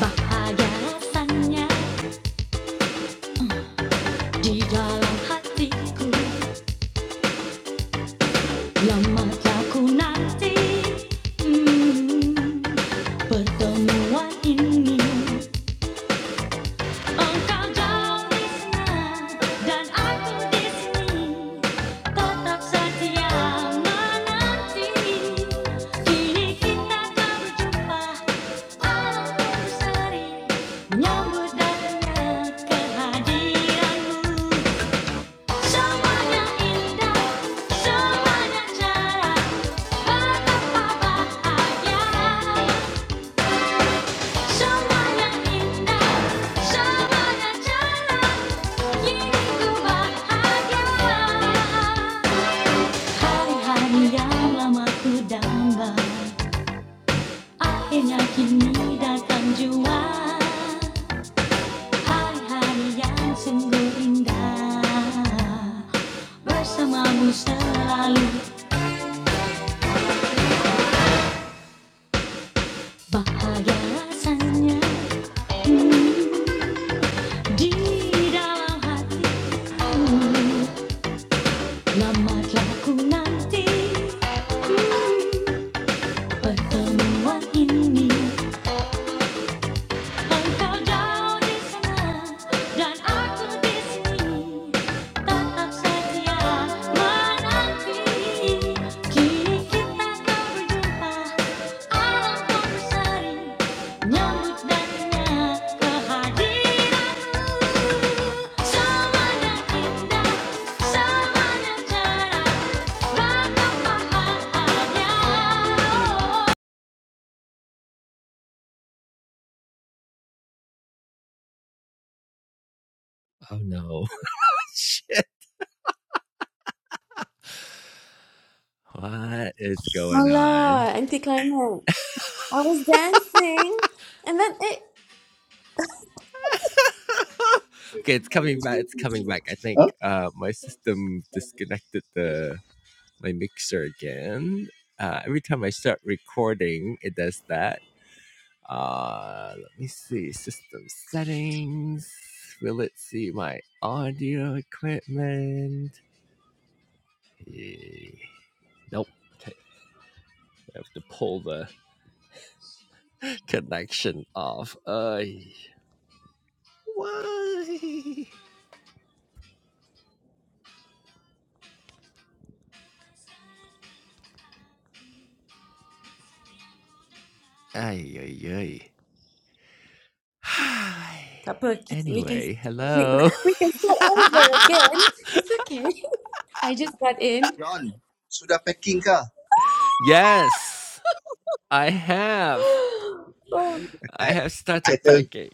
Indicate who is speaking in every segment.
Speaker 1: Bahagia rasanya di dalam hatiku Lama tak nanti hmm, Pertemuan ini Engkau jauh di sana Dan aku di sini Tetap setia menanti Kini kita tak berjumpa Alam pun seri datangnya kehadiranmu semuanya indah, semuanya cerah, betapa bahagia. Semuanya indah, semuanya cerah, hidupku bahagia. Hari-hari yang lama ku damba, akhirnya kini datang jua. Hari-hari yang sungguh indah. Bersamamu selalu bahagia rasanya hmm, di dalam hati lama telah ku nanti hmm, pertemuan ini. Oh no. What is going on?
Speaker 2: Voila, anticlimax. I was dancing, and then it.
Speaker 1: Okay, it's coming back. It's coming back. I think
Speaker 3: Huh?
Speaker 1: uh, my system disconnected the my mixer again. Uh, every time I start recording, it does that. Uh, let me see system settings. Will it see my audio equipment? Eh, Nope. Okay, I have to pull the connection off. Uh, why? Ay, ay, ay. Hi.
Speaker 2: Tak apa, kita- we can
Speaker 1: anyway,
Speaker 2: we,
Speaker 1: hello.
Speaker 2: we can start over again. It's okay. I just got in.
Speaker 3: John, sudah packing kah?
Speaker 1: yes, I have.
Speaker 2: Oh,
Speaker 1: I
Speaker 3: I,
Speaker 1: have
Speaker 3: I
Speaker 1: started
Speaker 3: tell
Speaker 1: packing.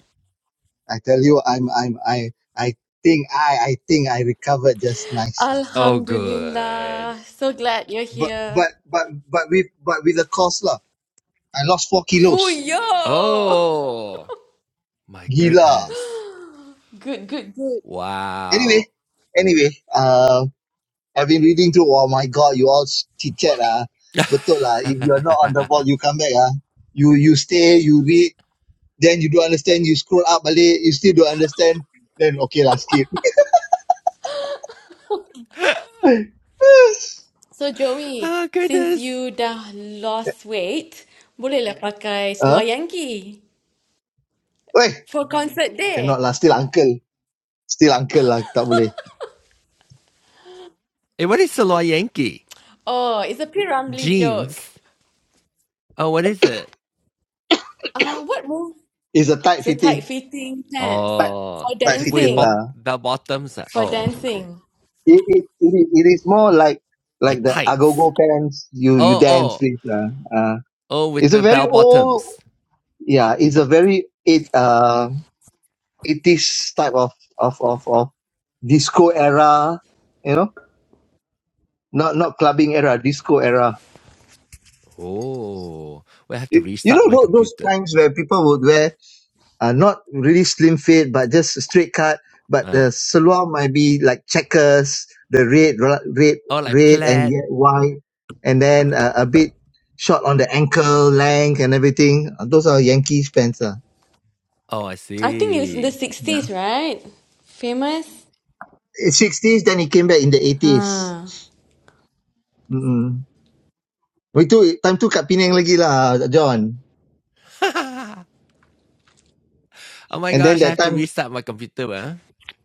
Speaker 3: I tell you I'm I'm I I think I I think I recovered just nice lah.
Speaker 1: Oh, good.
Speaker 2: Alhamdulillah. So glad you're
Speaker 3: But
Speaker 2: here.
Speaker 3: but but but with but with the cost lah. I lost four kilos.
Speaker 2: Fuyo!
Speaker 1: Oh, my
Speaker 3: Gila.
Speaker 1: goodness.
Speaker 2: Good, good, good.
Speaker 3: Anyway,
Speaker 1: Wow.
Speaker 3: anyway, uh, I've been reading through. Oh my god, you all chit chat ah. Betul lah. If you're not on the ball, you come back ah. You you stay, you read. Then you don't understand, you scroll up balik, you still don't understand. Then okay lah, skip.
Speaker 2: So Joey,
Speaker 1: oh,
Speaker 2: since
Speaker 1: goodness.
Speaker 2: you dah lost weight, bolehlah pakai
Speaker 3: huh?
Speaker 2: seluar Yankee
Speaker 3: Wait,
Speaker 2: for concert
Speaker 3: cannot
Speaker 2: day.
Speaker 3: lah, still uncle. Still uncle lah, tak boleh.
Speaker 1: Hey, what is Saloy Yankee?
Speaker 2: Oh, it's a P. Ramlee joke.
Speaker 1: Jeans. Oh, what is it?
Speaker 2: Uh, what move
Speaker 3: It's a tight
Speaker 2: is a
Speaker 3: fitting.
Speaker 2: tight-fitting pants
Speaker 3: Tight,
Speaker 1: Oh,
Speaker 2: for
Speaker 3: tight
Speaker 1: with with
Speaker 3: fitting
Speaker 1: bo-
Speaker 2: dancing?
Speaker 3: lah.
Speaker 1: bell bottoms. ah.
Speaker 2: For
Speaker 1: Oh, okay.
Speaker 2: dancing.
Speaker 3: It, it, it, is- it is more like like
Speaker 1: Like
Speaker 3: the
Speaker 1: tights.
Speaker 3: agogo pants you you
Speaker 1: Oh, oh.
Speaker 3: dance with lah. Uh,
Speaker 1: Oh, with
Speaker 3: it's a
Speaker 1: the
Speaker 3: very
Speaker 1: bell
Speaker 3: old,
Speaker 1: bottoms.
Speaker 3: yeah, it's a very it uh, 80s type of of of of disco era, you know, not not clubbing era, disco era
Speaker 1: Oh, we have to
Speaker 3: You, you know
Speaker 1: restart my
Speaker 3: tho- those
Speaker 1: computer.
Speaker 3: times where people would wear uh, not really slim fit, but just a straight cut, but
Speaker 1: Uh,
Speaker 3: the salwar might be like checkers, the red, ra- red,
Speaker 1: oh, like
Speaker 3: red and
Speaker 1: plaid.
Speaker 3: yet white, and then uh, a bit short on the ankle length and everything. Uh, Those are Yankees pants. Uh.
Speaker 1: Oh, I
Speaker 2: I think it was in the
Speaker 1: see.
Speaker 3: Yeah.
Speaker 2: 60s, right? Famous?
Speaker 3: Eh, 60s, then he came back in the 80s.
Speaker 2: Huh.
Speaker 3: Mm-mm. We too, time tu kat Penang lagi lah, John.
Speaker 1: oh my
Speaker 3: And then
Speaker 1: gosh, I
Speaker 3: that
Speaker 1: have to
Speaker 3: time
Speaker 1: restart my computer. Huh?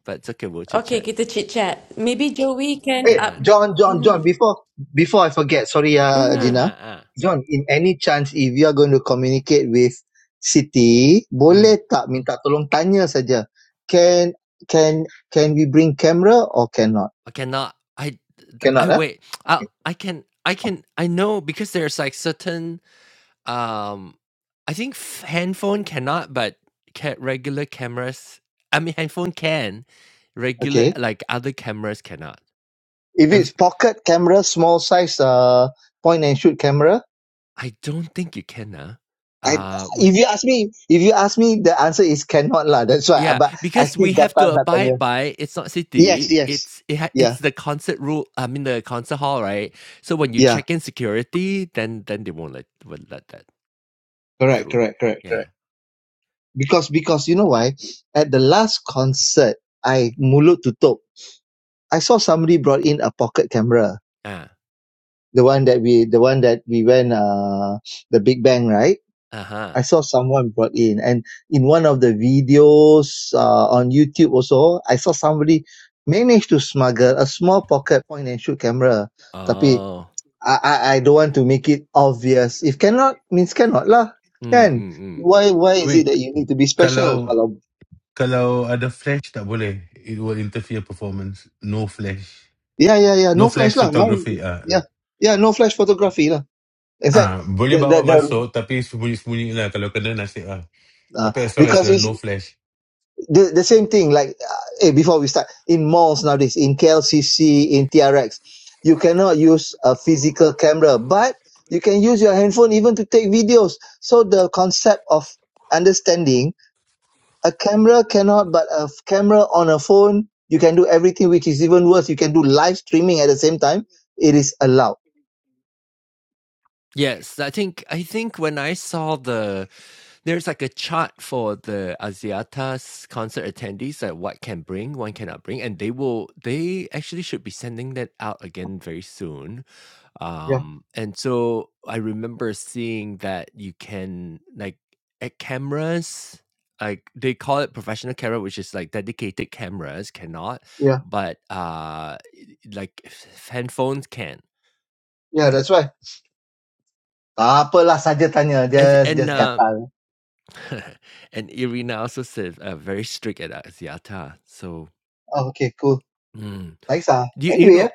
Speaker 1: But it's okay, we'll chit
Speaker 2: Okay,
Speaker 1: chat.
Speaker 2: kita chit-chat. Maybe Joey can
Speaker 3: Hey,
Speaker 2: up...
Speaker 1: Yeah.
Speaker 3: John, John, John,
Speaker 2: Mm-hmm.
Speaker 3: before before I forget, sorry, uh,
Speaker 1: Uh,
Speaker 2: Mm-hmm.
Speaker 3: Gina.
Speaker 1: uh, uh.
Speaker 3: John, in any chance, if you are going to communicate with Siti,
Speaker 1: Mm.
Speaker 3: boleh tak minta tolong tanya saja. Can can can we bring camera or cannot?
Speaker 1: I cannot. I, I
Speaker 3: Cannot, eh?
Speaker 1: wait. I,
Speaker 3: Okay.
Speaker 1: I can, I can, I know because there's like certain Um, I think f- handphone cannot, but ca- regular cameras. I mean, handphone can. Regular
Speaker 3: okay.
Speaker 1: like other cameras cannot,
Speaker 3: If
Speaker 1: and
Speaker 3: it's pocket camera, small size, uh, point and shoot camera,
Speaker 1: I don't think you can. Huh?
Speaker 3: I
Speaker 1: Uh, we
Speaker 3: if you ask me, if you ask me, the answer is cannot lah. That's why.
Speaker 1: yeah,
Speaker 3: But I
Speaker 1: because
Speaker 3: still
Speaker 1: we have
Speaker 3: gatal
Speaker 1: to
Speaker 3: nak
Speaker 1: abide
Speaker 3: tanya.
Speaker 1: by it's not
Speaker 3: Yes,
Speaker 1: city.
Speaker 3: yes.
Speaker 1: It's it ha- it's
Speaker 3: Yeah,
Speaker 1: the concert rule. I mean the concert hall, right? So when you
Speaker 3: yeah.
Speaker 1: check in security, then then they won't let won't let that
Speaker 3: Correct,
Speaker 1: through.
Speaker 3: correct, correct, correct.
Speaker 1: Yeah.
Speaker 3: Because because you know why? At the last concert, I mulut tutup. I saw somebody brought in a pocket camera,
Speaker 1: Ah.
Speaker 3: the one that we the one that we went uh the Big Bang, right?
Speaker 1: Uh huh.
Speaker 3: I saw someone brought in, and in one of the videos uh, on YouTube also, I saw somebody managed to smuggle a small pocket point and shoot camera. Tapi
Speaker 1: Oh.
Speaker 3: I I, I don't want to make it obvious. If cannot means cannot lah,
Speaker 1: Mm,
Speaker 3: kan?
Speaker 1: mm, mm.
Speaker 3: Why why is it
Speaker 4: Wait,
Speaker 3: that you need to be special?
Speaker 4: kalau
Speaker 3: Kalau
Speaker 4: kalau ada flash tak boleh. It will interfere performance. No flash.
Speaker 3: Yeah, yeah, yeah.
Speaker 4: No
Speaker 3: No flash
Speaker 4: flash
Speaker 3: lah. Mine,
Speaker 4: photography. Ah,
Speaker 3: yeah, yeah. No flash photography lah. In fact,
Speaker 4: ah boleh
Speaker 3: the the,
Speaker 4: bawa
Speaker 3: the
Speaker 4: masuk tapi sembunyi-sembunyi lah kalau kena nasib ah.
Speaker 3: uh,
Speaker 4: Tapi as long as
Speaker 3: because
Speaker 4: there's
Speaker 3: it's
Speaker 4: no flash.
Speaker 3: the, the same thing. Like, uh, hey, before we start, in malls nowadays, in KLCC, in TRX, you cannot use a physical camera, but you can use your handphone even to take videos. So the concept of understanding a camera cannot, but a f- camera on a phone, you can do everything, which is even worse. You can do live streaming at the same time. It is allowed.
Speaker 1: Yes, I think I think when I saw the there's like a chart for the Asiatas concert attendees that what can bring, one cannot bring, and they will they actually should be sending that out again very soon.
Speaker 3: Yeah,
Speaker 1: Um, and so I remember seeing that you can like at cameras, like they call it professional camera, which is like dedicated cameras cannot,
Speaker 3: yeah,
Speaker 1: but uh, like handphones can
Speaker 3: yeah. That's why. Tak apalah saja tanya.
Speaker 1: and
Speaker 3: Just
Speaker 1: and
Speaker 3: just
Speaker 1: uh,
Speaker 3: gatal.
Speaker 1: and Irina also says uh, very strict at Asiata. So
Speaker 3: Oh, okay, cool.
Speaker 1: mm.
Speaker 3: Thanks ah.
Speaker 1: you you
Speaker 3: Anyway,
Speaker 1: know
Speaker 3: eh,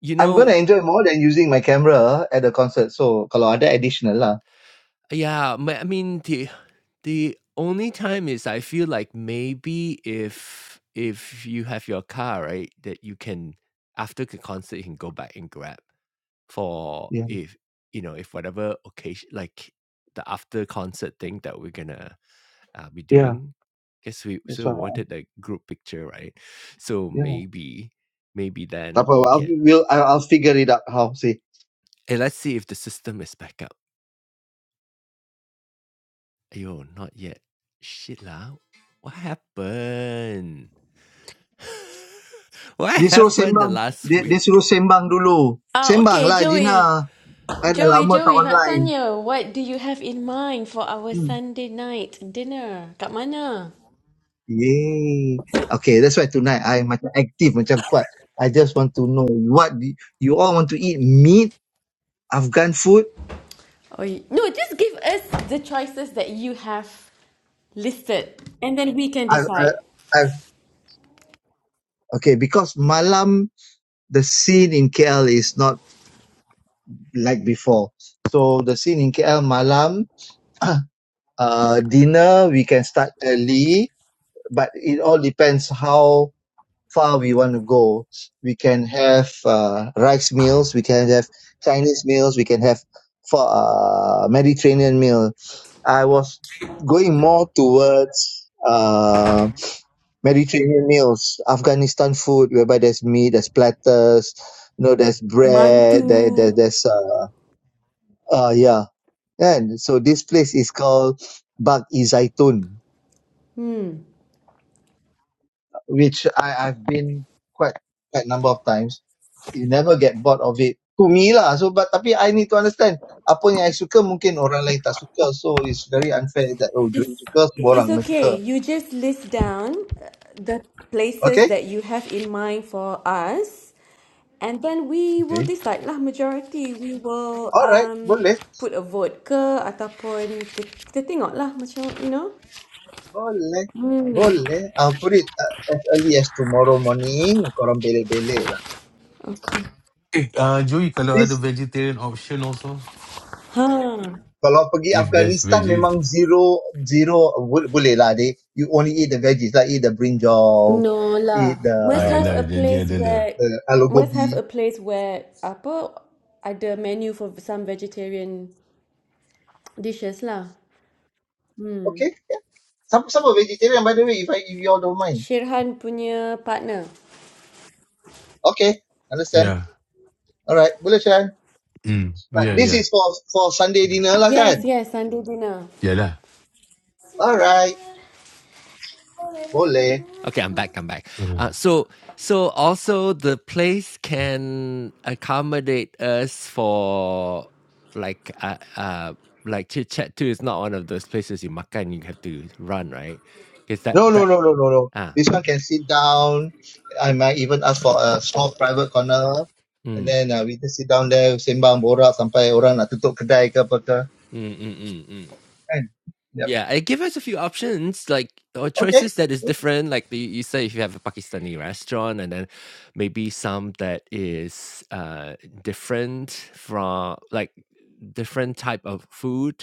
Speaker 1: you
Speaker 3: I'm going
Speaker 1: know
Speaker 3: to enjoy more than using my camera at the concert. So, kalau ada additional lah.
Speaker 1: yeah. My, I mean the the only time is I feel like maybe if if you have your car right that you can after the concert you can go back and grab for
Speaker 3: Yeah.
Speaker 1: if you know if whatever occasion like the after concert thing that we're gonna uh, be
Speaker 3: Yeah.
Speaker 1: doing because we
Speaker 3: That's
Speaker 1: so we
Speaker 3: why.
Speaker 1: wanted a group picture right so
Speaker 3: Yeah.
Speaker 1: maybe maybe
Speaker 3: Tak
Speaker 1: then
Speaker 3: apa.
Speaker 1: we
Speaker 3: I'll,
Speaker 1: can
Speaker 3: we'll, I'll, I'll figure it out how. See.
Speaker 1: and let's see if the system is back up ayo not yet shit lah what happened what
Speaker 3: Dia suruh
Speaker 1: happened the
Speaker 3: sembang.
Speaker 1: last
Speaker 3: Dia, dia
Speaker 1: week
Speaker 3: suruh sembang dulu.
Speaker 2: Ah,
Speaker 3: Sembang
Speaker 2: okay,
Speaker 3: lah,
Speaker 2: Joey.
Speaker 3: Gina. I dah
Speaker 2: Joey,
Speaker 3: lama tak
Speaker 2: Joey, nak
Speaker 3: online.
Speaker 2: tanya, what do you have in mind for our
Speaker 3: Hmm.
Speaker 2: Sunday night dinner? Kat mana?
Speaker 3: Yay. Okay, that's why tonight I macam active, macam kuat. I just want to know what do you all want to eat meat, Afghan food.
Speaker 2: Oh, no, just give us the choices that you have listed and then we can
Speaker 3: I I,
Speaker 2: decide.
Speaker 3: I Okay, because malam, the scene in KL is not like before. So the scene in KL malam, uh, dinner we can start early, but it all depends how far we want to go. We can have uh, rice meals, we can have Chinese meals, we can have for uh, Mediterranean meal. I was going more towards uh, Mediterranean meals, Afghanistan food, whereby there's meat, there's platters, you know, there's bread, there, there
Speaker 2: Mantu.
Speaker 3: there's uh, uh yeah. And so this place is called Bag i Zaitun,
Speaker 2: Hmm.
Speaker 3: which I, I've been quite quite a number of times. You never get bored of it. To me lah. So but tapi I need to understand apa yang I suka mungkin orang lain tak suka. So it's very unfair that oh dia
Speaker 2: If
Speaker 3: suka semua
Speaker 2: it's
Speaker 3: orang kena suka.
Speaker 2: okay, you just list down uh, the places
Speaker 3: Okay?
Speaker 2: that you have in mind for us and then we will
Speaker 3: Okay.
Speaker 2: decide lah majority we will
Speaker 3: Alright,
Speaker 2: um
Speaker 3: boleh.
Speaker 2: put a vote ke ataupun kita, kita tengok lah macam you know.
Speaker 3: Boleh,
Speaker 2: Hmm.
Speaker 3: boleh. Uh, put it uh, as early as tomorrow morning. Korang belek-belek lah.
Speaker 2: Okay.
Speaker 4: Eh, ah Joey kalau ada
Speaker 3: This,
Speaker 4: vegetarian option also.
Speaker 2: Ha.
Speaker 3: kalau pergi
Speaker 4: If there's
Speaker 3: Afghanistan
Speaker 4: veggie,
Speaker 3: memang zero, zero, bo- boleh lah. They, you only eat the veggies lah. Eat the brinjal,
Speaker 2: No
Speaker 3: eat
Speaker 2: lah.
Speaker 3: the,
Speaker 4: ah
Speaker 2: Must have a
Speaker 4: yalah janji
Speaker 2: place
Speaker 4: ada lah.
Speaker 2: where
Speaker 3: the aloo
Speaker 2: must have
Speaker 3: gobi.
Speaker 2: a place where apa ada menu for some vegetarian dishes lah.
Speaker 3: Okay, yeah. Some, some are vegetarian by the way, if, I, if you all don't mind.
Speaker 2: Shirhan punya partner.
Speaker 3: Okay, understand.
Speaker 4: Yeah.
Speaker 3: Alright, boleh Shan.
Speaker 4: Mm.
Speaker 3: But
Speaker 4: Yeah,
Speaker 3: this
Speaker 4: yeah.
Speaker 3: is for for Sunday dinner lah kan?
Speaker 2: Yes, yes, Sunday dinner.
Speaker 4: Yalah.
Speaker 3: Alright, boleh.
Speaker 1: Okay, I'm back. I'm back. Uh, so, so also the place can accommodate us for like, uh, uh like chit chat too. It's not one of those places you makan you have to run, right? Because that
Speaker 3: No, no,
Speaker 1: that
Speaker 3: no, no, no, no.
Speaker 1: ah,
Speaker 3: This one can sit down. I might even ask for a small private corner. And
Speaker 1: mm,
Speaker 3: then uh, we just sit down there, sembang, borak sampai orang nak tutup kedai ke apa ke.
Speaker 1: mm, mm, mm, mm.
Speaker 3: Kan? Yep.
Speaker 1: yeah. It gives us a few options, like or
Speaker 3: Okay.
Speaker 1: choices that is different. Like the, you say, if you have a Pakistani restaurant, and then maybe some that is uh different from like different type of food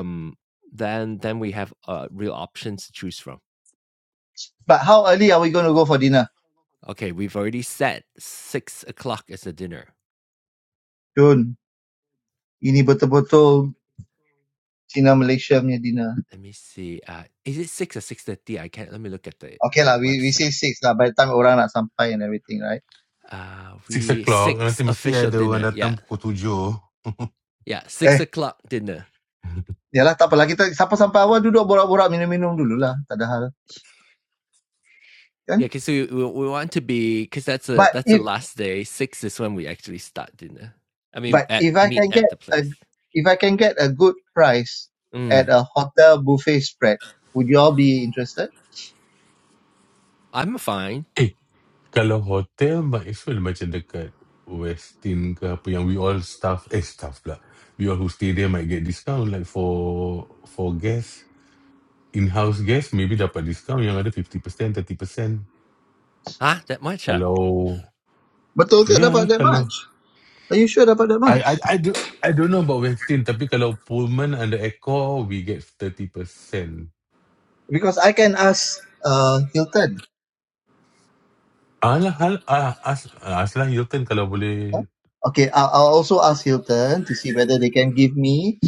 Speaker 3: Yep.
Speaker 1: then then we have uh, real options to choose from.
Speaker 3: But how early are we going to go for dinner?
Speaker 1: Okay, we've already set six o'clock as a dinner.
Speaker 3: Jun, ini betul-betul Cina Malaysia punya dinner.
Speaker 1: Let me see. Uh, is it six or six thirty? I can't. Let me look at the
Speaker 3: Okay lah,
Speaker 1: the
Speaker 3: we, we
Speaker 1: website.
Speaker 3: say six lah by the time orang nak sampai and everything, right?
Speaker 1: Uh,
Speaker 4: six
Speaker 1: we
Speaker 4: o'clock nanti
Speaker 1: six
Speaker 4: mesti
Speaker 1: official
Speaker 4: ada orang
Speaker 1: dinner. Yeah,
Speaker 4: datang pukul tujuh.
Speaker 1: yeah, six
Speaker 3: Eh,
Speaker 1: o'clock dinner.
Speaker 3: yalah tak apalah. Kita sampai-sampai awal duduk borak-borak minum-minum dululah. Tak ada hal. Kan?
Speaker 1: Yeah, because we, we we want to be because that's a
Speaker 3: But
Speaker 1: that's
Speaker 3: if
Speaker 1: the last day. Six is when we actually start dinner. I mean,
Speaker 3: But
Speaker 1: at
Speaker 3: if I
Speaker 1: meet
Speaker 3: can get
Speaker 1: at the
Speaker 3: a
Speaker 1: place.
Speaker 3: if I can get a good price
Speaker 1: Mm,
Speaker 3: at a hotel buffet spread, would you all be interested?
Speaker 1: I'm fine.
Speaker 4: Eh, kalau hotel might as well macam dekat Westin ke apa yang we all staff eh staff pula. We all who stay there might get discount like for for guests in-house guests maybe dapat discount yang ada 50%, 30%.
Speaker 1: Huh? That much? Huh?
Speaker 4: Kalau
Speaker 3: Betul ke
Speaker 4: ya yeah,
Speaker 3: dapat that
Speaker 4: kalau
Speaker 3: much? Are you sure dapat that
Speaker 4: I I
Speaker 3: much?
Speaker 4: I do I don't know about Westin tapi kalau Pullman under Accor we get 30%.
Speaker 3: Because I can ask uh Hilton.
Speaker 4: Alah, hal, ah, as, ah, Aslan Hilton kalau boleh.
Speaker 3: huh? Okay, I'll, I'll also ask Hilton to see whether they can give me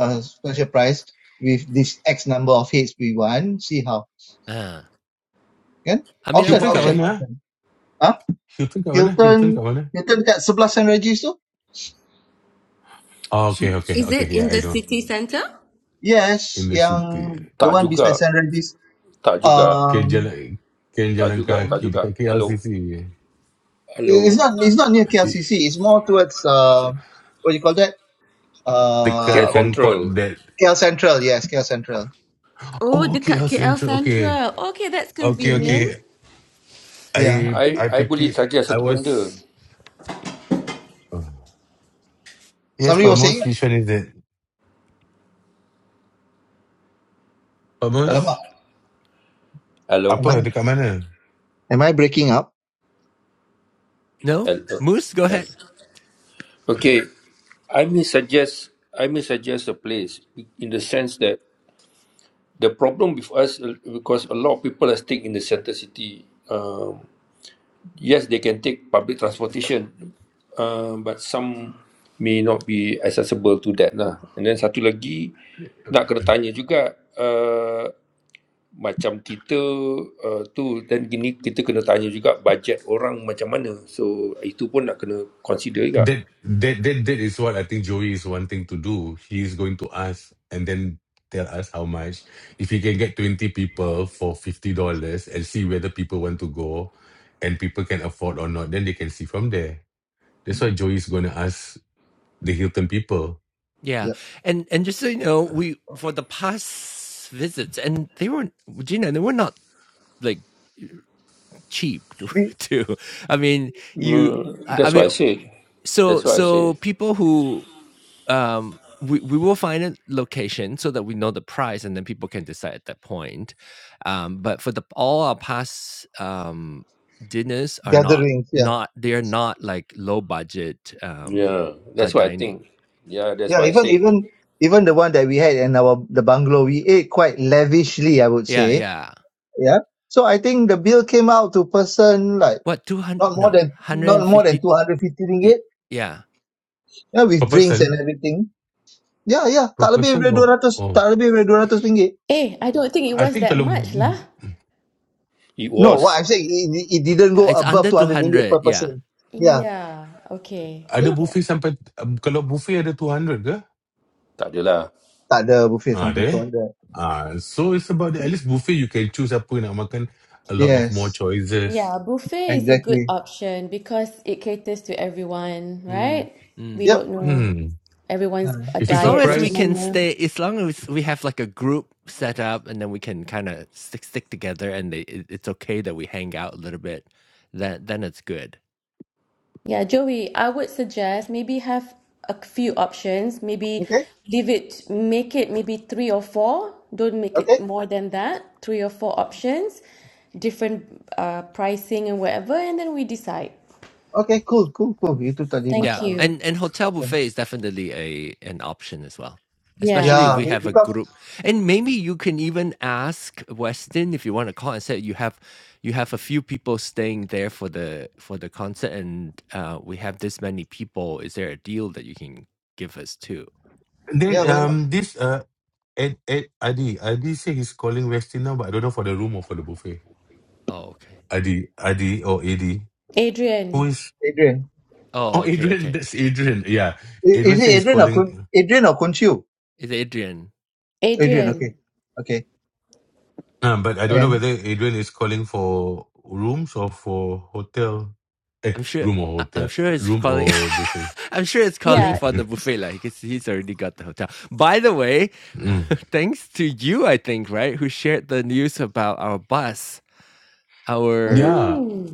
Speaker 3: a special price with this X number of heads we want. See how.
Speaker 1: Uh,
Speaker 3: Can
Speaker 1: I mean, I'm
Speaker 3: option
Speaker 4: Hilton kat
Speaker 3: option
Speaker 4: mana?
Speaker 1: okay.
Speaker 4: ah?
Speaker 3: option. Huh?
Speaker 4: Hilton kat mana? Hilton
Speaker 3: Hilton
Speaker 4: kat mana?
Speaker 3: Hilton kat sebelah Saint Regis tu?
Speaker 4: Oh,
Speaker 5: She,
Speaker 4: okay, okay,
Speaker 2: Is
Speaker 4: okay.
Speaker 2: it
Speaker 4: Yeah,
Speaker 2: in
Speaker 4: I
Speaker 2: the
Speaker 4: know.
Speaker 2: city centre?
Speaker 3: Yes,
Speaker 4: In the
Speaker 3: yang
Speaker 4: city.
Speaker 3: the
Speaker 5: tak
Speaker 3: one beside
Speaker 5: juga,
Speaker 3: Saint Regis
Speaker 5: tak juga,
Speaker 4: Kan
Speaker 3: um
Speaker 4: jalan, kan
Speaker 5: tak
Speaker 4: jalan
Speaker 5: juga, tak
Speaker 4: kaki
Speaker 5: juga.
Speaker 4: dekat
Speaker 5: Hello,
Speaker 4: KLCC.
Speaker 3: it's
Speaker 5: hello.
Speaker 3: not it's not near KLCC. It's more towards uh what do you call that?
Speaker 5: Okay,
Speaker 4: Dekat
Speaker 3: Uh
Speaker 4: Concord
Speaker 5: Central.
Speaker 4: that.
Speaker 3: KL Central. Yes, KL Central.
Speaker 2: Oh,
Speaker 4: Oh, KL
Speaker 2: dekat KL
Speaker 4: Central. Okay.
Speaker 2: Central. Okay, that's
Speaker 4: Okay, okay.
Speaker 3: Yeah.
Speaker 2: convenient.
Speaker 3: Yeah.
Speaker 4: I
Speaker 5: I,
Speaker 4: I
Speaker 5: I boleh
Speaker 4: fikir
Speaker 5: saja
Speaker 4: I
Speaker 5: satu
Speaker 4: was...
Speaker 5: benda.
Speaker 4: oh. Yes,
Speaker 3: Somebody
Speaker 4: Pak
Speaker 5: Hello,
Speaker 3: was saying,
Speaker 4: Mus, which one is that? Pak
Speaker 5: Ha,
Speaker 4: Mus,
Speaker 3: "Alamak,
Speaker 5: hello,
Speaker 3: am I
Speaker 4: apa? Dekat mana?
Speaker 3: am I breaking up?"
Speaker 1: No,
Speaker 5: hello.
Speaker 1: Moose, go
Speaker 5: Ha.
Speaker 1: ahead.
Speaker 5: Okay, I may suggest, I may suggest a place in the sense that the problem with us uh, because a lot of people are staying in the center city. Um. yes, they can take public transportation, uh, but some may not be accessible to that lah. And then satu lagi nak kena tanya juga uh, macam kita uh, tu dan gini kita kena tanya juga bajet orang macam mana. So itu pun nak kena consider juga.
Speaker 4: That that that that is what I think Joey is wanting to do. He is going to ask and then tell us how much. If he can get twenty people for fifty dollars and see whether people want to go and people can afford or not, then they can see from there. That's why
Speaker 3: Mm-mm.
Speaker 4: Joey is gonna ask the Hilton people.
Speaker 1: Yeah.
Speaker 3: Yeah.
Speaker 1: And and just so you know, we for the past visits and they weren't Gina, they were not like cheap
Speaker 3: We
Speaker 1: too. I mean, you
Speaker 5: Mm,
Speaker 1: I, I
Speaker 5: that's
Speaker 1: mean
Speaker 5: what I said.
Speaker 1: so
Speaker 5: That's what I
Speaker 1: so
Speaker 5: said.
Speaker 1: people who um we, we will find a location so that we know the price and then people can decide at that point. Um, but for the all our past um dinners are not
Speaker 3: gatherings. Yeah.
Speaker 1: not they're not like low budget um
Speaker 5: Yeah,
Speaker 1: uh,
Speaker 5: that's what I
Speaker 1: dining.
Speaker 5: think. Yeah, that's
Speaker 3: Yeah.
Speaker 5: what I
Speaker 3: Even
Speaker 5: said.
Speaker 3: even even the one that we had in our the bungalow, we ate quite lavishly. I would
Speaker 1: Yeah,
Speaker 3: say.
Speaker 1: yeah.
Speaker 3: Yeah. So I think the bill came out to person like
Speaker 1: What, 200?
Speaker 3: not
Speaker 1: No,
Speaker 3: more than not more than
Speaker 1: 150.
Speaker 3: two hundred fifty ringgit.
Speaker 1: Yeah.
Speaker 3: Yeah,
Speaker 4: Per
Speaker 3: with drinks
Speaker 4: person?
Speaker 3: and everything. Ya, ya.
Speaker 4: Per
Speaker 3: Tak lebih
Speaker 4: person
Speaker 3: dari
Speaker 4: or
Speaker 3: 200,
Speaker 4: oh.
Speaker 3: tak lebih dari 200 ringgit.
Speaker 2: Eh, I don't think it
Speaker 4: I
Speaker 2: was
Speaker 4: think
Speaker 2: that
Speaker 4: kalau
Speaker 2: much lah.
Speaker 4: mm,
Speaker 5: It
Speaker 3: No, what
Speaker 5: was.
Speaker 3: I'm saying, it, it it didn't go
Speaker 1: It's
Speaker 3: above
Speaker 1: under
Speaker 3: 200 ringgit per
Speaker 1: 200. Yeah.
Speaker 3: person. Yeah,
Speaker 2: Yeah, okay.
Speaker 4: ada
Speaker 3: yeah.
Speaker 4: buffet sampai um, kalau buffet ada 200 ke?
Speaker 5: Tak adalah.
Speaker 3: Tak ada buffet
Speaker 4: Ah,
Speaker 3: sampai
Speaker 4: there.
Speaker 3: 200.
Speaker 4: Ah, so it's about the, at least buffet you can choose apa yang nak makan a lot of more
Speaker 3: Yes,
Speaker 4: choices.
Speaker 2: Yeah, buffet is a good
Speaker 3: exactly.
Speaker 2: option because it caters to everyone,
Speaker 1: Mm.
Speaker 2: right? We
Speaker 1: Mm.
Speaker 3: Yep.
Speaker 2: don't know
Speaker 4: Hmm.
Speaker 2: everyone's
Speaker 3: Uh,
Speaker 2: a
Speaker 4: If
Speaker 1: As
Speaker 4: it's a
Speaker 1: long
Speaker 2: diet
Speaker 1: as we
Speaker 2: macam
Speaker 4: price,
Speaker 1: can
Speaker 2: mana.
Speaker 1: stay, as long as we have like a group set up and then we can kind of stick, stick together and they, it, it's okay that we hang out a little bit, then, then it's good.
Speaker 2: Yeah, Joey, I would suggest maybe have a few options. Maybe
Speaker 3: okay,
Speaker 2: leave it, make it maybe three or four. Don't make it
Speaker 3: okay,
Speaker 2: more than that. Three or four options, different uh, pricing and whatever, and then we decide.
Speaker 3: okay, cool, cool, cool. Itu tadi
Speaker 2: Thank
Speaker 1: Yeah,
Speaker 3: masalah.
Speaker 2: you.
Speaker 1: and and hotel
Speaker 3: Yeah,
Speaker 1: buffet is definitely a an option as well, especially
Speaker 2: Yeah.
Speaker 1: if
Speaker 3: yeah
Speaker 1: we
Speaker 3: be-
Speaker 1: have a
Speaker 3: because,
Speaker 1: group. And maybe you can even ask Weston if you want to call and say you have you have a few people staying there for the for the concert, and uh, we have this many people. Is there a deal that you can give us too?
Speaker 4: Then
Speaker 3: yeah, why not
Speaker 4: um this uh Ed, Ed Adi Adi say he's calling Westin now, but I don't know for the room or for the buffet.
Speaker 1: Oh, okay.
Speaker 4: Adi Adi or Adi who
Speaker 2: Adrian.
Speaker 4: is
Speaker 3: Adrian?
Speaker 1: Oh,
Speaker 4: oh
Speaker 1: okay,
Speaker 4: Adrian
Speaker 1: okay.
Speaker 4: that's Adrian yeah
Speaker 3: I-
Speaker 4: Adrian
Speaker 3: Is it
Speaker 4: say he's
Speaker 3: Adrian or Kun,
Speaker 4: calling
Speaker 3: Adrian or Kunchiu?
Speaker 1: It's Adrian.
Speaker 3: Adrian,
Speaker 2: Adrian.
Speaker 3: okay, okay.
Speaker 4: uh, but I don't know
Speaker 3: And,
Speaker 4: whether Adrian is calling for rooms or for hotel eh
Speaker 1: I'm sure.
Speaker 4: room or
Speaker 1: I- I'm
Speaker 4: hotel
Speaker 1: sure it's
Speaker 4: room
Speaker 1: calling.
Speaker 4: or buffet.
Speaker 1: I'm sure it's calling
Speaker 2: Yeah.
Speaker 1: for the buffet, like because he's already got the hotel. By the way,
Speaker 4: Mm.
Speaker 1: thanks to you, I think, right, who shared the news about our bus. Our
Speaker 4: Yeah,
Speaker 2: Mm.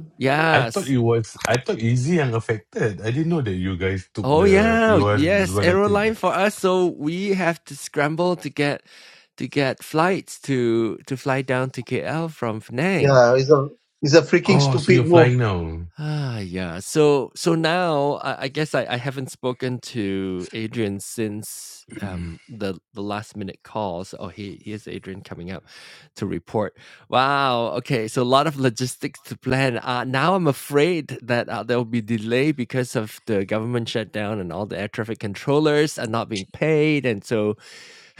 Speaker 4: I thought
Speaker 1: yes,
Speaker 4: it was I thought Easy and affected. I didn't know that you guys took
Speaker 1: oh
Speaker 4: the
Speaker 1: yeah,
Speaker 4: you are
Speaker 1: yes,
Speaker 4: gonna take.
Speaker 1: aeroline for us. So we have to scramble to get to get flights to to fly down to KL from Penang.
Speaker 3: yeah, it's a, it's a freaking
Speaker 4: Oh, so
Speaker 3: stupid
Speaker 4: you're
Speaker 3: move.
Speaker 4: flying now.
Speaker 1: Ah, yeah. So, so now I, I guess I, I haven't spoken to Adrian since
Speaker 4: Mm.
Speaker 1: um the the last minute calls. Oh, he here's Adrian coming up to report. Wow. Okay. So a lot of logistics to plan. Uh, now I'm afraid that uh, there will be delay because of the government shutdown and all the air traffic controllers are not being paid, and so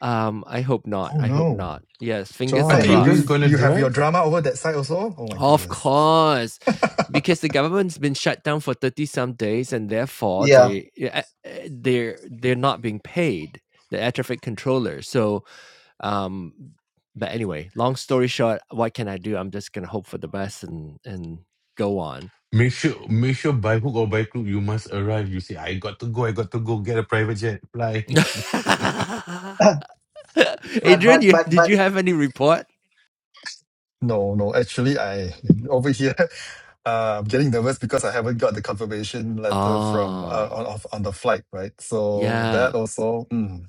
Speaker 1: um I hope not.
Speaker 6: Oh
Speaker 1: I hope
Speaker 6: no,
Speaker 1: not. Yes, fingers
Speaker 4: I
Speaker 3: Right,
Speaker 4: thought
Speaker 6: John,
Speaker 4: you
Speaker 3: it,
Speaker 4: guys
Speaker 1: crossed.
Speaker 6: you
Speaker 4: gonna
Speaker 6: you have your
Speaker 4: drive.
Speaker 6: drama over that side also? Oh my
Speaker 1: Of
Speaker 6: goodness.
Speaker 1: course, because the government's been shut down for 30 some days and therefore
Speaker 3: yeah.
Speaker 1: they yeah, uh, uh, they're they're not being paid the air traffic controller. So, um but anyway, long story short, what can I do? I'm just going to hope for the best and and go on.
Speaker 4: Make sure, make sure by hook or by crook, you must arrive. You say, I got to go, I got to go, get a private jet, fly.
Speaker 3: but
Speaker 1: Adrian,
Speaker 3: but
Speaker 1: you,
Speaker 3: but
Speaker 1: did
Speaker 3: but
Speaker 1: you have any report?
Speaker 6: No, no, actually I over here uh, I'm getting nervous because I haven't got the confirmation letter from uh,
Speaker 1: Oh,
Speaker 6: on of- on the flight, right? So
Speaker 1: yeah.
Speaker 6: that also mm.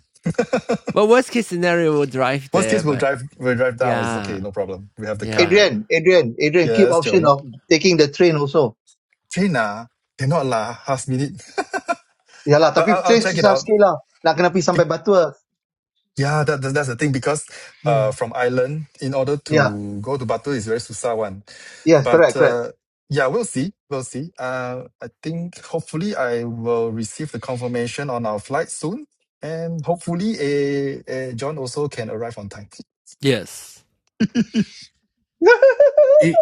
Speaker 1: Well, worst case scenario, we'll drive
Speaker 6: worst
Speaker 1: there,
Speaker 6: case we'll
Speaker 1: but
Speaker 6: drive we'll drive down. It's
Speaker 1: yeah,
Speaker 6: okay, no problem. We have the car.
Speaker 1: yeah.
Speaker 3: Adrian, Adrian, Adrian, keep
Speaker 6: Yes,
Speaker 3: option
Speaker 6: Joey.
Speaker 3: of taking the train also.
Speaker 6: Trina, cannot lah, last minute.
Speaker 3: Ya lah,
Speaker 6: But
Speaker 3: tapi
Speaker 6: I'll, I'll
Speaker 3: train
Speaker 6: check it
Speaker 3: susah
Speaker 6: out.
Speaker 3: sikit lah. Nak kena pergi sampai batu.
Speaker 6: Yeah, that, that- that's the thing because uh,
Speaker 3: Hmm.
Speaker 6: from Ireland, in order
Speaker 3: Yeah,
Speaker 6: to go to Batu is very susah one.
Speaker 3: yes,
Speaker 6: But
Speaker 3: correct, correct.
Speaker 6: uh, yeah, we'll see. We'll see. Uh, I think hopefully I will receive the confirmation on our flight soon. And hopefully eh, eh, John also can arrive on time.
Speaker 1: Yes.
Speaker 4: Eh,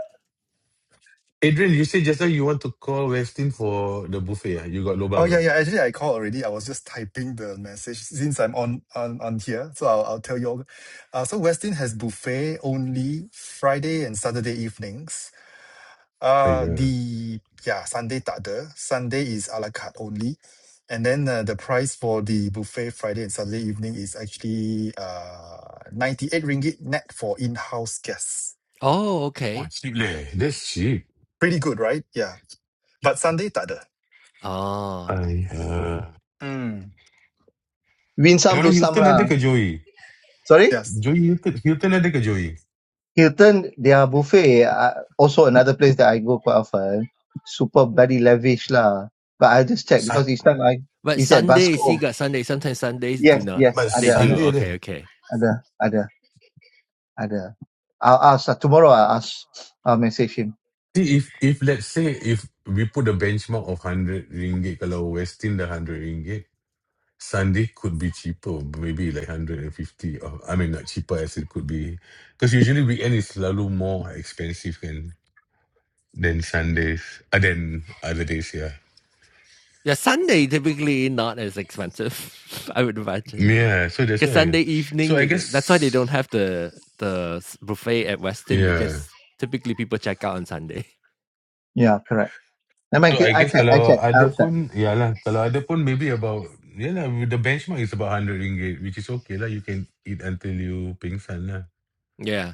Speaker 4: Adrian, you say just now you want to call Westin for the buffet. ah? You got
Speaker 6: Oh
Speaker 4: lobang.
Speaker 6: yeah,
Speaker 4: ah?
Speaker 6: yeah. Actually, I called already. I was just typing the message since I'm on on, on here. So I'll, I'll tell you all. Uh, so Westin has buffet only Friday and Saturday evenings
Speaker 4: Oh,
Speaker 6: Uh,
Speaker 4: yeah.
Speaker 6: the yeah, Sunday tak ada. Sunday is a la carte only. And then uh, the price for the buffet Friday and Saturday evening is actually uh 98 ringgit net for in-house guests.
Speaker 1: Oh,
Speaker 4: Oh,
Speaker 1: okay.
Speaker 4: it's cheap leh. That's cheap.
Speaker 6: Pretty good, right? Yeah. But Sunday tak ada.
Speaker 1: Oh,
Speaker 4: I, uh,
Speaker 6: Mm.
Speaker 3: Win
Speaker 4: I don't
Speaker 3: some,
Speaker 4: know,
Speaker 3: lose some
Speaker 4: Hilton ada
Speaker 3: lah.
Speaker 4: ke Joey?
Speaker 3: Sorry?
Speaker 6: Yes.
Speaker 4: Joey, Hilton, Hilton ada ke Joey?
Speaker 3: Hilton, their buffet, uh, also another place that I go quite often. Super bloody lavish lah. But I just check
Speaker 4: Sun,
Speaker 3: because each time I,
Speaker 1: but
Speaker 3: it's at
Speaker 1: Sundays you
Speaker 3: Basco.
Speaker 1: got Sunday. Sometimes Sundays do
Speaker 3: Yes,
Speaker 1: not.
Speaker 3: yes,
Speaker 4: but
Speaker 1: They
Speaker 3: ada, ada,
Speaker 1: do.
Speaker 4: Sunday ada.
Speaker 1: Okay, okay.
Speaker 3: ada, ada, ada. I'll ask, uh, tomorrow I'll ask, I'll message him.
Speaker 4: See, if, if let's say, if we put a benchmark of 100 ringgit, kalau Westin dah 100 ringgit, Sunday could be cheaper, maybe like 150 or I mean not cheaper as it could be because usually weekend is selalu more expensive than than Sundays uh, than other days, yeah.
Speaker 1: Yeah, Sunday typically not as expensive. I would imagine
Speaker 4: Yeah, so that's
Speaker 1: because
Speaker 4: why.
Speaker 1: Sunday
Speaker 4: So
Speaker 1: evening.
Speaker 4: I guess
Speaker 1: is- That's why they don't have the the s- buffet at Westin
Speaker 4: yeah.
Speaker 1: because typically people check out on Sunday.
Speaker 3: Yeah, correct. Never mind,
Speaker 4: So I
Speaker 3: I
Speaker 4: guess
Speaker 3: check, I
Speaker 4: kalau
Speaker 3: check,
Speaker 4: ada
Speaker 3: I'll check.
Speaker 4: pun ya lah, kalau ada pun maybe about yeah lah, the benchmark is about 100 ringgit which is okay lah. You can eat until you pingsan lah.
Speaker 1: Yeah.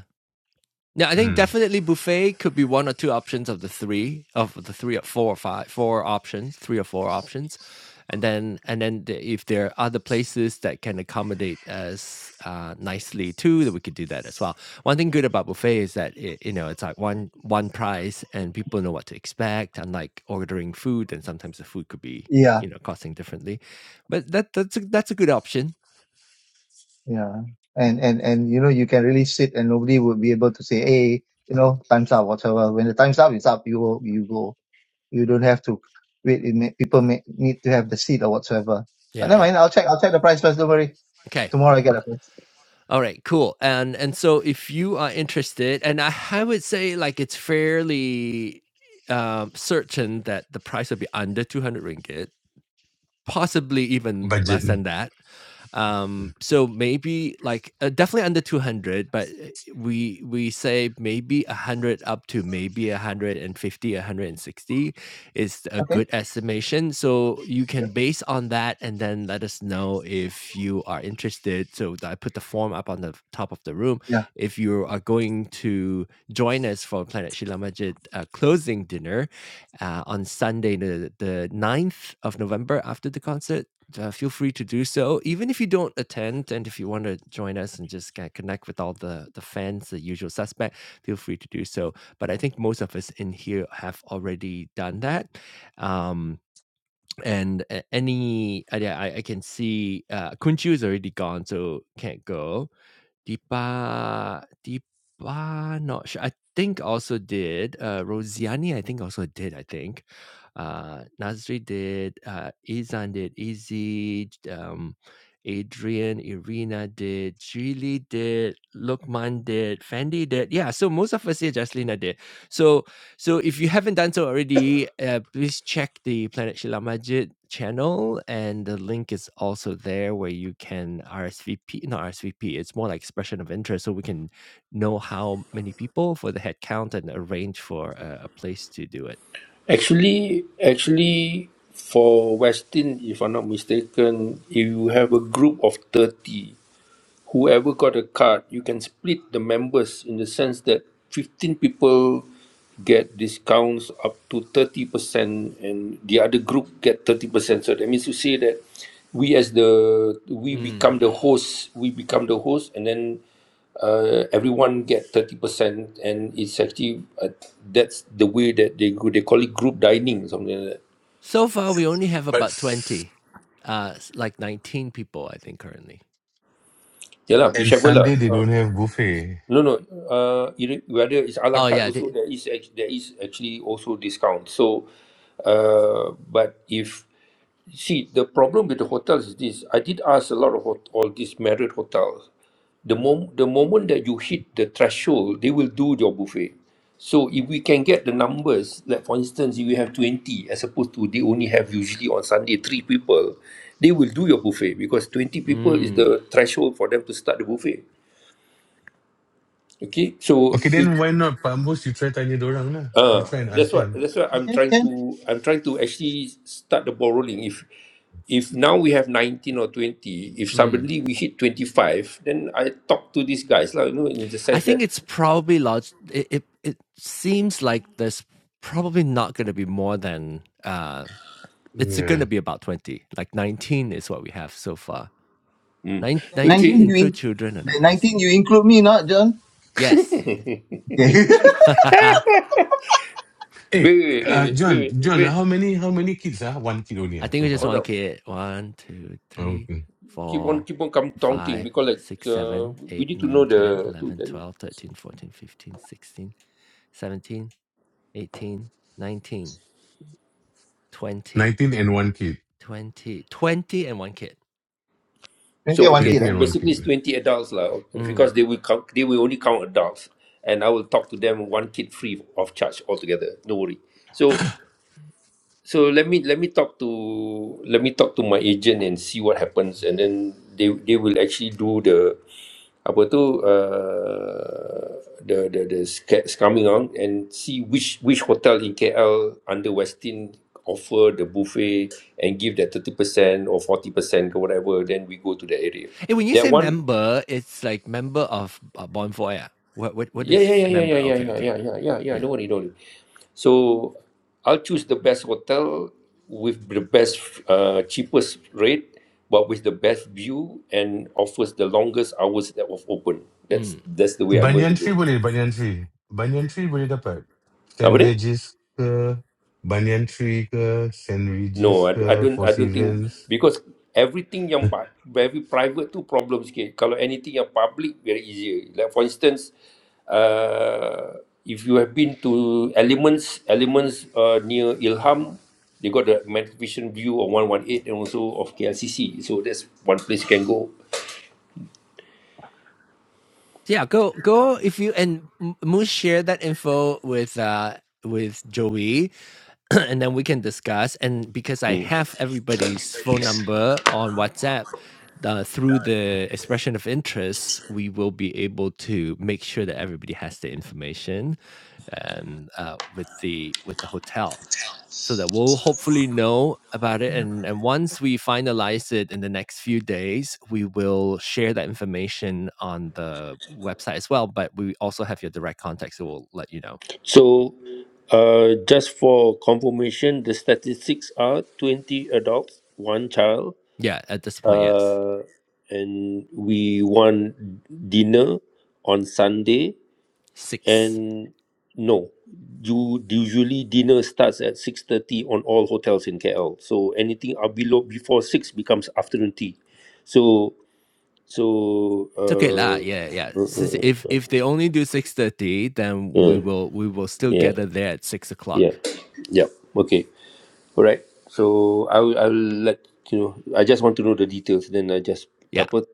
Speaker 1: Yeah, I think
Speaker 4: Hmm.
Speaker 1: definitely buffet could be one or two options of the three of the three or four or five four options, three or four options, and then and then the, if there are other places that can accommodate us uh, nicely too, that we could do that as well. One thing good about buffet is that it, you know it's like one one price and people know what to expect. Unlike ordering food, and sometimes the food could be
Speaker 3: Yeah.
Speaker 1: you know costing differently, but that that's a, that's a good option.
Speaker 3: Yeah. And and and you know, you can really sit and nobody would be able to say, hey, you know, time's up, whatever. When the time's up, it's up. You go, you go. You don't have to wait. It may, people may need to have the seat or whatsoever. But
Speaker 1: Yeah,
Speaker 3: never
Speaker 1: yeah.
Speaker 3: mind. I'll check. I'll check the price first. Don't worry.
Speaker 1: Okay.
Speaker 3: Tomorrow I get a price.
Speaker 1: All right, cool. And and so if you are interested, and I, I would say like it's fairly um, certain that the price will be under 200 ringgit, possibly even
Speaker 4: Budget.
Speaker 1: less than
Speaker 4: Hmm.
Speaker 1: that um so maybe like uh, definitely under 200 but uh, we we say maybe 100 up to maybe 150 160 is a
Speaker 3: Okay.
Speaker 1: good estimation so you
Speaker 3: Yep.
Speaker 1: can base on that and then let us know if you are interested so i put the form up on the f- top of the room
Speaker 3: Yeah.
Speaker 1: if you are going to join us for planet shila majid uh, closing dinner uh, on sunday the, the ninth of november after the concert uh, feel free to do so. Even if you don't attend, and if you want to join us and just kind of connect with all the the fans, the usual suspect, feel free to do so. But I think most of us in here have already done that. Um, and a- any, uh, yeah, I, I can see uh, Kunchu is already gone, so can't go. Deepa Deepa not sure. I think also did. Uh, Rosianni, I think also did. I think uh, Nazri did. Uh, Izan did. Izzy. Um, Adrian, Irina did. Julie did. Lukman did. Fendi did. Yeah. So most of us here, Jaslina did. So so if you haven't done so already, uh, please check the Planet Shila Majid channel, and the link is also there where you can RSVP, not RSVP, it's more like expression of interest, so we can know how many people for the head count and arrange for a, a place to do it.
Speaker 5: Actually actually for Westin if I'm not mistaken if you have a group of thirty whoever got a card, you can split the members in the sense that 15 people get discounts up to 30% and the other group get 30%. So that means to say that we as the we
Speaker 1: Mm.
Speaker 5: become the host, we become the host and then uh, everyone get 30% and it's actually uh, that's the way that they go- they call it group dining something like that.
Speaker 1: So far, we only have
Speaker 4: But
Speaker 1: about
Speaker 4: s-
Speaker 1: 20, uh, s- like 19 people, I think, currently.
Speaker 5: Yeah lah,
Speaker 4: and
Speaker 5: whichever lah.
Speaker 4: Sunday they
Speaker 5: Uh,
Speaker 4: don't have buffet.
Speaker 5: No, no. Uh, it, whether it's a la
Speaker 1: Oh,
Speaker 5: carte
Speaker 1: yeah.
Speaker 5: also,
Speaker 1: They,
Speaker 5: there is act- there is actually also discount. So, uh, but if see the problem with the hotels is this, I did ask a lot of hot, all these Marriott hotels. The mom, the moment that you hit the threshold, they will do your buffet. So if we can get the numbers, like for instance, if you have twenty as opposed to they only have usually on Sunday three people, they will do your buffet because twenty people is
Speaker 1: mm,
Speaker 5: the threshold for them to start the buffet. Okay, so
Speaker 4: Okay,
Speaker 5: it,
Speaker 4: then why not Pak Mus, you try tanya orang lah. You
Speaker 5: Uh,
Speaker 4: try and ask
Speaker 5: that's what
Speaker 4: them.
Speaker 5: that's what I'm
Speaker 3: Okay.
Speaker 5: trying
Speaker 3: Then
Speaker 5: to I'm trying to actually start the ball rolling. If if now we have 19 or 20, if
Speaker 1: mm.
Speaker 5: suddenly we hit 25, then I talk to these guys, like, you know, in the
Speaker 1: I
Speaker 5: sense that
Speaker 1: think it's probably large. It it, it seems like there's probably not going to be more than uh, it's going to
Speaker 4: Yeah.
Speaker 1: be about twenty. Like nineteen is what we have so far.
Speaker 5: mm,
Speaker 1: Nine,
Speaker 3: the
Speaker 5: wait,
Speaker 1: 19
Speaker 3: nineteen
Speaker 5: wait,
Speaker 3: you
Speaker 1: include
Speaker 3: in,
Speaker 1: children or not?
Speaker 3: the
Speaker 1: Let me see.
Speaker 3: nineteen you include me, not John.
Speaker 1: Yes,
Speaker 3: Okay.
Speaker 1: I
Speaker 4: Eh,
Speaker 5: wait, wait,
Speaker 4: uh,
Speaker 5: wait,
Speaker 4: John,
Speaker 5: wait,
Speaker 4: John,
Speaker 5: wait,
Speaker 4: how many how many kids ah? One kid only ah,
Speaker 1: think
Speaker 4: so
Speaker 1: we just
Speaker 4: far.
Speaker 5: hold
Speaker 1: one
Speaker 5: on.
Speaker 1: kid. One, two, three,
Speaker 4: Okay.
Speaker 5: Keep on
Speaker 1: four,
Speaker 5: keep on come counting
Speaker 1: five,
Speaker 5: because like
Speaker 1: six,
Speaker 5: uh,
Speaker 1: seven,
Speaker 5: we
Speaker 1: eight,
Speaker 5: need to know
Speaker 1: nine, ten,
Speaker 5: the to
Speaker 1: eleven,
Speaker 5: then
Speaker 1: twelve, thirteen, fourteen, fifteen, sixteen, seventeen, eighteen, nineteen, twenty,
Speaker 4: 19 and one kid.
Speaker 1: twenty, twenty, and one kid.
Speaker 3: Twenty
Speaker 5: so
Speaker 3: one
Speaker 5: okay,
Speaker 3: kid.
Speaker 4: 20
Speaker 3: Eh?
Speaker 5: so
Speaker 4: and one
Speaker 5: basically
Speaker 4: kid.
Speaker 5: it's 20 adults lah,
Speaker 1: Mm.
Speaker 5: because they will count they will only count adults and I will talk to them one kid free of charge altogether. No worry. So so let me let me talk to let me talk to my agent and see what happens and then they they will actually do the apa tu uh, the the the sca- scamming on and see which which hotel in KL under Westin offer the buffet and give that 30% or 40% or whatever then we go to that area
Speaker 1: And when you
Speaker 5: that
Speaker 1: say
Speaker 5: one
Speaker 1: member, it's like member of uh, Born for Air. What what what
Speaker 5: Yeah, yeah,
Speaker 1: is
Speaker 5: yeah, yeah,
Speaker 1: member?
Speaker 5: yeah, yeah,
Speaker 1: Okay,
Speaker 5: yeah,
Speaker 1: okay,
Speaker 5: yeah, yeah, yeah, yeah.
Speaker 1: yeah,
Speaker 5: Don't worry, don't worry. So I'll choose the best hotel with the best, uh, cheapest rate, but with the best view and offers the longest hours that was open. That's
Speaker 1: mm.
Speaker 5: that's the way I'm going to
Speaker 4: Banyan
Speaker 5: go.
Speaker 4: tree boleh, banyan tree. Banyan tree boleh dapat.
Speaker 5: Apa
Speaker 4: St.
Speaker 5: dia?
Speaker 4: Regis ke, banyan tree ke, St.
Speaker 5: No,
Speaker 4: Regis
Speaker 5: I, I
Speaker 4: ke,
Speaker 5: don't
Speaker 4: Four
Speaker 5: I don't think
Speaker 4: Seasons.
Speaker 5: because everything yang pa- very private tu problem sikit. Kalau anything yang public very easier. Like for instance, uh, if you have been to Elements, Elements uh, near Ilham, they got the night vision view of 118 and also of KLCC. So that's one place you can go.
Speaker 1: yeah. Go go if you and Moose share that info with uh with Joey, and then we can discuss. And because I
Speaker 5: Mm.
Speaker 1: have everybody's phone number on WhatsApp. Uh, through the expression of interest, we will be able to make sure that everybody has the information, and uh, with the with the hotel. so that we'll hopefully know about it and and once we finalize it in the next few days we will share that information on the website as well but we also have your direct contact so we'll let you know
Speaker 5: So uh, just for confirmation, the statistics are 20 adults, one child,
Speaker 1: yeah at this point yes
Speaker 5: uh, and we won dinner on Sunday.
Speaker 1: six
Speaker 5: And no, you usually dinner starts at six thirty on all hotels in KL. So anything up below before six becomes afternoon tea. So so
Speaker 1: it's okay lah
Speaker 5: uh,
Speaker 1: yeah yeah
Speaker 5: uh,
Speaker 1: Since
Speaker 5: uh,
Speaker 1: if if they only do 6.30 then we
Speaker 5: uh,
Speaker 1: will we will still
Speaker 5: yeah yeah
Speaker 1: gather there at six
Speaker 5: yeah
Speaker 1: o'clock
Speaker 5: yup, okay all right. So I will I will let you know. I just want to know the details. Then I just
Speaker 1: yeah
Speaker 5: apa,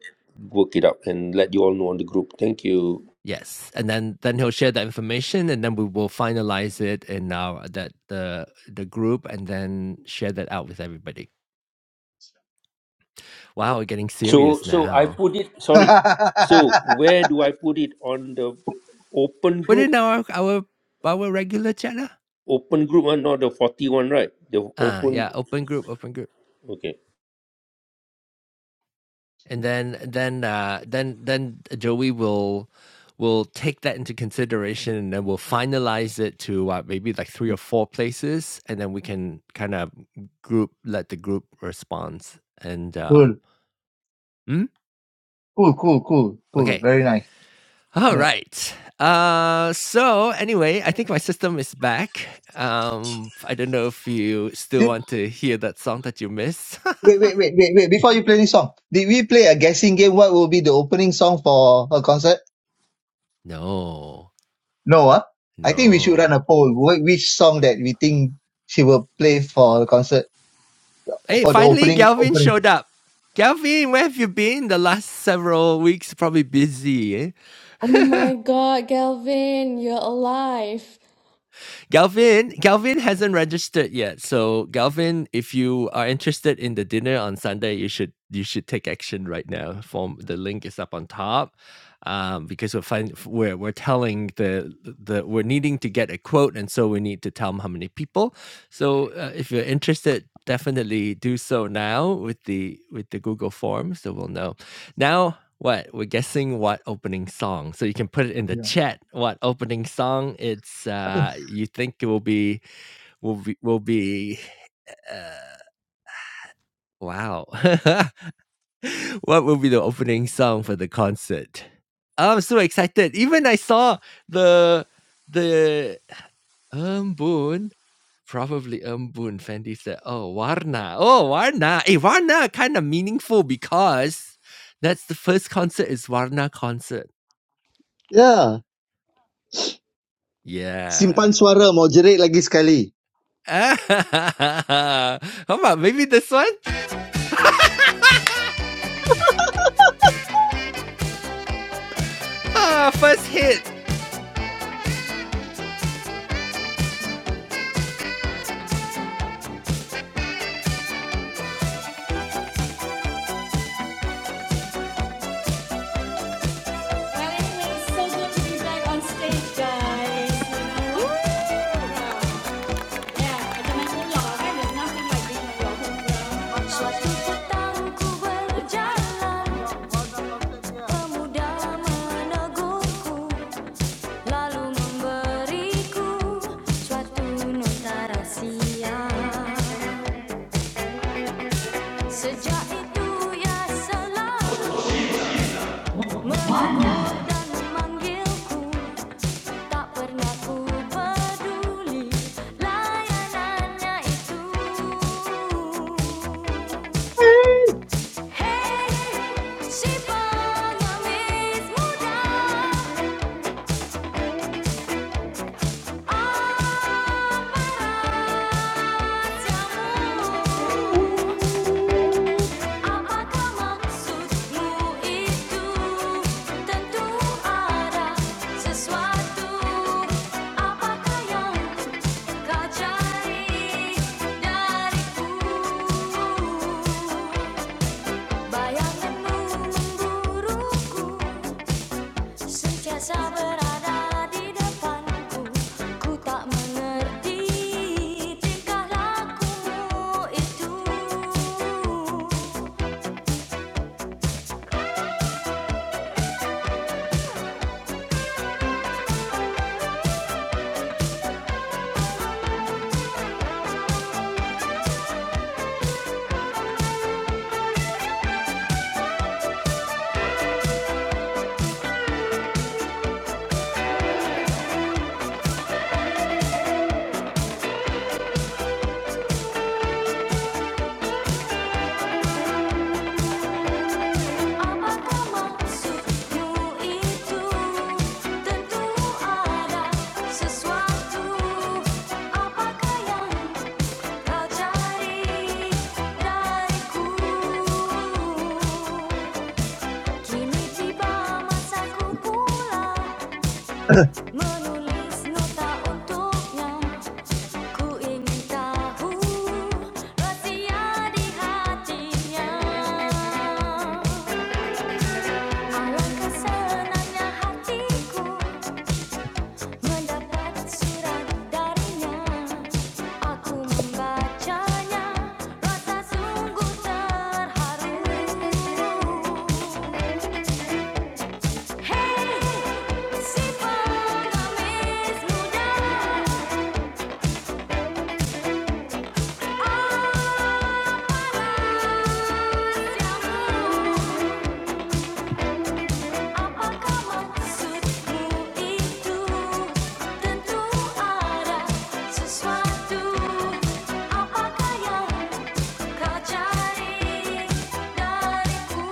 Speaker 5: work it out and let you all know on the group. Thank you.
Speaker 1: yes and then then he'll share that information and then we will finalize it in our that the the group and then share that out with everybody Wow, we're getting
Speaker 5: So,
Speaker 1: serious
Speaker 5: so I
Speaker 1: now.
Speaker 5: put it. Sorry. So, where do I put it on the open
Speaker 1: But
Speaker 5: group?
Speaker 1: in our our our regular channel.
Speaker 5: Open group, one, not the forty-one, right? The
Speaker 1: Ah,
Speaker 5: open.
Speaker 1: yeah, open group, open group.
Speaker 5: Okay.
Speaker 1: And then then uh then then uh, Joey will will take that into consideration and then we'll finalize it to uh, maybe like three or four places and then we can kind of group let the group response and
Speaker 3: cool.
Speaker 1: um mm,
Speaker 3: Cool. Cool. Cool. Cool.
Speaker 1: okay
Speaker 3: Very nice.
Speaker 1: All
Speaker 3: Yeah.
Speaker 1: right. Uh, so anyway, I think my system is back. Um, I don't know if you still want to hear that song that you missed.
Speaker 3: Wait, wait, wait, wait, wait. Before you play this song, did we play a guessing game? What will be the opening song for her concert?
Speaker 1: no,
Speaker 3: No, huh? I think we should
Speaker 1: no.
Speaker 3: run a poll. Wh- Which song that we think she will play for the concert,
Speaker 1: Hey,
Speaker 3: for the
Speaker 1: finally,
Speaker 3: opening,
Speaker 1: Galvin
Speaker 3: opening.
Speaker 1: showed up. Galvin, where have you been the last several weeks? Probably busy. eh?
Speaker 2: Oh my God, Galvin, you're alive.
Speaker 1: Galvin, Galvin hasn't registered yet. So Galvin, if you are interested in the dinner on Sunday, you should you should take action right now. Form the link is up on top. Um, because we're find, we're we're telling the the we're needing to get a quote, and so we need to tell them how many people. So uh, if you're interested, definitely do so now with the with the Google form, so we'll know. Now, what? We're guessing what opening song. So you can put it in the
Speaker 3: Yeah.
Speaker 1: chat. What opening song? It's uh you think it will be will be will be uh wow. what will be the opening song for the concert? Oh, I'm so excited. Even I saw the the um Boon probably um Boon Fendi said, "Oh Warna, oh Warna, hey Warna, kind of meaningful because that's the first concert is Warna concert.
Speaker 3: Ya,
Speaker 1: Yeah,
Speaker 3: simpan suara mau jerit lagi sekali.
Speaker 1: Ah, come on, maybe this one. First hit. Well, it means so good to be back on stage, guys. You know, Wow. yeah, and the national law, right? There's nothing like being on your home ground. Suatu petang ku berjalan, pemuda menegurku, lalu memberiku suatu nota rahsia. Sejak itu ia selalu Memanggil dan memanggilku Tak pernah ku peduli Layanannya itu Hey, si pengemis muda Apa rahasiamu? Apa maksudmu itu? Tentu ada sesuatu. Apakah yang kau dariku? Bayangan memburuku sentiasa berada di depanku. Ku tak mengerti tingkah lakumu itu. Apa maksudmu itu? Tentu ada sesuatu. Apakah yang kau cari dariku? Kini tiba masaku pula menulis nota untuknya. Ku ingin tahu rahasia di hatinya. Alangkah senangnya hatiku mendapat surat darinya. Aku membacanya, rasa sungguh terharu. Hey, si pengemis muda, apa rahasiamu? Apakah maksudmu itu? Tentu ada sesuatu. Apakah yang kau cari dariku?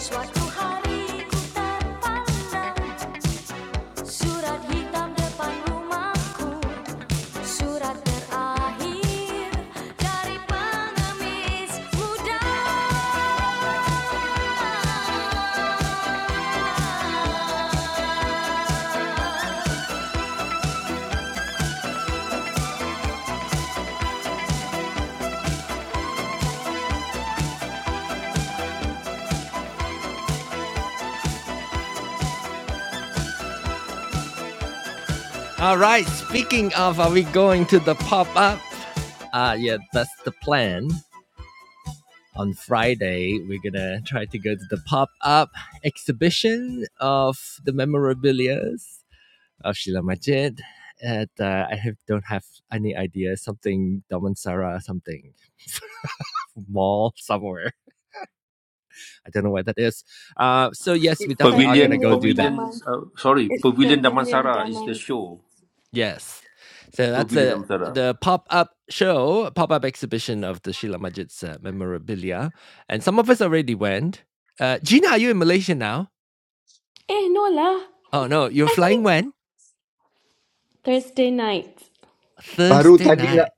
Speaker 1: Suatu hari ku terpandang surat hitam depan rumahku, surat terakhir dari pengemis muda. All right. Speaking of, are we going to the pop up? Uh, yeah, that's the plan. On Friday, we're gonna try to go to the pop up exhibition of the memorabilia of Sheila Majid. And uh, I have, don't have any idea. Something Damansara, something mall somewhere. I don't know where that is. Uh, so yes, we
Speaker 2: It's
Speaker 1: definitely are gonna
Speaker 5: Pavilion,
Speaker 1: go
Speaker 2: Pavilion
Speaker 1: do that.
Speaker 5: pavilion.
Speaker 2: Diamonds.
Speaker 5: Uh, sorry,
Speaker 2: It's
Speaker 5: pavilion
Speaker 2: Pavilion
Speaker 5: Damansara is the
Speaker 2: Diamonds.
Speaker 5: show.
Speaker 1: Yes. So that's
Speaker 5: Pavilion
Speaker 1: a
Speaker 5: Damansara.
Speaker 1: the pop-up show, pop-up exhibition of the Sheila Majid's uh, memorabilia. And some of us already went. Uh, Gina, are you in Malaysia now?
Speaker 2: Eh, no lah.
Speaker 1: Oh no, you're
Speaker 2: I mean
Speaker 1: flying when?
Speaker 2: Thursday night.
Speaker 3: Baru
Speaker 1: Thursday
Speaker 3: tadi
Speaker 1: night.
Speaker 3: nak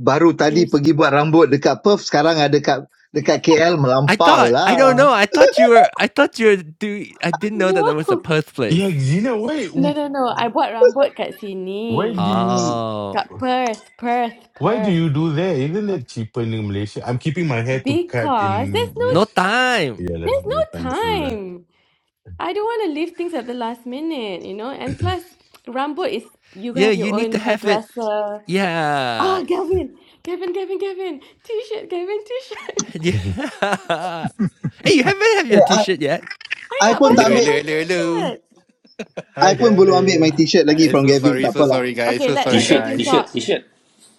Speaker 3: baru tadi
Speaker 2: Yes.
Speaker 3: pergi buat rambut dekat Perth, sekarang ada dekat dekat KL
Speaker 1: I
Speaker 3: melampau
Speaker 1: thought I
Speaker 3: lah.
Speaker 1: don't know. I thought you were I thought you were doing I didn't know that that was a
Speaker 2: No.
Speaker 1: Perth
Speaker 4: Yeah,
Speaker 1: place.
Speaker 4: Gina, why,
Speaker 2: No, no, no. I bought rambut kat
Speaker 4: why
Speaker 2: sini.
Speaker 4: do you
Speaker 1: Oh.
Speaker 2: Kat Perth, Perth,
Speaker 4: Why do you
Speaker 2: Perth.
Speaker 4: do that? Isn't it
Speaker 2: Okay.
Speaker 4: cheaper in Malaysia? I'm keeping my hair to cut
Speaker 2: Because there's
Speaker 4: in
Speaker 2: no
Speaker 1: No
Speaker 4: Malaysia.
Speaker 1: time.
Speaker 4: Yeah, leh.
Speaker 2: there's no
Speaker 4: no time through leh.
Speaker 2: time. I don't want to leave things at the last minute, you know? And plus, rambut is you
Speaker 1: Yeah,
Speaker 2: have your
Speaker 1: you need to
Speaker 2: own
Speaker 1: have it.
Speaker 2: hairdresser.
Speaker 1: Yeah.
Speaker 2: Ah, Gavin, Gavin, Gavin, Gavin, t-shirt, Gavin, t-shirt.
Speaker 1: Yeah. hey, you haven't had your
Speaker 3: Eh, I,
Speaker 1: t-shirt yet?
Speaker 2: I
Speaker 3: I
Speaker 2: not
Speaker 3: pun
Speaker 7: Hello,
Speaker 3: tak ambil
Speaker 2: basuh
Speaker 7: hello,
Speaker 2: my
Speaker 7: hello, hello.
Speaker 2: t-shirt.
Speaker 6: Hi,
Speaker 3: I pun belum ambil my
Speaker 6: Gavin.
Speaker 3: t-shirt lagi
Speaker 7: I'm
Speaker 3: from
Speaker 7: so
Speaker 3: Gavin,
Speaker 7: sorry,
Speaker 3: tak apa
Speaker 7: so
Speaker 3: lah.
Speaker 7: sorry, guys.
Speaker 2: Okay,
Speaker 7: So
Speaker 2: let
Speaker 7: sorry,
Speaker 2: let
Speaker 5: T-shirt,
Speaker 2: Gavin
Speaker 7: guys.
Speaker 5: t-shirt,
Speaker 2: talk.
Speaker 5: t-shirt.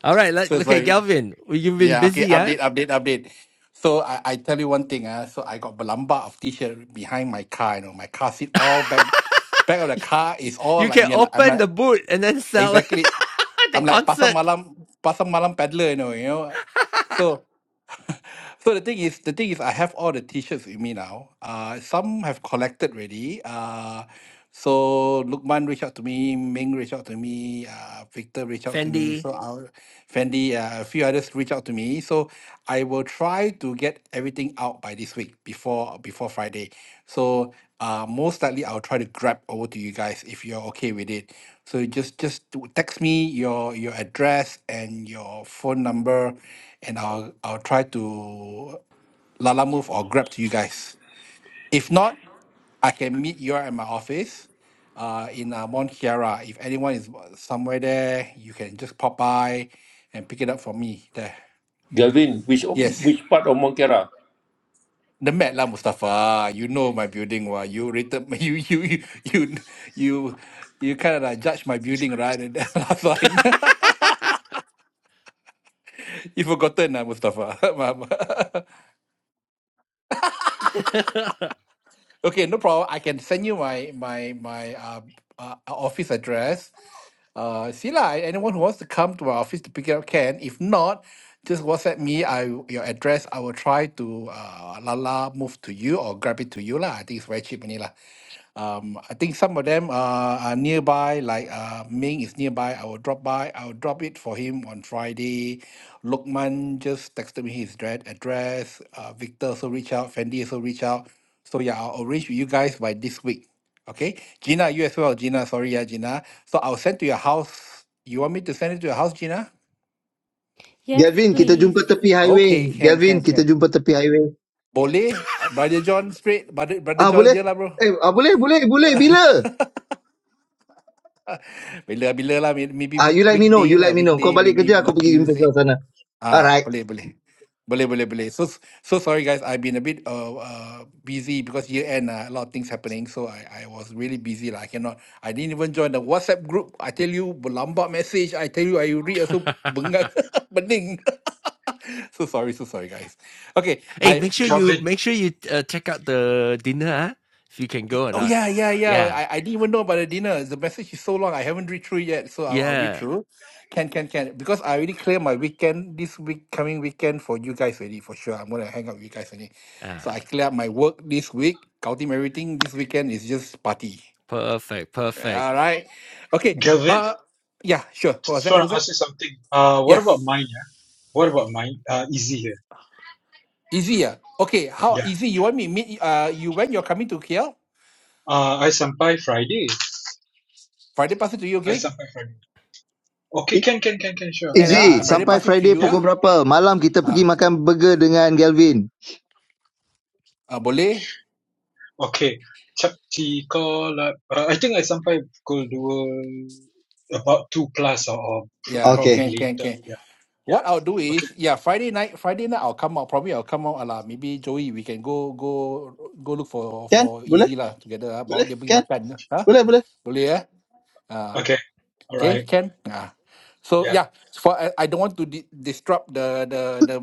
Speaker 1: All right, let,
Speaker 7: So
Speaker 1: okay,
Speaker 7: sorry.
Speaker 1: Galvin, you've been
Speaker 7: Yeah, okay,
Speaker 1: busy, yeah?
Speaker 7: update, update, update. So I, I tell you one thing, uh, so I got balamba of t-shirt behind my car, you know, my car seat all back back of the car is all
Speaker 1: You
Speaker 7: like
Speaker 1: can
Speaker 7: me. I'm
Speaker 1: open
Speaker 7: like
Speaker 1: the boot and then sell it
Speaker 7: exactly
Speaker 1: the
Speaker 7: I'm like pasar
Speaker 1: concert.
Speaker 7: malam pasar malam peddler, you know, you know. So So the thing is, the thing is, I have all the T-shirts with me now. Uh, some have collected already. Uh, so Lukman reached out to me, Ming reached out to me, uh, Victor reached out to me.
Speaker 1: Fendi.
Speaker 7: So our Fendi, uh, a few others reached out to me. So I will try to to get everything out by this week before before Friday. So uh, most likely I'll try to grab over to you guys if you're okay with it. So just just to text me your your address and your phone number, and I'll I'll try to lala move or grab to you guys. If not, I can meet you at my office. Uh, in uh, Mount Kiara. If anyone is somewhere there, you can just pop by and pick it up for me there.
Speaker 5: Gavin, which
Speaker 7: Yes.
Speaker 5: which part of Monkera?
Speaker 7: The Met lah Mustafa. You know my building wah. You rated you you you you you, you kind of like judge my building right and then last time. you forgotten lah Mustafa. Mama. okay, no problem. I can send you my my my uh, uh uh, office address. Uh, see lah. Anyone who wants to come to our office to pick it up can. If not, just WhatsApp me. I your address. I will try to uh lala move to you or grab it to you lah. I think it's very cheap only lah. Um, I think some of them are, are nearby, like uh, Ming is nearby. I will drop by. I will drop it for him on Friday. Lukman just texted me his dra- address. Uh, Victor also reach out. Fendi also reach out. So yeah, I'll arrange with you guys by this week. Okay, Gina, you as well. Gina, sorry, yeah, Gina. So I'll send to your house. You want me to send it to your house, Gina?
Speaker 2: Yes,
Speaker 3: Gavin, kita
Speaker 2: please,
Speaker 3: jumpa tepi highway.
Speaker 7: Okay, can, can,
Speaker 3: Gavin, kita
Speaker 7: can.
Speaker 3: jumpa tepi highway.
Speaker 7: Boleh, Uh, brother John straight, brother, brother
Speaker 3: Ah,
Speaker 7: John
Speaker 3: boleh?
Speaker 7: je lah bro.
Speaker 3: Eh, ah, boleh, boleh, boleh. Bila?
Speaker 7: bila bila lah may- maybe
Speaker 3: Ah,
Speaker 7: week,
Speaker 3: you let me know,
Speaker 7: weekday
Speaker 3: you
Speaker 7: lah
Speaker 3: let me know. Kau
Speaker 7: weekday
Speaker 3: balik
Speaker 7: maybe
Speaker 3: kerja,
Speaker 7: mo-
Speaker 3: aku pergi jumpa
Speaker 7: Tuesday
Speaker 3: kau sana.
Speaker 7: ah
Speaker 3: Alright.
Speaker 7: boleh boleh boleh boleh boleh so s- so sorry guys I've been a bit uh, uh busy because year end uh, a lot of things happening so I I was really busy lah I cannot I didn't even join the WhatsApp group I tell you berlambat message I tell you I read also bengang bening so sorry so sorry guys okay
Speaker 1: hey,
Speaker 6: Yeah.
Speaker 7: I
Speaker 1: make sure
Speaker 7: from
Speaker 1: you
Speaker 8: Gavin,
Speaker 1: make sure you uh, check out the dinner huh? if you can go or
Speaker 7: Oh
Speaker 1: not.
Speaker 7: yeah, yeah, yeah.
Speaker 1: Yeah,
Speaker 7: I, I didn't even know about the dinner. The message is so long. I haven't read through yet, so I'll, I'll read
Speaker 1: yeah.
Speaker 7: through. Can, can, can. Because I already cleared my weekend this week, coming weekend for you guys already for sure. I'm gonna hang out with you guys already. So
Speaker 1: Ah,
Speaker 7: I clear up my work this week, counting everything. This weekend is just party.
Speaker 1: perfect, perfect.
Speaker 7: All right. Okay.
Speaker 8: Gavin,
Speaker 7: Uh, yeah, sure. What was
Speaker 8: just
Speaker 7: that?
Speaker 8: want to
Speaker 7: Who's that?
Speaker 8: ask you something. Uh, what about
Speaker 7: Yes,
Speaker 8: mine? Yeah, what about mine? Uh, easy here.
Speaker 7: easy. Yeah. Okay. How
Speaker 8: Yeah.
Speaker 7: easy? You want me meet? y- Uh, you when you're coming to KL?
Speaker 8: Uh, I sampai Friday.
Speaker 7: Friday pass it to you,
Speaker 8: I
Speaker 7: okay?
Speaker 8: sampai Friday. Okay,
Speaker 3: E-
Speaker 8: can, can, can, can, sure.
Speaker 7: Can
Speaker 8: Eh,
Speaker 7: ah? Uh,
Speaker 3: Easy.
Speaker 7: Friday
Speaker 8: Um,
Speaker 3: Sampai
Speaker 7: pass it to
Speaker 3: Friday
Speaker 7: you
Speaker 8: yeah.
Speaker 3: pukul
Speaker 7: lah.
Speaker 3: berapa? Malam kita
Speaker 7: Ah,
Speaker 3: pergi makan burger dengan Galvin.
Speaker 7: uh, boleh.
Speaker 8: Okay. Chapti call. Uh, I think I sampai pukul dua, about two plus or, or pr-
Speaker 7: Yeah,
Speaker 3: Okay.
Speaker 8: probably
Speaker 7: can can
Speaker 8: later.
Speaker 7: can.
Speaker 8: Yeah, yeah.
Speaker 7: What I'll do
Speaker 8: Okay,
Speaker 7: is, yeah, Friday night, Friday night I'll come out. Probably I'll come out. Alah. maybe Joey, we can go go go look for
Speaker 3: Can?
Speaker 7: for
Speaker 3: Boleh?
Speaker 7: easy lah together. Ah, bawa
Speaker 3: Boleh?
Speaker 7: dia pergi
Speaker 3: Can?
Speaker 7: makan. Huh?
Speaker 3: Boleh, boleh.
Speaker 7: Boleh eh? Ah,
Speaker 8: okay, all
Speaker 7: okay,
Speaker 8: right.
Speaker 7: can. Ah. So
Speaker 8: Yeah,
Speaker 7: yeah, for I, I don't want to di- disrupt the the the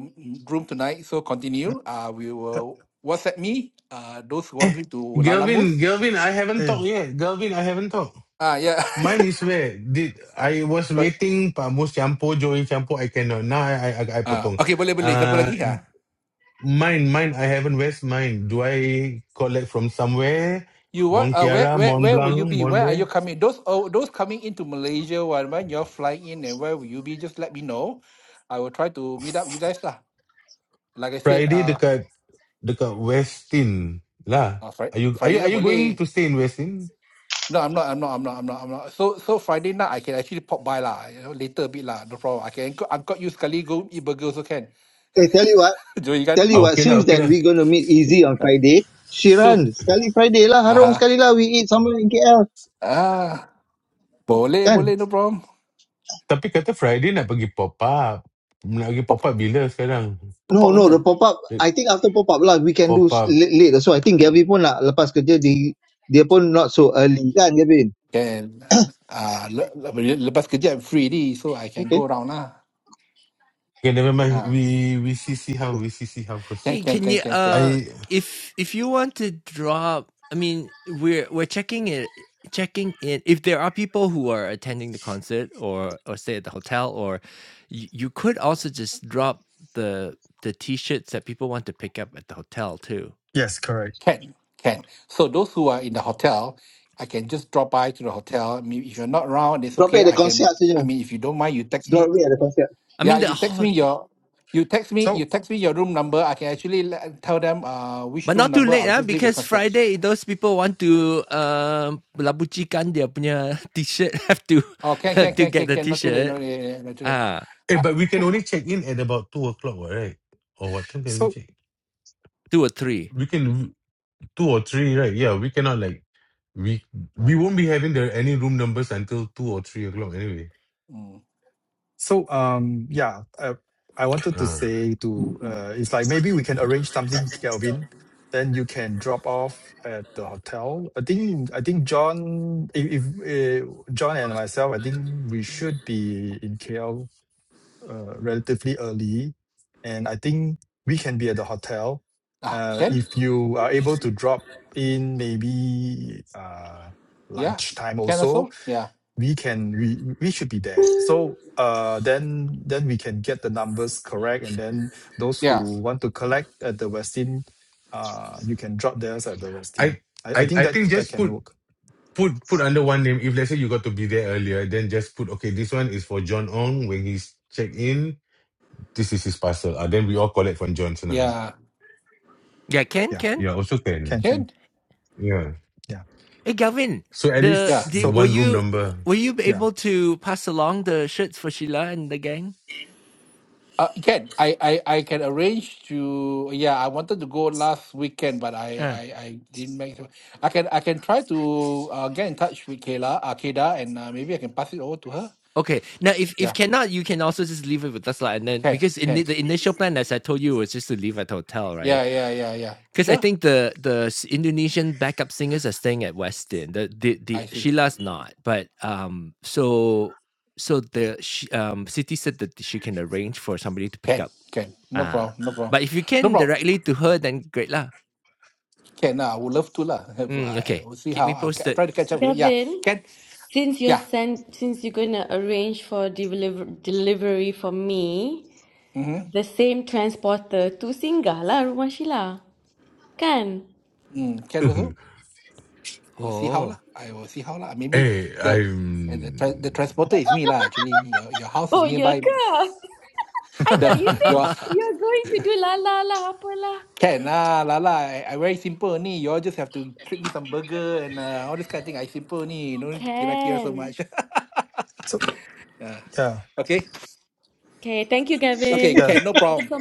Speaker 7: room tonight. So continue. Ah, we
Speaker 6: uh,
Speaker 7: will WhatsApp me. Ah, those who want
Speaker 4: Eh,
Speaker 7: me to Lala move.
Speaker 4: Galvin, Galvin, I haven't
Speaker 6: eh,
Speaker 4: talked yet. Galvin, I haven't talked.
Speaker 7: Ah, yeah.
Speaker 4: Mine is where did I was
Speaker 7: Sorry.
Speaker 4: waiting Pamus Campo, Joey Campo, I cannot. Now I I I I
Speaker 7: Ah,
Speaker 4: potong.
Speaker 7: okay, boleh boleh. Siapa
Speaker 4: Uh
Speaker 7: lagi? Ah.
Speaker 4: mine, mine, I haven't west mine. Do I collect from somewhere?
Speaker 7: You what?
Speaker 4: Mont
Speaker 7: Uh, where
Speaker 4: Kiara,
Speaker 7: where
Speaker 4: Mont
Speaker 7: where will you
Speaker 4: Blanc,
Speaker 7: be?
Speaker 4: Mont
Speaker 7: Where are you
Speaker 4: where?
Speaker 7: coming? Those oh, those coming into Malaysia when when you're flying in and where will you be? Just let me know. I will try to meet up you guys lah. Like I said,
Speaker 4: Friday
Speaker 7: uh,
Speaker 4: dekat dekat Westin lah.
Speaker 7: uh Friday,
Speaker 4: Are you are
Speaker 7: Friday
Speaker 4: you are
Speaker 7: night
Speaker 4: you
Speaker 7: boleh.
Speaker 4: going to stay in Westin?
Speaker 7: No, I'm not. I'm not. I'm not. I'm not. I'm not. So so Friday night I can actually pop by lah. You know, later a bit lah. No problem. I can angkut, angkut you sekali go eat burger also can.
Speaker 3: Eh, tell you what.
Speaker 7: Join kan?
Speaker 3: Tell you
Speaker 4: Ah,
Speaker 3: what.
Speaker 4: okay lah,
Speaker 3: Since
Speaker 4: okay
Speaker 3: that
Speaker 4: lah.
Speaker 3: we going to meet Easy on Friday,
Speaker 4: So.
Speaker 3: Shiran, sekali Friday lah. Harung
Speaker 7: Aha.
Speaker 3: sekali lah. We eat somewhere in KL.
Speaker 7: Ah, boleh
Speaker 3: Kan?
Speaker 7: boleh no problem.
Speaker 4: Tapi kata Friday nak pergi pop up. Nak pergi pop
Speaker 7: Pop
Speaker 4: up bila sekarang?
Speaker 7: pop up
Speaker 3: No, no, the
Speaker 7: mana?
Speaker 3: pop-up,
Speaker 4: The
Speaker 3: I think after pop-up lah, we can do
Speaker 4: Pop
Speaker 3: s-
Speaker 4: up.
Speaker 3: late, late. So I think Gavin pun nak lepas kerja, di, dia pun not so early kan Gavin?
Speaker 7: Can. Ah, le, le, lepas kerja I'm free ni, so I can
Speaker 3: Okay.
Speaker 7: go around lah.
Speaker 4: Okay, never mind.
Speaker 7: Ah,
Speaker 4: We we see see how we see see how
Speaker 7: can,
Speaker 4: first.
Speaker 1: Hey,
Speaker 7: can,
Speaker 1: can
Speaker 7: can,
Speaker 1: you
Speaker 7: can, can,
Speaker 1: uh
Speaker 4: I
Speaker 1: if if you want to draw I mean, we're we're checking it checking in if there are people who are attending the concert or or stay at the hotel or you, you could also just drop the the t-shirts that people want to pick up at the hotel too.
Speaker 6: Yes, correct.
Speaker 7: can, can. So those who are in the hotel, I can just drop by to the hotel. I mean, if you're not around, it's
Speaker 3: Drop it
Speaker 7: okay.
Speaker 3: ada
Speaker 7: I can.
Speaker 3: konsert
Speaker 7: I
Speaker 3: saja.
Speaker 7: mean, if you don't mind, you text me.
Speaker 3: Drop it ada konsert.
Speaker 1: I
Speaker 7: Yeah,
Speaker 1: mean the
Speaker 7: you text
Speaker 1: ho-
Speaker 7: me your, you text me, you
Speaker 6: So,
Speaker 7: text me your room number. I can actually let, tell them uh which
Speaker 1: but
Speaker 7: room
Speaker 1: not too
Speaker 7: number.
Speaker 1: late
Speaker 7: I'll
Speaker 1: ah
Speaker 7: just leave it for
Speaker 1: because
Speaker 7: scratch.
Speaker 1: Friday those people want to um labucikan dia punya t-shirt have to
Speaker 7: Oh, can, can,
Speaker 1: have
Speaker 6: yeah.
Speaker 1: to
Speaker 7: can,
Speaker 1: get
Speaker 7: can,
Speaker 1: the
Speaker 7: can. Not too late.
Speaker 1: t-shirt.
Speaker 7: Not, eh, not too late.
Speaker 1: Ah,
Speaker 4: eh,
Speaker 7: Uh,
Speaker 4: but we can
Speaker 7: who-
Speaker 4: only check in at about two o'clock, what, right? Or what time can we
Speaker 6: So,
Speaker 4: check?
Speaker 1: two or three.
Speaker 4: We can two or three, right? Yeah, we cannot like we we won't be having the any room numbers until two or three o'clock anyway.
Speaker 7: mm,
Speaker 6: So um yeah, I, I wanted to
Speaker 4: Uh,
Speaker 6: say to
Speaker 7: mm.
Speaker 6: uh it's like maybe we can arrange something, Kelvin. Then you can drop off at the hotel. I think I think John, if, if uh, John and myself, I think we should be in KL uh, relatively early, and I think we can be at the hotel.
Speaker 7: Ah,
Speaker 6: Uh,
Speaker 7: can.
Speaker 6: if you are able to drop in maybe uh,
Speaker 7: Yeah,
Speaker 6: lunchtime
Speaker 7: can
Speaker 6: also,
Speaker 7: also. Yeah,
Speaker 6: we can we we should be there so uh then then we can get the numbers correct and then those who
Speaker 7: yeah,
Speaker 6: want to collect at the westin uh you can drop theirs at the westin
Speaker 4: I
Speaker 6: i, I
Speaker 4: I
Speaker 6: think
Speaker 4: I
Speaker 6: that
Speaker 4: think
Speaker 6: that
Speaker 4: just
Speaker 6: can
Speaker 4: put
Speaker 6: work
Speaker 4: put put under one name. If let's say you got to be there earlier, then just put okay. This one is for John Ong when he's check in This is his parcel. And then we all collect from Johnson. and-
Speaker 7: yeah.
Speaker 1: Yeah, can
Speaker 6: yeah
Speaker 1: can.
Speaker 4: Yeah, also can.
Speaker 6: can can
Speaker 7: Can.
Speaker 4: Yeah.
Speaker 6: yeah
Speaker 1: Hey, Galvin,
Speaker 4: So at
Speaker 1: the,
Speaker 7: Yeah.
Speaker 4: least
Speaker 1: the
Speaker 4: the
Speaker 6: so
Speaker 1: were
Speaker 4: one room
Speaker 1: you
Speaker 4: number.
Speaker 1: were you
Speaker 6: yeah
Speaker 1: able to pass along the shirts for Sheila and the gang?
Speaker 7: Uh, can I, I I can arrange to yeah I wanted to go last weekend but I
Speaker 1: Uh,
Speaker 7: I, I didn't make it. I can I can try to uh, get in touch with Kayla uh, Keda and uh, maybe I can pass it over to her.
Speaker 1: okay. Now, if if
Speaker 7: Yeah,
Speaker 1: cannot, you can also just leave it with us, lah. And then
Speaker 7: can
Speaker 1: because in the,
Speaker 7: can
Speaker 1: the initial plan, as I told you, was just to leave at the hotel, right?
Speaker 7: yeah yeah yeah yeah
Speaker 1: Because I
Speaker 7: sure
Speaker 1: think the the s- Indonesian backup singers are staying at Westin. The the the
Speaker 7: I see
Speaker 1: Sheila's not, but um, so so the sh- um city said that she can arrange for somebody to pick
Speaker 7: can
Speaker 1: up.
Speaker 7: can no
Speaker 1: Ah,
Speaker 7: problem no problem
Speaker 1: but if you
Speaker 7: no
Speaker 1: can
Speaker 7: problem.
Speaker 1: directly to
Speaker 7: Uh,
Speaker 1: her, then great lah.
Speaker 7: Can uh, I would love to lah. Have,
Speaker 1: Mm,
Speaker 7: uh, I
Speaker 1: okay.
Speaker 7: will see
Speaker 1: Keep
Speaker 7: how
Speaker 1: me
Speaker 7: I will try
Speaker 1: posted.
Speaker 7: to catch up with her. Yeah
Speaker 2: Gavin.
Speaker 7: can
Speaker 2: Since you're
Speaker 7: yeah
Speaker 2: sent, since you're gonna arrange for deliver delivery for me,
Speaker 7: mm-hmm.
Speaker 2: the same transporter to singgah lah rumah Sheila, kan?
Speaker 7: mm, can also. We'll see how lah.
Speaker 1: Oh.
Speaker 7: I will see how lah. Maybe
Speaker 4: hey,
Speaker 7: the uh, the tra- the
Speaker 4: I'm
Speaker 7: transporter is me lah. Actually, your your house is
Speaker 2: Oh, ya
Speaker 7: nearby.
Speaker 2: ke? I
Speaker 7: The
Speaker 2: thought you said
Speaker 7: your
Speaker 2: you're going to do la la lah, apalah.
Speaker 7: can lah, la la. I, I very simple only. You all just have to treat me some burger and uh, all this kind of thing. I simple only. No need to kira kira so
Speaker 2: Can.
Speaker 7: much.
Speaker 6: so
Speaker 7: Yeah.
Speaker 6: yeah
Speaker 7: okay,
Speaker 2: Okay, thank you,
Speaker 7: okay,
Speaker 2: Gavin.
Speaker 6: yeah
Speaker 7: can no
Speaker 2: Thank you so
Speaker 7: problem.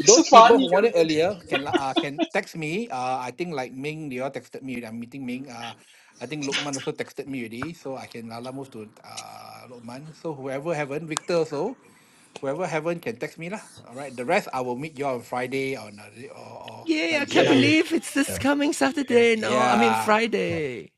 Speaker 8: it's so
Speaker 7: people who
Speaker 8: funny,
Speaker 7: want it
Speaker 8: Gavin.
Speaker 7: earlier can la- uh, can text me. Uh, I think like Ming, they all texted me. I'm meeting Ming. Uh, I think Lokman also texted me already, so I can lala move to uh Lokman. So whoever haven't, Victor also. Whoever haven't can text me lah. All right. The rest I will meet you on Friday or not, or or
Speaker 1: yeah,
Speaker 7: like
Speaker 1: I can't
Speaker 7: Gina.
Speaker 8: Yeah.
Speaker 1: believe it's this
Speaker 6: yeah
Speaker 1: coming
Speaker 8: Yeah.
Speaker 1: Saturday. No, I mean
Speaker 7: Yeah.
Speaker 6: yeah
Speaker 1: Friday.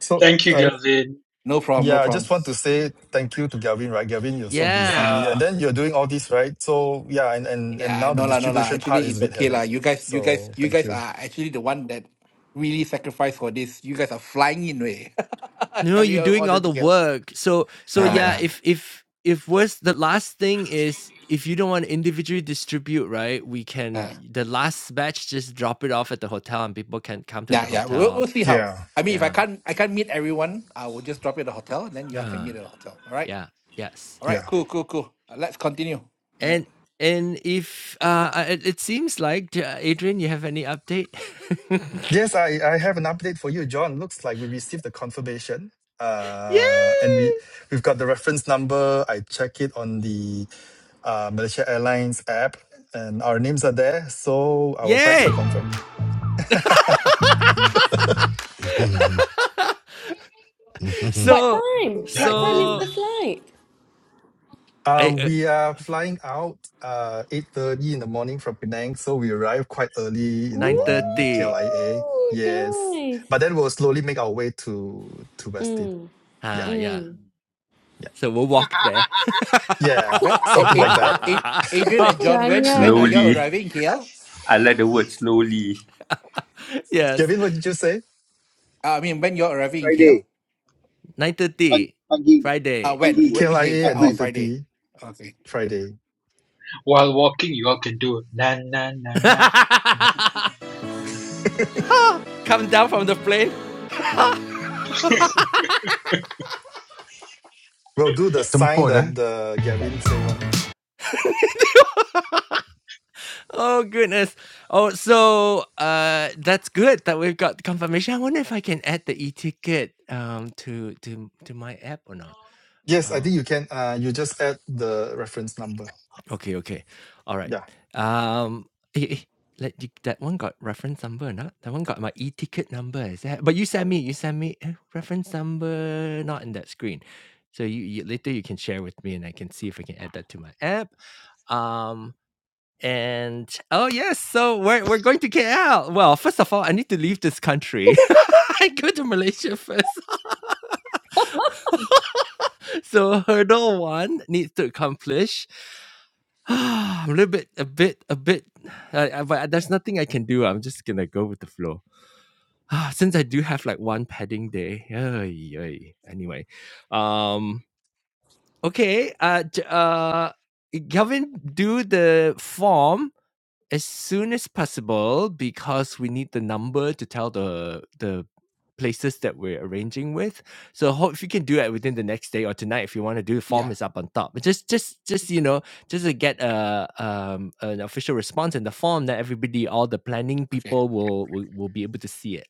Speaker 6: so
Speaker 8: Thank you,
Speaker 6: i
Speaker 8: Gavin.
Speaker 7: No problem. No
Speaker 6: yeah i just
Speaker 7: problem.
Speaker 6: want to say thank you to gavin right gavin you're so
Speaker 1: Yeah.
Speaker 6: busy and then you're doing all this right so yeah and and and
Speaker 7: Yeah.
Speaker 6: now the
Speaker 7: No lah. No lah.
Speaker 6: distribution part
Speaker 7: Actually,
Speaker 6: is a
Speaker 7: it's
Speaker 6: bit
Speaker 7: okay
Speaker 6: headache
Speaker 7: lah. You guys. You guys.
Speaker 6: so
Speaker 7: You
Speaker 6: thank
Speaker 7: guys
Speaker 6: you
Speaker 7: are actually the one that really sacrificed for this. You guys are flying in way.
Speaker 1: No, you're
Speaker 7: Coming all all
Speaker 1: doing all
Speaker 7: the way
Speaker 1: the
Speaker 7: together.
Speaker 1: work. So so
Speaker 6: yeah
Speaker 7: Nah.
Speaker 1: yeah,
Speaker 6: man
Speaker 7: Nah. nah.
Speaker 1: if if if worse the last thing is if you don't want to individually distribute, right? We can
Speaker 7: Uh,
Speaker 1: the last batch just drop it off at the hotel and people can come to
Speaker 7: yeah.
Speaker 1: the
Speaker 7: Yeah. We'll,
Speaker 1: hotel.
Speaker 7: we'll see how.
Speaker 6: yeah
Speaker 7: I mean, if I
Speaker 1: Yeah.
Speaker 7: can't, I can't meet everyone. I will just drop you at the hotel, and then you all can meet
Speaker 1: Ah,
Speaker 7: at the hotel. All right.
Speaker 1: yeah. Yes.
Speaker 7: All right.
Speaker 6: yeah
Speaker 7: Cool. Cool. Cool. Uh, Let's continue. All Right.
Speaker 1: And and if, uh, uh, it it seems like, uh, Adrian, you have any update?
Speaker 6: Yes, I, I have an update for you, John. Looks like we received the confirmation. Uh,
Speaker 1: Yay!
Speaker 6: and we, we've got the reference number. I check it on the uh, Malaysia Airlines app, and our names are there. So our
Speaker 1: Yay!
Speaker 6: flights are confirmed.
Speaker 2: What
Speaker 1: So
Speaker 2: time? What time
Speaker 8: Yeah.
Speaker 2: is
Speaker 1: so
Speaker 2: the flight?
Speaker 6: uh,
Speaker 1: I, uh
Speaker 6: we are flying out uh, 8.30 in the morning from Penang. So we arrive quite early in the
Speaker 2: Woo,
Speaker 6: morning at
Speaker 1: 9:30.
Speaker 6: KLIA. Yes.
Speaker 2: nice.
Speaker 6: But then we'll slowly make our way to, to Westin.
Speaker 2: Mm,
Speaker 6: Yeah.
Speaker 1: Ah, yeah.
Speaker 2: mm.
Speaker 6: Yeah.
Speaker 1: So we'll walk there.
Speaker 6: Yeah.
Speaker 7: When it,
Speaker 6: Something
Speaker 7: it,
Speaker 6: like that.
Speaker 7: it, Adrian and John, when when are you
Speaker 2: Jangan.
Speaker 7: all
Speaker 5: Slowly.
Speaker 7: arriving in KL?
Speaker 5: I like the word slowly.
Speaker 1: Yes,
Speaker 6: Kevin, what did you say?
Speaker 7: Uh, I mean, when you're arriving in KL?
Speaker 3: Friday. Pagi.
Speaker 1: 9:30,
Speaker 3: Pagi.
Speaker 7: Uh,
Speaker 1: Friday.
Speaker 7: when?
Speaker 3: Pagi.
Speaker 7: Wh- Which day?
Speaker 6: KLIA at
Speaker 7: Friday? Oh,
Speaker 3: pagi.
Speaker 7: Friday.
Speaker 6: 9.30
Speaker 7: Okay.
Speaker 6: Friday.
Speaker 8: While walking you all can do na na na na na na na na.
Speaker 1: Come down from the plane.
Speaker 6: We'll do the sign
Speaker 4: tempat eh.
Speaker 6: that the Gavin say one.
Speaker 1: Oh goodness. Oh, so uh that's good that we've got confirmation. I wonder if I can add the e-ticket um to to to my app or not.
Speaker 6: Yes, I
Speaker 1: Um
Speaker 6: think you can. Uh, you just add the reference number.
Speaker 1: okay, okay. All right.
Speaker 6: Yeah.
Speaker 1: Um eh, eh, let you, that one got reference number or not? That one got my e-ticket number. Is that but you sent me you sent me eh, reference number not in that screen. So you, you later you can share with me and I can see if I can add that to my app. Um And oh yes, so we're we're going to KL. Well, first of all, I need to leave this country. I go to Malaysia first. So hurdle one needs to accomplish. I'm a little bit, a bit, a bit, uh, uh, but there's nothing I can do. I'm just gonna go with the flow. Since I do have like one padding day. ay, ay. Anyway, um, okay. Uh, j- uh, Kelvin, do the form as soon as possible because we need the number to tell the the places that we're arranging with. So hope if you can do it within the next day or tonight if you want to do the
Speaker 7: Yeah.
Speaker 1: form is up on top. But just just just you know, just to get a um an official response in the form that everybody all the planning
Speaker 7: Okay.
Speaker 1: people will will, will be able to see it.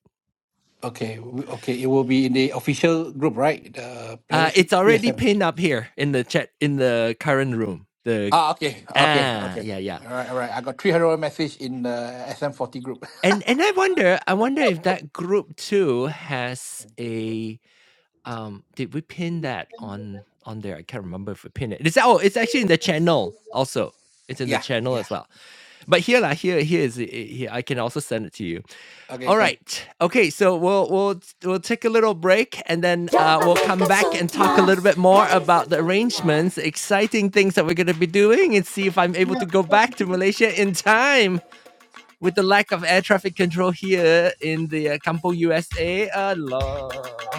Speaker 7: Okay. W- Okay. It will be in the official group, right? The
Speaker 1: Uh
Speaker 7: Planet Fi-
Speaker 1: it's already
Speaker 7: PSM.
Speaker 1: pinned up here in the chat in the current room. The
Speaker 7: Ah, okay. Okay.
Speaker 1: ah
Speaker 7: Okay.
Speaker 1: yeah yeah.
Speaker 7: All right. All right. I got 300 message in the SM40 group.
Speaker 1: And and I wonder I wonder if that group too has a Um, did we pin that on on there? I can't remember if we pinned it. It's oh, it's actually in the channel also. It's in the
Speaker 7: yeah.
Speaker 1: channel
Speaker 7: Yeah.
Speaker 1: as well. But here, lah, here, here is it- it- here. I can also send it to you.
Speaker 7: Okay.
Speaker 1: All
Speaker 7: Can.
Speaker 1: right. Okay. So we'll we'll we'll take a little break and then uh, we'll come back and talk a little bit more about the arrangements, exciting things that we're gonna be doing, and see if I'm able to
Speaker 3: Yeah,
Speaker 1: go
Speaker 3: pop-up
Speaker 1: back to
Speaker 3: again.
Speaker 1: Malaysia in time with the lack of air traffic control here in the uh, Campo USA. Allah.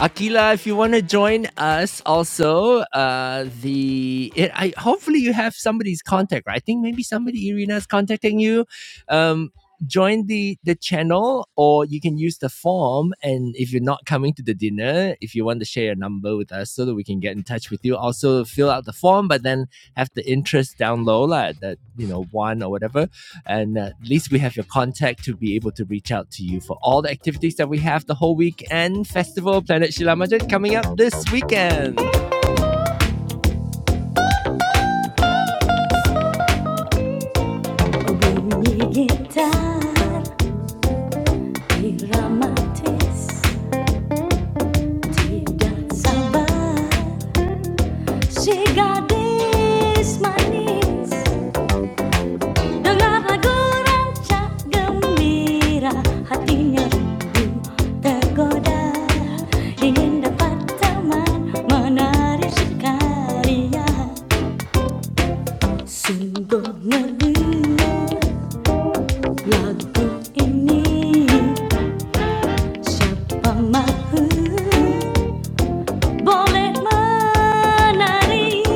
Speaker 1: Akila, if you want to join us also, uh, the it, I hopefully you have somebody's contact. Right? I think maybe somebody Irina's contacting you. Um, join the the channel, or you can use the form. And if you're not coming to the dinner, if you want to share your number with us so that we can get in touch with you, also fill out the form, but then have the interest down low, like that you know one or whatever And uh, at least we have your contact to be able to reach out to you for all the activities that we have the whole week and Festival Planet Shilamajet coming up this weekend. Bunyi gitar dramatis tidak sabar si Dengar lagu rancak gembira Hatinya rindu tergoda Ingin dapat teman menari sekalian Sungguh merdu lagu ini Siapa mahu boleh menari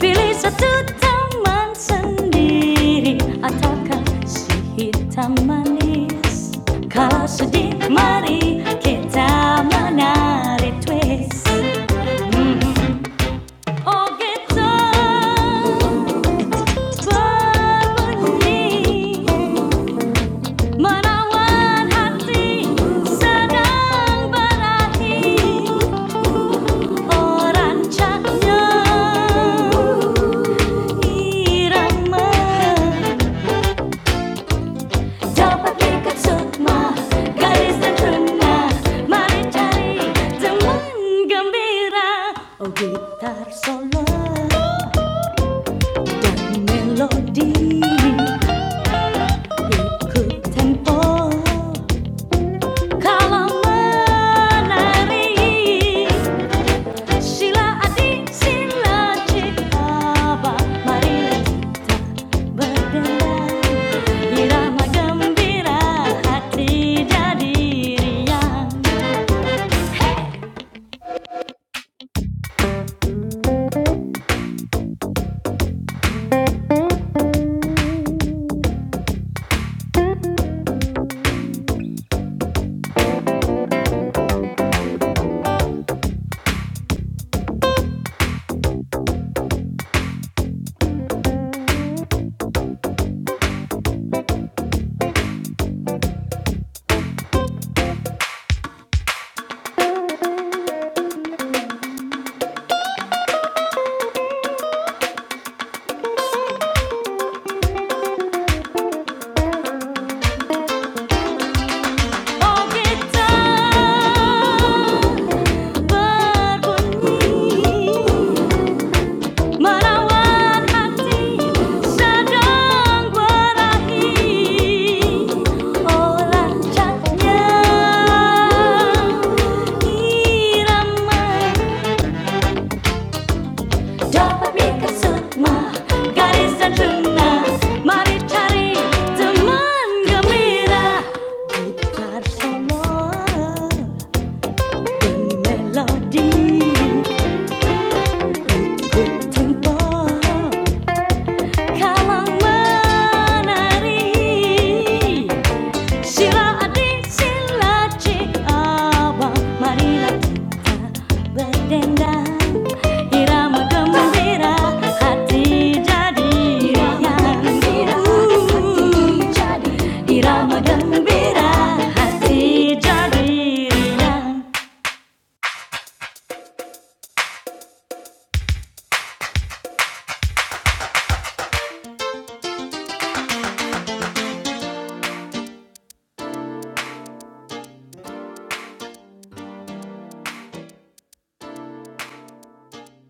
Speaker 1: Pilih satu taman sendiri Ataukah si hitam manis Kalau sedih mari kita menari twist Oh gitar berbunyi Menawan hati sedang berahi. orang irama dapat ikat sukma garis dan mari cari teman gembira oh gitar solo dan melodi ikut tempo kalau menari sila adik sila cipta Mari Berdendang Irama gembira Hati jadi riang Oh kita Berbunyi Merawat hati Sedang berahi Oh lancatnya Irama Dapat mikat semua garisan lunas Mari cari teman gembira Putar semua demi melodi Ikut tempo kalang menari Sheila adi sila ci abang marilah kita berdendang irama gembira hati jadi irama gembira hati jadi irama gembira hati jadi riang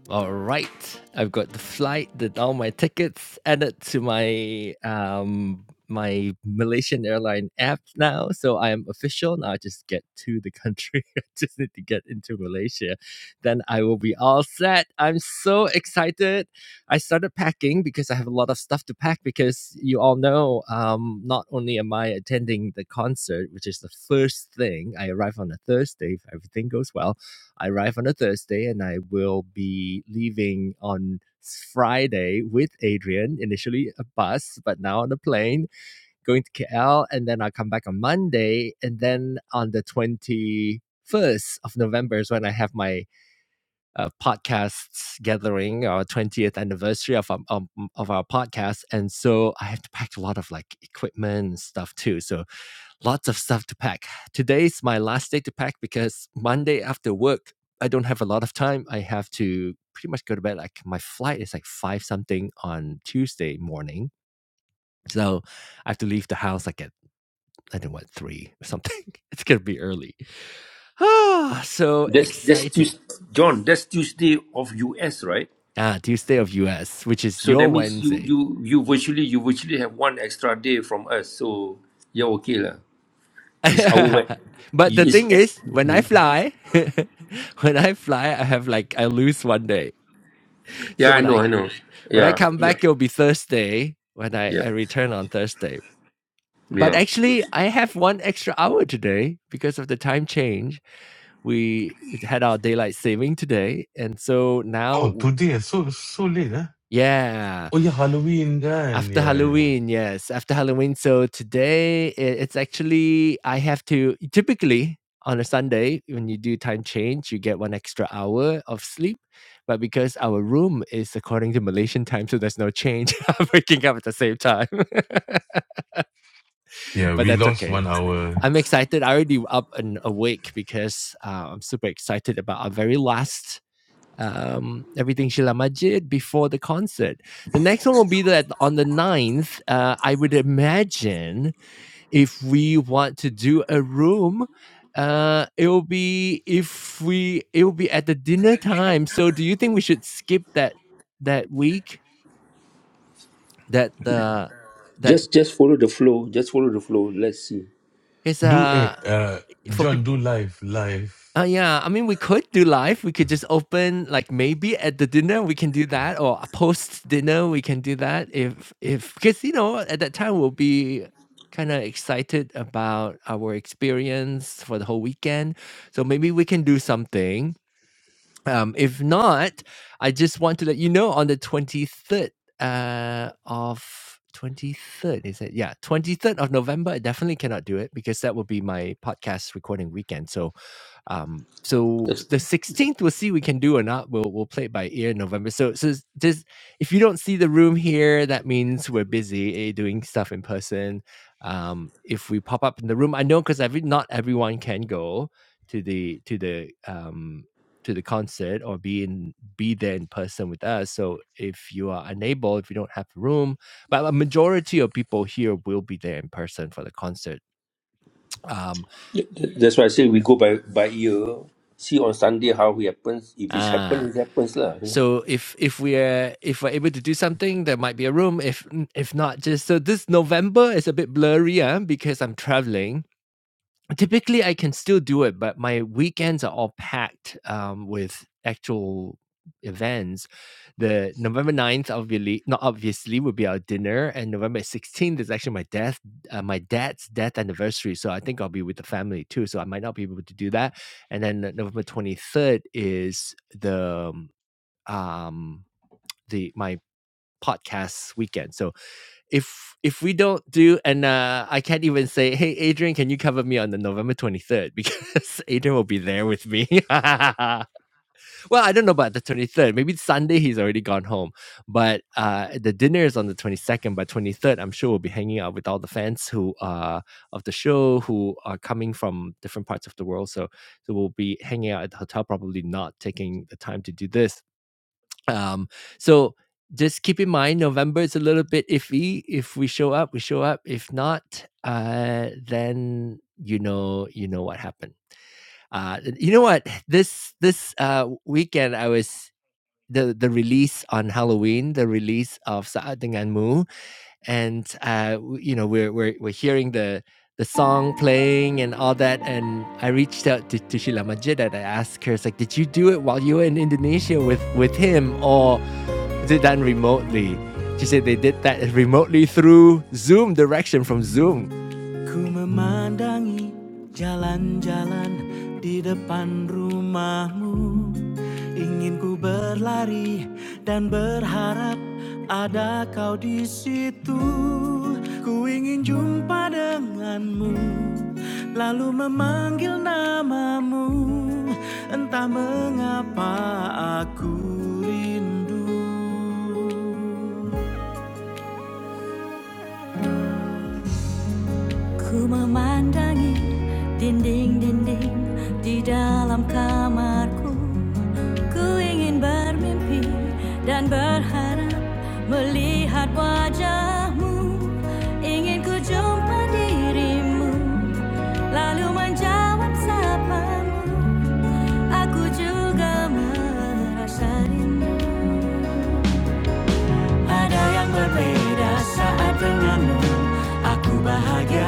Speaker 1: All right. I've got the flight, the, all my tickets added to my um my Malaysian airline app now. So I am official. Now I just get to the country. I just need to get into Malaysia. Then I will be all set. I'm so excited. I started packing because I have a lot of stuff to pack because you all know um not only am I attending the concert, which is the first thing, I arrive on a Thursday if everything goes well I arrive on a Thursday and I will be leaving on Friday with Adrian, initially a bus, but now on a plane, going to KL. And then I'll come back on Monday. And then on the 21st of November is when I have my uh, podcast gathering, our 20th anniversary of, our- um, of our podcast. And so I have to pack a lot of like equipment and stuff too. So lots of stuff to pack. Today's my last day to pack because Monday after work, I don't have a lot of time. I have to pretty much go to bed. Like my flight is like five something on Tuesday morning. So I have to leave the house like at I don't know what three or something. It's gonna be early. Ah, so
Speaker 5: That's that's
Speaker 1: excited.
Speaker 5: Tuesday, John. That's Tuesday of US, right?
Speaker 1: Ah, Tuesday of US, which is
Speaker 5: So that
Speaker 1: your
Speaker 5: means you
Speaker 1: Wednesday.
Speaker 5: you you virtually you virtually have one extra day from us. So you're okay lah. It's our way.
Speaker 1: but the
Speaker 5: It's
Speaker 1: thing is, when I fly, when I fly, I have like I lose one day. So
Speaker 5: yeah.
Speaker 1: when
Speaker 5: I
Speaker 1: I
Speaker 5: know. I know.
Speaker 1: When I
Speaker 5: Yeah.
Speaker 1: come
Speaker 5: Yeah.
Speaker 1: back, it'll be Thursday when I,
Speaker 5: Yeah.
Speaker 1: I return on Thursday. But
Speaker 5: Yeah.
Speaker 1: actually, I have one extra hour today because of the time change. We we had our daylight saving today. And so
Speaker 4: Oh,
Speaker 1: now,
Speaker 4: today so so late eh.
Speaker 1: yeah.
Speaker 4: Oh yeah, Halloween kan.
Speaker 1: After
Speaker 4: Yeah, yeah.
Speaker 1: Halloween, yes, after Halloween. So today, it, it's actually I have to typically on a Sunday when you do time change, you get one extra hour of sleep. But because our room is according to Malaysian time, so there's no change. I'm waking up at the same time,
Speaker 4: Yeah,
Speaker 1: but
Speaker 4: we
Speaker 1: that's
Speaker 4: lost
Speaker 1: okay.
Speaker 4: one hour.
Speaker 1: I'm excited. I already up and awake because uh, I'm super excited about our very last um, everything Sheila Majid before the concert. The next one will be that on the ninth. uh, I would imagine if we want to do a room, uh, it will be if we it will be at the dinner time. So do you think we should skip that that week that the that
Speaker 5: Just just follow the flow. Just follow the flow. Let's see.
Speaker 1: is
Speaker 4: Do eh,
Speaker 1: uh
Speaker 4: uh,
Speaker 1: for people
Speaker 4: John do live live
Speaker 1: Uh, yeah, I mean, we could do live. We could just open like maybe at the dinner we can do that, or post dinner we can do that. If if because you know at that time we'll be kind of excited about our experience for the whole weekend, so maybe we can do something. Um, if not, I just want to let you know on the twenty third uh, of twenty third is it? Yeah, twenty third of November. I definitely cannot do it because that will be my podcast recording weekend. So um, so
Speaker 5: That's,
Speaker 1: the 16th, we'll see we can do or not. We'll we'll play it by ear in November. So so just if you don't see the room here, that means we're busy eh, doing stuff in person. Um, if we pop up in the room, I know because every not everyone can go to the to the um to the concert or be in be there in person with us. So if you are unable, if you don't have the room, but a majority of people here will be there in person for the concert. Um,
Speaker 5: that's why I say we go by by ear. See on Sunday how it happens. If it's
Speaker 1: ah,
Speaker 5: happen, it happens lah. You know.
Speaker 1: So if if we're if we're able to do something, there might be a room. If if not, just so this November is a bit blurry, uh, because I'm traveling. Typically, I can still do it, but my weekends are all packed um, with actual events. The November 9th, obviously, not obviously, will be our dinner, and November 16th is actually my death, uh, my dad's death anniversary. So I think I'll be with the family too. So I might not be able to do that. And then November 23rd is the um the my podcast weekend. So if if we don't do, and uh, I can't even say, hey Adrian, can you cover me on the November twenty third because Adrian will be there with me. well, I don't know about the twenty third. Maybe Sunday he's already gone home, but uh, the dinner is on the twenty second. By twenty third, I'm sure we'll be hanging out with all the fans who uh of the show who are coming from different parts of the world. So so we'll be hanging out at the hotel, probably not taking the time to do this um, so just keep in mind November is a little bit iffy. If we show up, we show up. If not, uh, then you know you know what happened. Uh, you know what this this uh, weekend I was the the release on Halloween, the release of Saat Dengan Mu, and uh, w- you know we're we're we're hearing the the song playing and all that and I reached out to, to Sheila Majid and I asked her, it's like, did you do it while you were in Indonesia with, with him or did done remotely. She said they did that remotely through Zoom direction from Zoom. Ku memandangi jalan-jalan di depan rumahmu Ingin ku berlari dan berharap ada kau di situ Ku ingin jumpa denganmu Lalu memanggil namamu Entah mengapa aku rindu Ku memandangi dinding-dinding di dalam kamarku Ku ingin bermimpi dan berharap melihat wajahmu Ingin ku jumpa dirimu lalu menjawab sapamu Aku juga merasa rindu Ada yang berbeda saat denganmu Aku bahagia,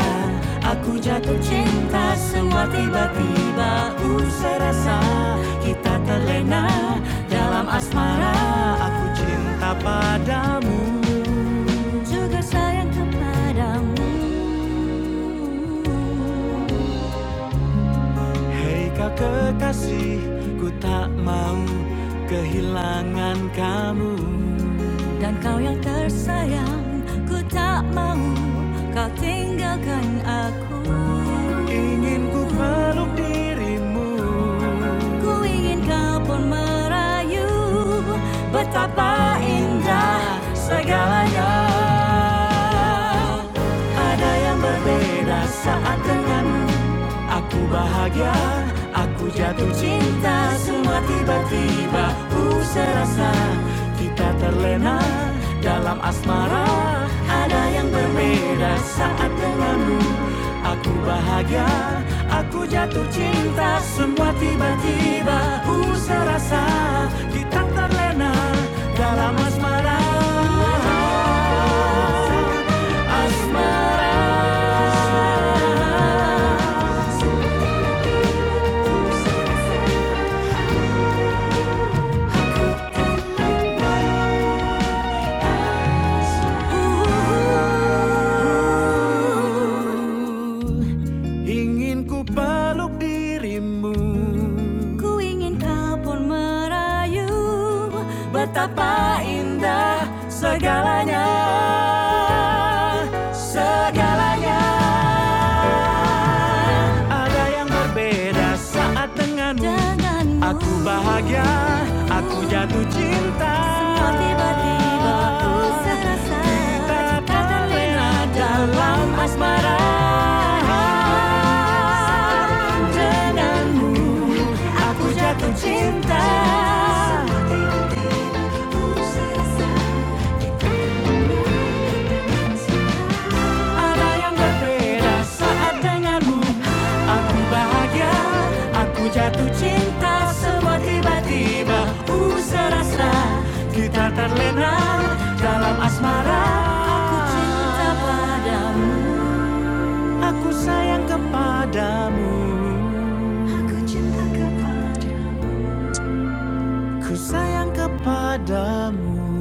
Speaker 1: aku jatuh cinta Semua tiba-tiba ku serasa Kita terlena dalam asmara Aku cinta padamu Juga sayang kepadamu Hei kau kekasih, ku tak mau kehilangan kamu Dan kau yang tersayang Ku tak mau kau tinggalkan aku Ingin ku peluk dirimu Ku ingin kau pun merayu Betapa indah Segalanya Ada yang berbeda saat denganmu Aku bahagia, aku jatuh cinta Semua tiba-tiba ku serasa Kita terlena dalam asmara Ada yang berbeda saat denganmu Aku bahagia, aku jatuh cinta Semua tiba-tiba ku serasa Kita terlena dalam asmara Ingin ku peluk dirimu Ku ingin kau pun merayu Betapa indah segalanya Segalanya Ada yang ber berbeda saat denganmu denganmu Aku bahagia, aku jatuh cinta Semua tiba-tiba ku serasa Kita Cinta terlena dalam asmara Denganmu Aku jatuh cinta Ada yang berbeda saat denganmu Aku bahagia, aku jatuh cinta Semua tiba-tiba ku serasa Kita terlena dalam asmara Aku cinta padamu Aku sayang kepadamu Ku sayang kepadamu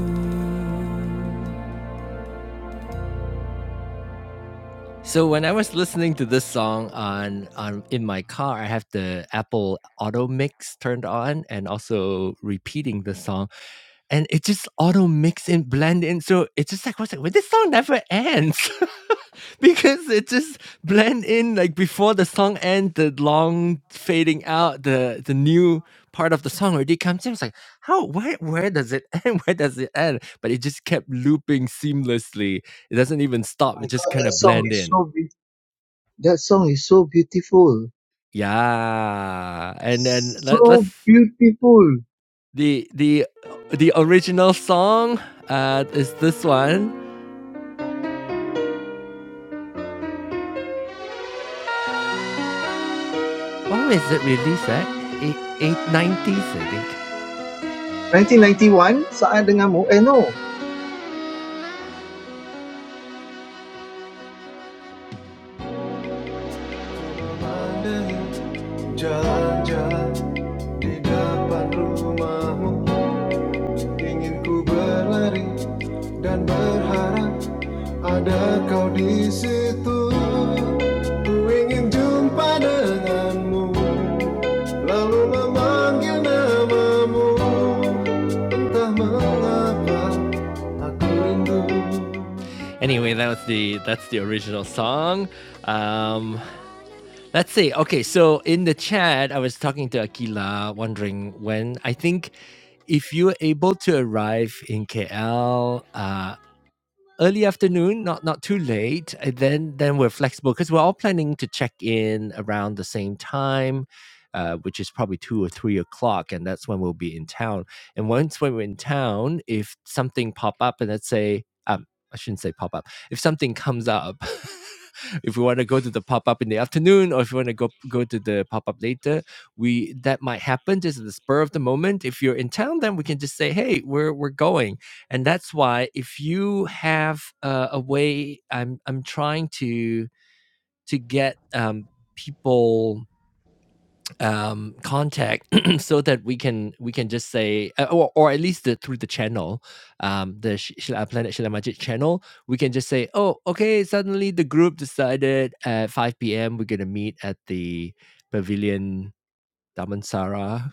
Speaker 1: So when I was listening to this song on on in my car, I have the Apple Auto Mix turned on and also repeating the song. And it just auto mix and blend in. So it's just like, what's it? Well, this song never ends because it just blend in like before the song ends, the long fading out, the the new part of the song already comes in. It's like, how where where does it end? Where does it end? But it just kept looping seamlessly. It doesn't even
Speaker 3: oh
Speaker 1: stop. It
Speaker 3: my
Speaker 1: just
Speaker 3: god,
Speaker 1: kind
Speaker 3: that
Speaker 1: of
Speaker 3: song
Speaker 1: blend
Speaker 3: is
Speaker 1: in.
Speaker 3: so beautiful. That song is so beautiful.
Speaker 1: Yeah, and then let let's
Speaker 3: So beautiful.
Speaker 1: the the the original song, uh, is this one. When was it released at? Eight eight nineties, I think.
Speaker 3: 1991, saat denganmu. Eh no.
Speaker 1: Pandang jalan-jalan di depan rumahmu Ingin ku berlari dan berharap ada kau di situ Ku ingin jumpa denganmu Lalu memanggil namamu Entah mengapa aku rindu Anyway, that was the that's the original song. Um, let's see. Okay, so in the chat, I was talking to Akila, wondering when. I think if you were able to arrive in KL, uh, early afternoon, not not too late. And then then we're flexible because we're all planning to check in around the same time, uh, which is probably two or three o'clock, and that's when we'll be in town. And once when we're in town, if something pop up, and let's say um, I shouldn't say pop up, if something comes up. If we want to go to the pop up in the afternoon, or if you want to go go to the pop up later, we that might happen just at the spur of the moment. If you're in town, then we can just say, "Hey, we're we're going," and that's why if you have uh, a way i'm i'm trying to to get um people um contact so that we can we can just say uh, or, or at least the, through the channel um the Sh- Shila planet Shila Majid channel we can just say oh okay suddenly the group decided at 5 p.m we're gonna meet at the pavilion Damansara,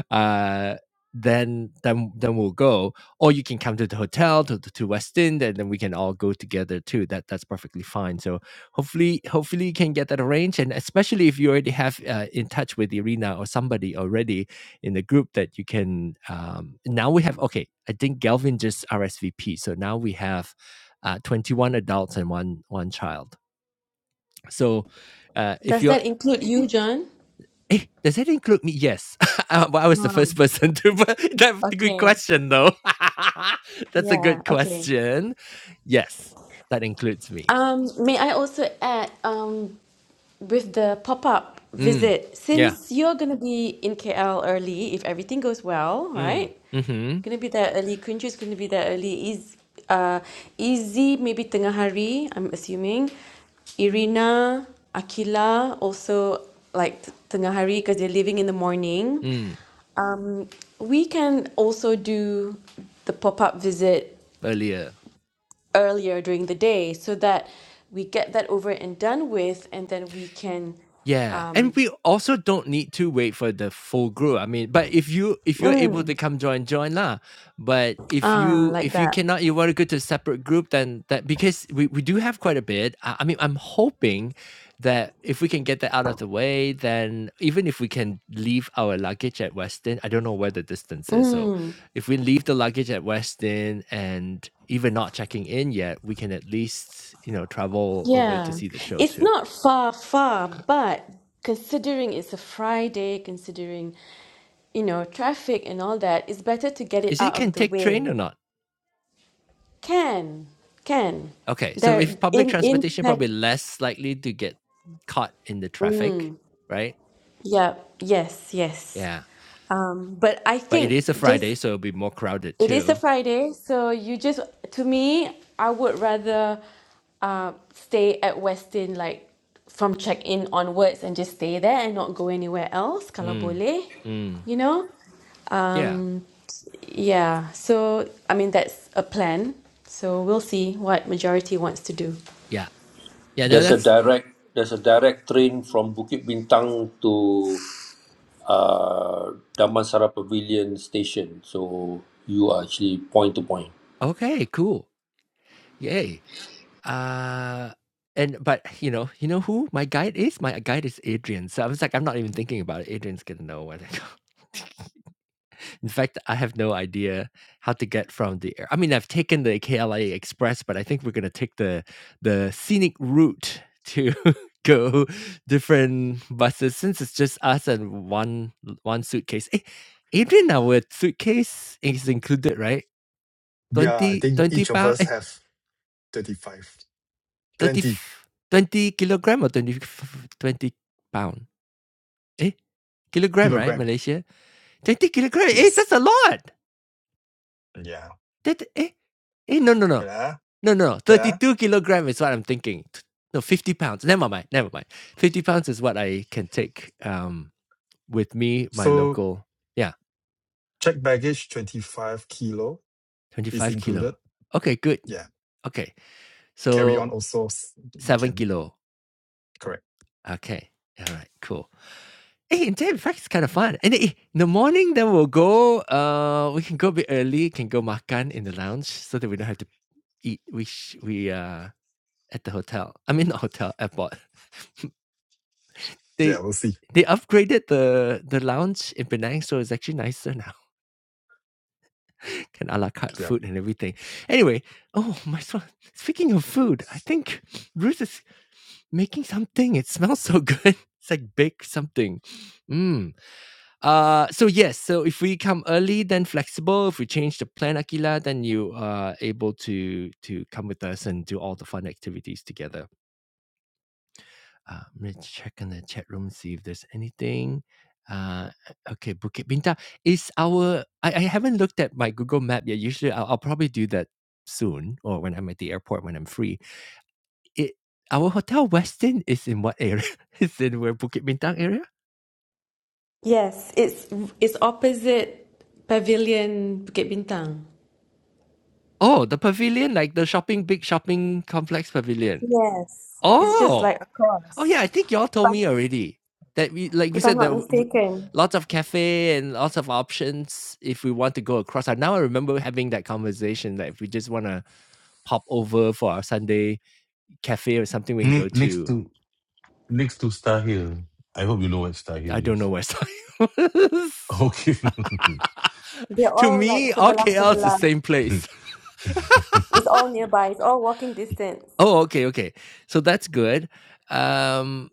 Speaker 1: uh, then then then we'll go. Or you can come to the hotel to to West End, and then we can all go together too. That that's perfectly fine. So hopefully hopefully you can get that arranged, and especially if you already have uh, in touch with Irina or somebody already in the group that you can. Um, now we have okay. I think Galvin just RSVP, so now we have uh, twenty one adults and one one child. So uh, if
Speaker 2: Does
Speaker 1: you're
Speaker 2: that include you, John?
Speaker 1: Hey, does that include me? Yes. Uh, well, I was the
Speaker 2: Ah,
Speaker 1: first person to. that's a good
Speaker 2: okay.
Speaker 1: question, though. that's a
Speaker 2: Yeah,
Speaker 1: good
Speaker 2: okay.
Speaker 1: question. Yes, that includes me.
Speaker 2: Um, may I also add, um, with the pop-up
Speaker 1: Mm.
Speaker 2: visit,
Speaker 1: Yeah.
Speaker 2: since you're gonna be in KL early, if everything goes well,
Speaker 1: Mm.
Speaker 2: right?
Speaker 1: Hmm.
Speaker 2: Gonna be there early. Kunju is gonna be there early. Is uh Izzy maybe tengah hari, I'm assuming. Irina, Akila also like t- tengah hari because they're leaving in the morning.
Speaker 1: Mm.
Speaker 2: Um we can also do the pop-up visit
Speaker 1: Earlier.
Speaker 2: earlier during the day so that we get that over and done with and then we can
Speaker 1: Yeah, and
Speaker 2: um
Speaker 1: we also don't need to wait for the full group. I mean, but if you if you're able
Speaker 2: mm,
Speaker 1: to come join, join lah. But if
Speaker 2: ah
Speaker 1: you
Speaker 2: like
Speaker 1: if you
Speaker 2: that.
Speaker 1: cannot, you want to go to a separate group, then that because we we do have quite a bit. I, I mean, I'm hoping that if we can get that out of the way, then even if we can leave our luggage at Weston, I don't know where the distance is. So, if we leave the luggage at Weston and even not checking in yet, we can at least you know travel over to
Speaker 2: Yeah,
Speaker 1: see the show
Speaker 2: it's
Speaker 1: too.
Speaker 2: not far, far, but considering it's a Friday, considering, you know, traffic and all that, it's better to get it
Speaker 1: Is
Speaker 2: out
Speaker 1: it can
Speaker 2: of the
Speaker 1: take train
Speaker 2: way.
Speaker 1: or not?
Speaker 2: Can, can.
Speaker 1: Okay, so
Speaker 2: There
Speaker 1: if public
Speaker 2: in in
Speaker 1: transportation, probably
Speaker 2: Pan-
Speaker 1: less likely to get caught in the traffic, right?
Speaker 2: yeah, yes, yes.
Speaker 1: Yeah,
Speaker 2: Um, but I
Speaker 1: but it
Speaker 2: think
Speaker 1: is a
Speaker 2: just
Speaker 1: Friday, so it'll be more crowded
Speaker 2: It is a
Speaker 1: too.
Speaker 2: Friday, so you just, to me, I would rather uh, stay at Westin like from check-in onwards and just stay there and not go anywhere else, kalau
Speaker 1: Mm.
Speaker 2: boleh,
Speaker 1: Mm.
Speaker 2: you know?
Speaker 1: Yeah,
Speaker 2: Um, yeah, so I mean, that's a plan. So we'll see what majority wants to do.
Speaker 1: yeah, yeah. No,
Speaker 5: There's a
Speaker 1: that's
Speaker 5: direct there's a direct train from Bukit Bintang to uh, Damansara Pavilion Station. So you are actually point to point.
Speaker 1: okay. Cool. Yay. Uh, and but you know, you know who my guide is? My guide is Adrian. So I was like, I'm not even thinking about it. Adrian's gonna know when I go. In fact, I have no idea how to get from the air. I mean, I've taken the KLIA Express, but I think we're gonna take the the scenic route to go different buses since it's just us and one one suitcase. Eh, Adrian, our suitcase is included, right?
Speaker 6: Yeah, I
Speaker 1: Twenty
Speaker 6: think
Speaker 1: twenty
Speaker 6: each of
Speaker 1: pound,
Speaker 6: us
Speaker 1: eh,
Speaker 6: have 35.
Speaker 1: 30,
Speaker 6: Plenty.
Speaker 1: f- 20 kilogram or 20, f- 20 pound? Eh, kilogram, right?
Speaker 6: Kilogram.
Speaker 1: Malaysia? 20 kilogram. Eh,
Speaker 6: Yes.
Speaker 1: that's a lot.
Speaker 6: Yeah.
Speaker 1: That eh eh no no no
Speaker 6: Yeah.
Speaker 1: no no thirty
Speaker 6: Yeah.
Speaker 1: two kilogram is what I'm thinking. T- No, fifty pounds. Never mind. Never mind. Fifty pounds is what I can take um with me, my
Speaker 6: So
Speaker 1: local. Yeah,
Speaker 6: check baggage 25 kilo
Speaker 1: twenty
Speaker 6: is
Speaker 1: five kilo.
Speaker 6: included.
Speaker 1: Okay, good.
Speaker 6: Yeah.
Speaker 1: Okay,
Speaker 6: Carry on
Speaker 1: so
Speaker 6: also. s- We
Speaker 1: seven
Speaker 6: can
Speaker 1: kilo.
Speaker 6: correct.
Speaker 1: Okay, all right, cool. Hey, in fact, it's kind of fun. And eh, in the morning, then we'll go. Uh, we can go a bit early. Can go makan in the lounge so that we don't have to eat. We sh- we uh at the hotel. I mean, not hotel airport.
Speaker 6: Yeah,
Speaker 1: They
Speaker 6: we'll see.
Speaker 1: they upgraded the the lounge in Penang, so it's actually nicer now. Can a la carte
Speaker 6: Yeah.
Speaker 1: food and everything. Anyway, oh my so speaking of food, I think Bruce is making something. It smells so good. It's like baked something. Mm. Uh so yes, so if we come early, then flexible. If we change the plan, Akila, then you are able to to come with us and do all the fun activities together. Uh, I'm gonna check in the chat room see if there's anything. Uh, okay, Bukit Bintang is our. I, I haven't looked at my Google Map yet. Usually, I'll, I'll probably do that soon or when I'm at the airport when I'm free. It our hotel Westin is in what area? it's in where Bukit Bintang area.
Speaker 2: Yes, it's it's opposite Pavilion Bukit Bintang.
Speaker 1: Oh, the pavilion, like the shopping big shopping complex pavilion.
Speaker 2: Yes, it's just
Speaker 1: Oh.
Speaker 2: like
Speaker 1: Oh
Speaker 2: across.
Speaker 1: yeah, I think y'all
Speaker 2: If
Speaker 1: told
Speaker 2: I'm,
Speaker 1: me already that we like we
Speaker 2: if I'm
Speaker 1: said that
Speaker 2: not
Speaker 1: w- w-
Speaker 2: mistaken.
Speaker 1: lots of cafe and lots of options if we want to go across. I now I remember having that conversation that if we just want to pop over for our Sunday cafe or something, we can
Speaker 4: ne-
Speaker 1: go
Speaker 4: next
Speaker 1: to.
Speaker 4: to next to Star Hill. I hope you know what Star
Speaker 1: I
Speaker 4: Hill
Speaker 1: don't know
Speaker 4: is.
Speaker 1: where's
Speaker 4: Okay.
Speaker 2: They're
Speaker 1: to
Speaker 2: all like
Speaker 1: me, all
Speaker 2: sebelah
Speaker 1: KL is the
Speaker 2: sebelah.
Speaker 1: same place.
Speaker 2: It's all nearby. It's all walking distance.
Speaker 1: Oh, okay, okay. So that's good. Um,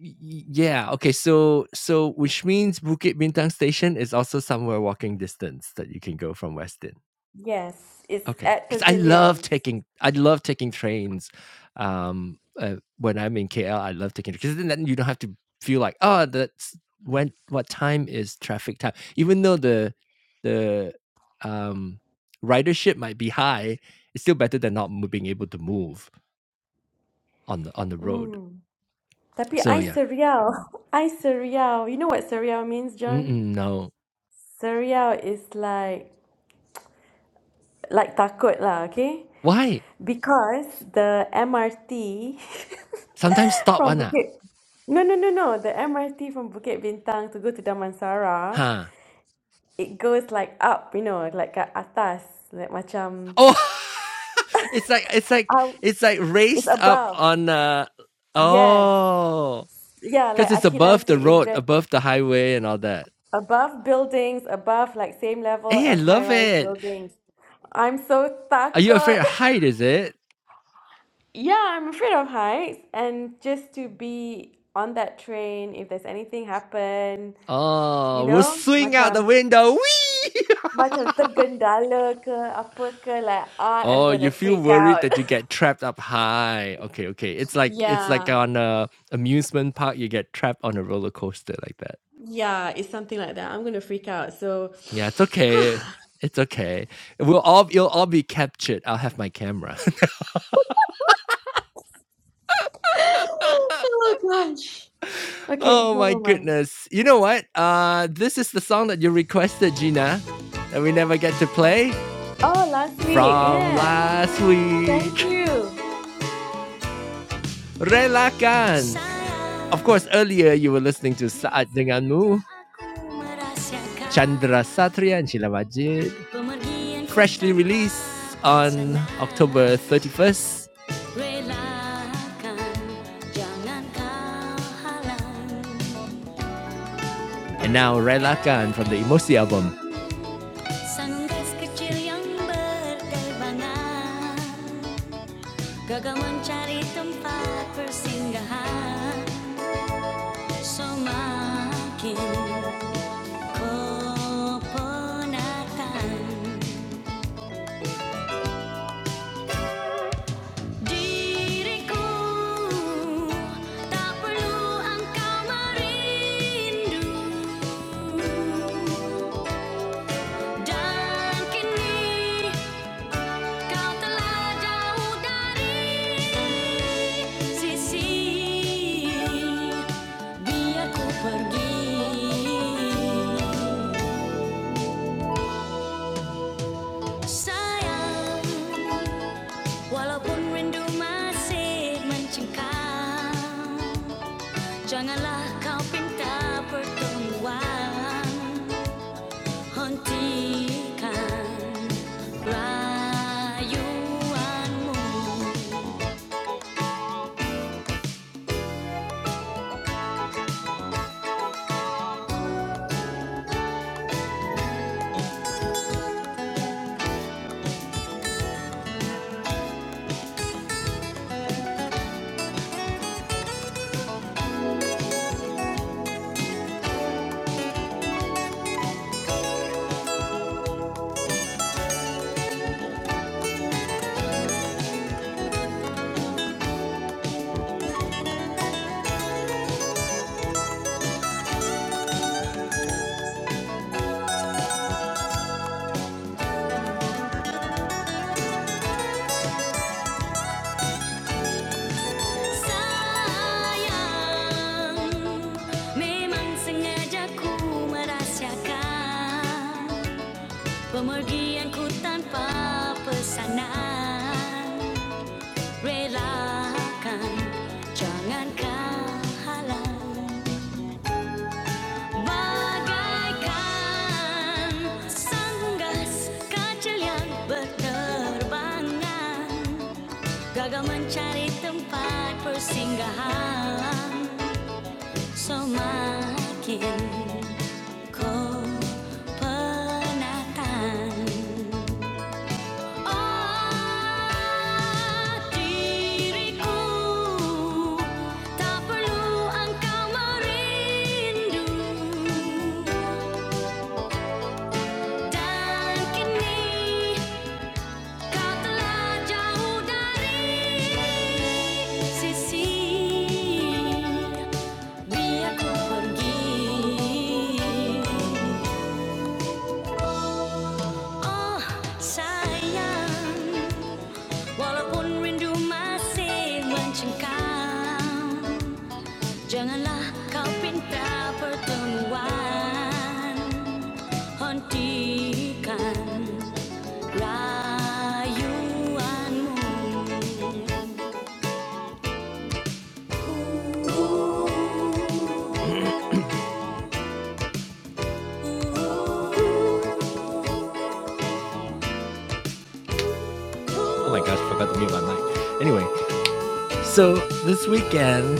Speaker 1: y- y- yeah, okay. So, so which means Bukit Bintang Station is also somewhere walking distance that you can go from Westin.
Speaker 2: Yes, it's
Speaker 1: Okay,
Speaker 2: at
Speaker 1: because I love
Speaker 2: Pavilion.
Speaker 1: taking I love taking trains, um, uh, when I'm in KL, I love taking 'cause then then you don't have to feel like, "Oh, that's when what time is traffic time?" Even though the the, um, ridership might be high, it's still better than not mo being able to move on the on the road.
Speaker 2: Mm. Tapi
Speaker 1: So,
Speaker 2: I
Speaker 1: yeah.
Speaker 2: serial, I serial. You know what serial means, John?
Speaker 1: Mm-mm, no.
Speaker 2: Serial is like like takut lah, okay?
Speaker 1: Why?
Speaker 2: Because the MRT
Speaker 1: Sometimes stop
Speaker 2: from
Speaker 1: one ah?
Speaker 2: Bukit No, no, no, no. The MRT from Bukit Bintang to go to Damansara,
Speaker 1: Huh.
Speaker 2: it goes like up, you know, like kat atas, like macam
Speaker 1: Oh, it's like it's like
Speaker 2: out.
Speaker 1: it's like
Speaker 2: It's
Speaker 1: raised up
Speaker 2: above.
Speaker 1: on uh
Speaker 2: Yes.
Speaker 1: oh,
Speaker 2: Yeah, like
Speaker 1: because it's
Speaker 2: Akila
Speaker 1: above
Speaker 2: said,
Speaker 1: the
Speaker 2: is
Speaker 1: road,
Speaker 2: that
Speaker 1: above the highway, and all that.
Speaker 2: above buildings, above like same level
Speaker 1: Hey, I
Speaker 2: as
Speaker 1: love
Speaker 2: high-rise
Speaker 1: it.
Speaker 2: buildings. I'm so
Speaker 1: Are you afraid
Speaker 2: takut.
Speaker 1: of height? Is it?
Speaker 2: Yeah, I'm afraid of heights, and just to be on that train, if there's anything happen, you
Speaker 1: Oh, we'll
Speaker 2: know,
Speaker 1: swing out the
Speaker 2: macam
Speaker 1: window. Whee!
Speaker 2: macam tergendala ke apa ke, like I am
Speaker 1: oh,
Speaker 2: gonna
Speaker 1: you feel
Speaker 2: freak
Speaker 1: worried
Speaker 2: out.
Speaker 1: that you get trapped up high. Okay, okay. It's like it's like
Speaker 2: Yeah,
Speaker 1: on a amusement park. You get trapped on a roller coaster like that.
Speaker 2: yeah, it's something like that. I'm gonna freak out. So,
Speaker 1: Yeah, it's okay. It's okay. We'll all you'll all be captured. I'll have my camera.
Speaker 2: oh my gosh. Okay,
Speaker 1: Oh my
Speaker 2: never mind.
Speaker 1: goodness. You know what? Uh, this is the song that you requested, Gina, that we never get to play
Speaker 2: Oh, last week,
Speaker 1: from
Speaker 2: yeah.
Speaker 1: last
Speaker 2: Thank
Speaker 1: week.
Speaker 2: you.
Speaker 1: Relakan. Of course, earlier you were listening to Saat Denganmu, Chandra Satria and Sheila Majid. Freshly released on October 31st. And now Rela Khan from the Emosi album. Sangkas kecil yang berterbangan Gagal mencari tempat persinggahan Semakin Kau telah jauh dari sisi biar pergi sayang walaupun rindu masih mencengkam janganlah kau pinta pertemuan hentikan rayuanmu Sayang, memang sengaja ku Pemergianku tanpa pesanan Relakan, jangan kau halang Bagaikan sanggas kecil yang berterbangan Gagal mencari tempat persinggahan Semakin kau penatan Oh diriku Tak perlu engkau merindu Dan kini Kau telah jauh dari sisi biarku pergi. Oh sayang, walaupun rindu masih mencengkam, janganlah kau pinta pertemuan hentikan rayuanmu. Oh my gosh, I forgot to mute my mic. Anyway, so this weekend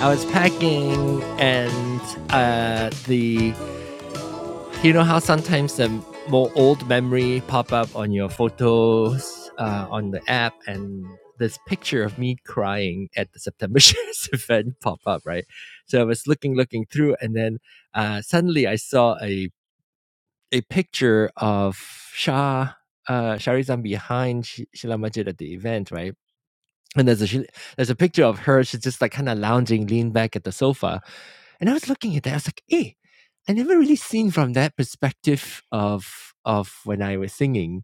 Speaker 1: I was packing and uh the you know how sometimes the more old memory pop up on your photos uh, on the app and this picture of me crying at the September Shares event pop up, right? So I was looking, looking through, and then uh, suddenly I saw a a picture of Shah uh, Sharizan behind Sh- Sheila Majid at the event, right? And there's a there's a picture of her. She's just like kind of lounging, leaned back at the sofa. And I was looking at that. I was like, "Hey, I never really seen from that perspective of of when I was singing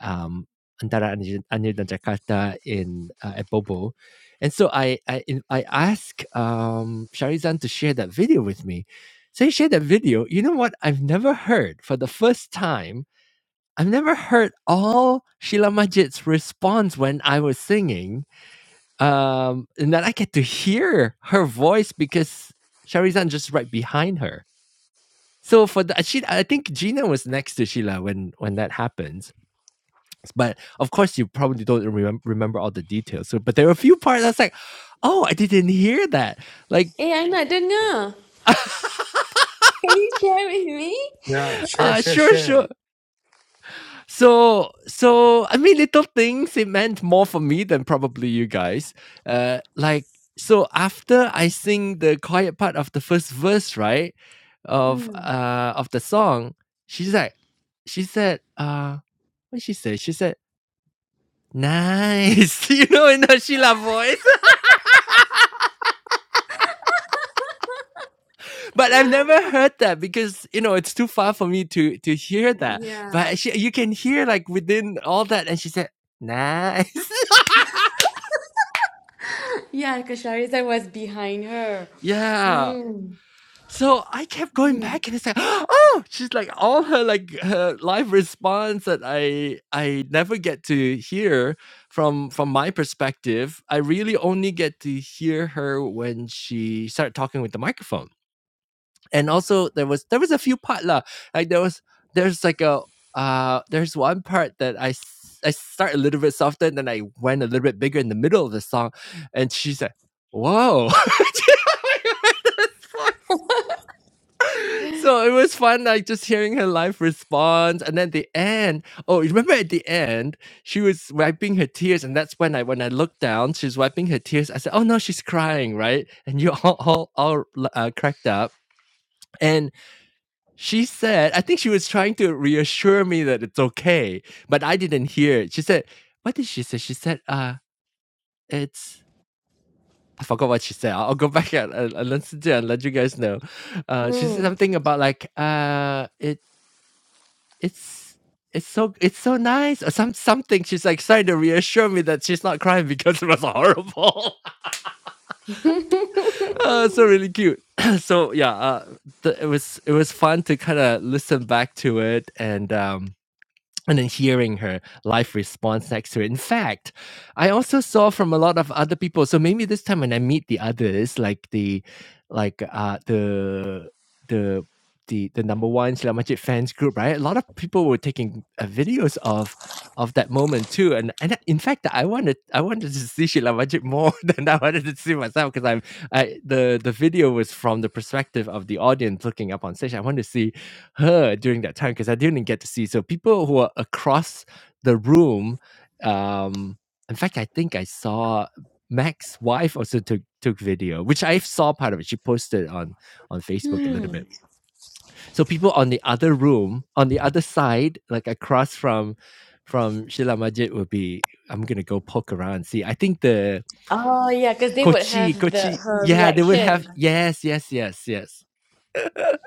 Speaker 1: um, Antara Anil dan Jakarta in uh, at Bobo." And so I I I asked um, Sharizan to share that video with me. So he shared that video. You know what? I've never heard for the first time I've never heard all Sheila Majid's response when I was singing. Um, and then I get to hear her voice because Sharizan just right behind her. So for the she, I think Gina was next to Sheila when when that happens. But of course, you probably don't remem- remember all the details. So, but there were a few parts I was like, "Oh, I didn't hear that." Like,
Speaker 2: Hey, I'm at dinner. Can you share with me?
Speaker 6: Yeah. Share,
Speaker 1: uh,
Speaker 6: share,
Speaker 1: sure, sure.
Speaker 6: share.
Speaker 1: So so I mean, little things. It meant more for me than probably you guys. Uh, like so, after I sing the quiet part of the first verse, right, of
Speaker 2: Mm,
Speaker 1: uh of the song, she's like, she said, uh, what she said? She said, nice, you know, in her Sheila voice. but I've never heard that because you know it's too far for me to to hear that.
Speaker 2: yeah.
Speaker 1: But she, you can hear like within all that, and she said, nice.
Speaker 2: Yeah, Kashariza was behind her.
Speaker 1: yeah
Speaker 2: Mm,
Speaker 1: So I kept going back and it's like, oh, she's like all her like her live response that I I never get to hear from from my perspective. I really only get to hear her when she started talking with the microphone. And also there was there was a few part lah. Like there was there's like a uh there's one part that I s- I start a little bit softer and then I went a little bit bigger in the middle of the song and she's like, whoa. So it was fun, like just hearing her live response, and then the end. Oh, you remember at the end, she was wiping her tears, and that's when I when I looked down, she's wiping her tears. I said, "Oh no, she's crying, right?" And you all all, all uh, cracked up. And she said, I think she was trying to reassure me that it's okay, but I didn't hear it. She said, "What did she say?" She said, "Uh, it's." I forgot what she said. I'll, I'll go back and, and, and listen to it and let you guys know. Uh, she said
Speaker 2: mm.
Speaker 1: something about like, uh, it It's it's so it's so nice or some something. She's like trying to reassure me that she's not crying because it was horrible. uh, so really cute. so yeah, uh, th- it was it was fun to kind of listen back to it and um and then hearing her live response next to it. In fact, I also saw from a lot of other people. So maybe this time when I meet the others, like the like uh the the the the number one Slam Majid fans group, right? A lot of people were taking uh, videos of of that moment too. And and in fact, I wanted I wanted to see Sheila Majid more than I wanted to see myself because I'm I the the video was from the perspective of the audience looking up on stage. I wanted to see her during that time because I didn't get to see. So people who are across the room, um, in fact, I think I saw Mac's wife also took took video, which I saw part of it. She posted on on Facebook a little bit. So people on the other room, on the other side, like across from from Sheila Majid would be I'm gonna go poke around and see. I think the
Speaker 2: oh, yeah, because they would
Speaker 1: Kochi,
Speaker 2: have the
Speaker 1: Kochi,
Speaker 2: her
Speaker 1: yeah, they would have
Speaker 2: reaction.
Speaker 1: yes, yes, yes, yes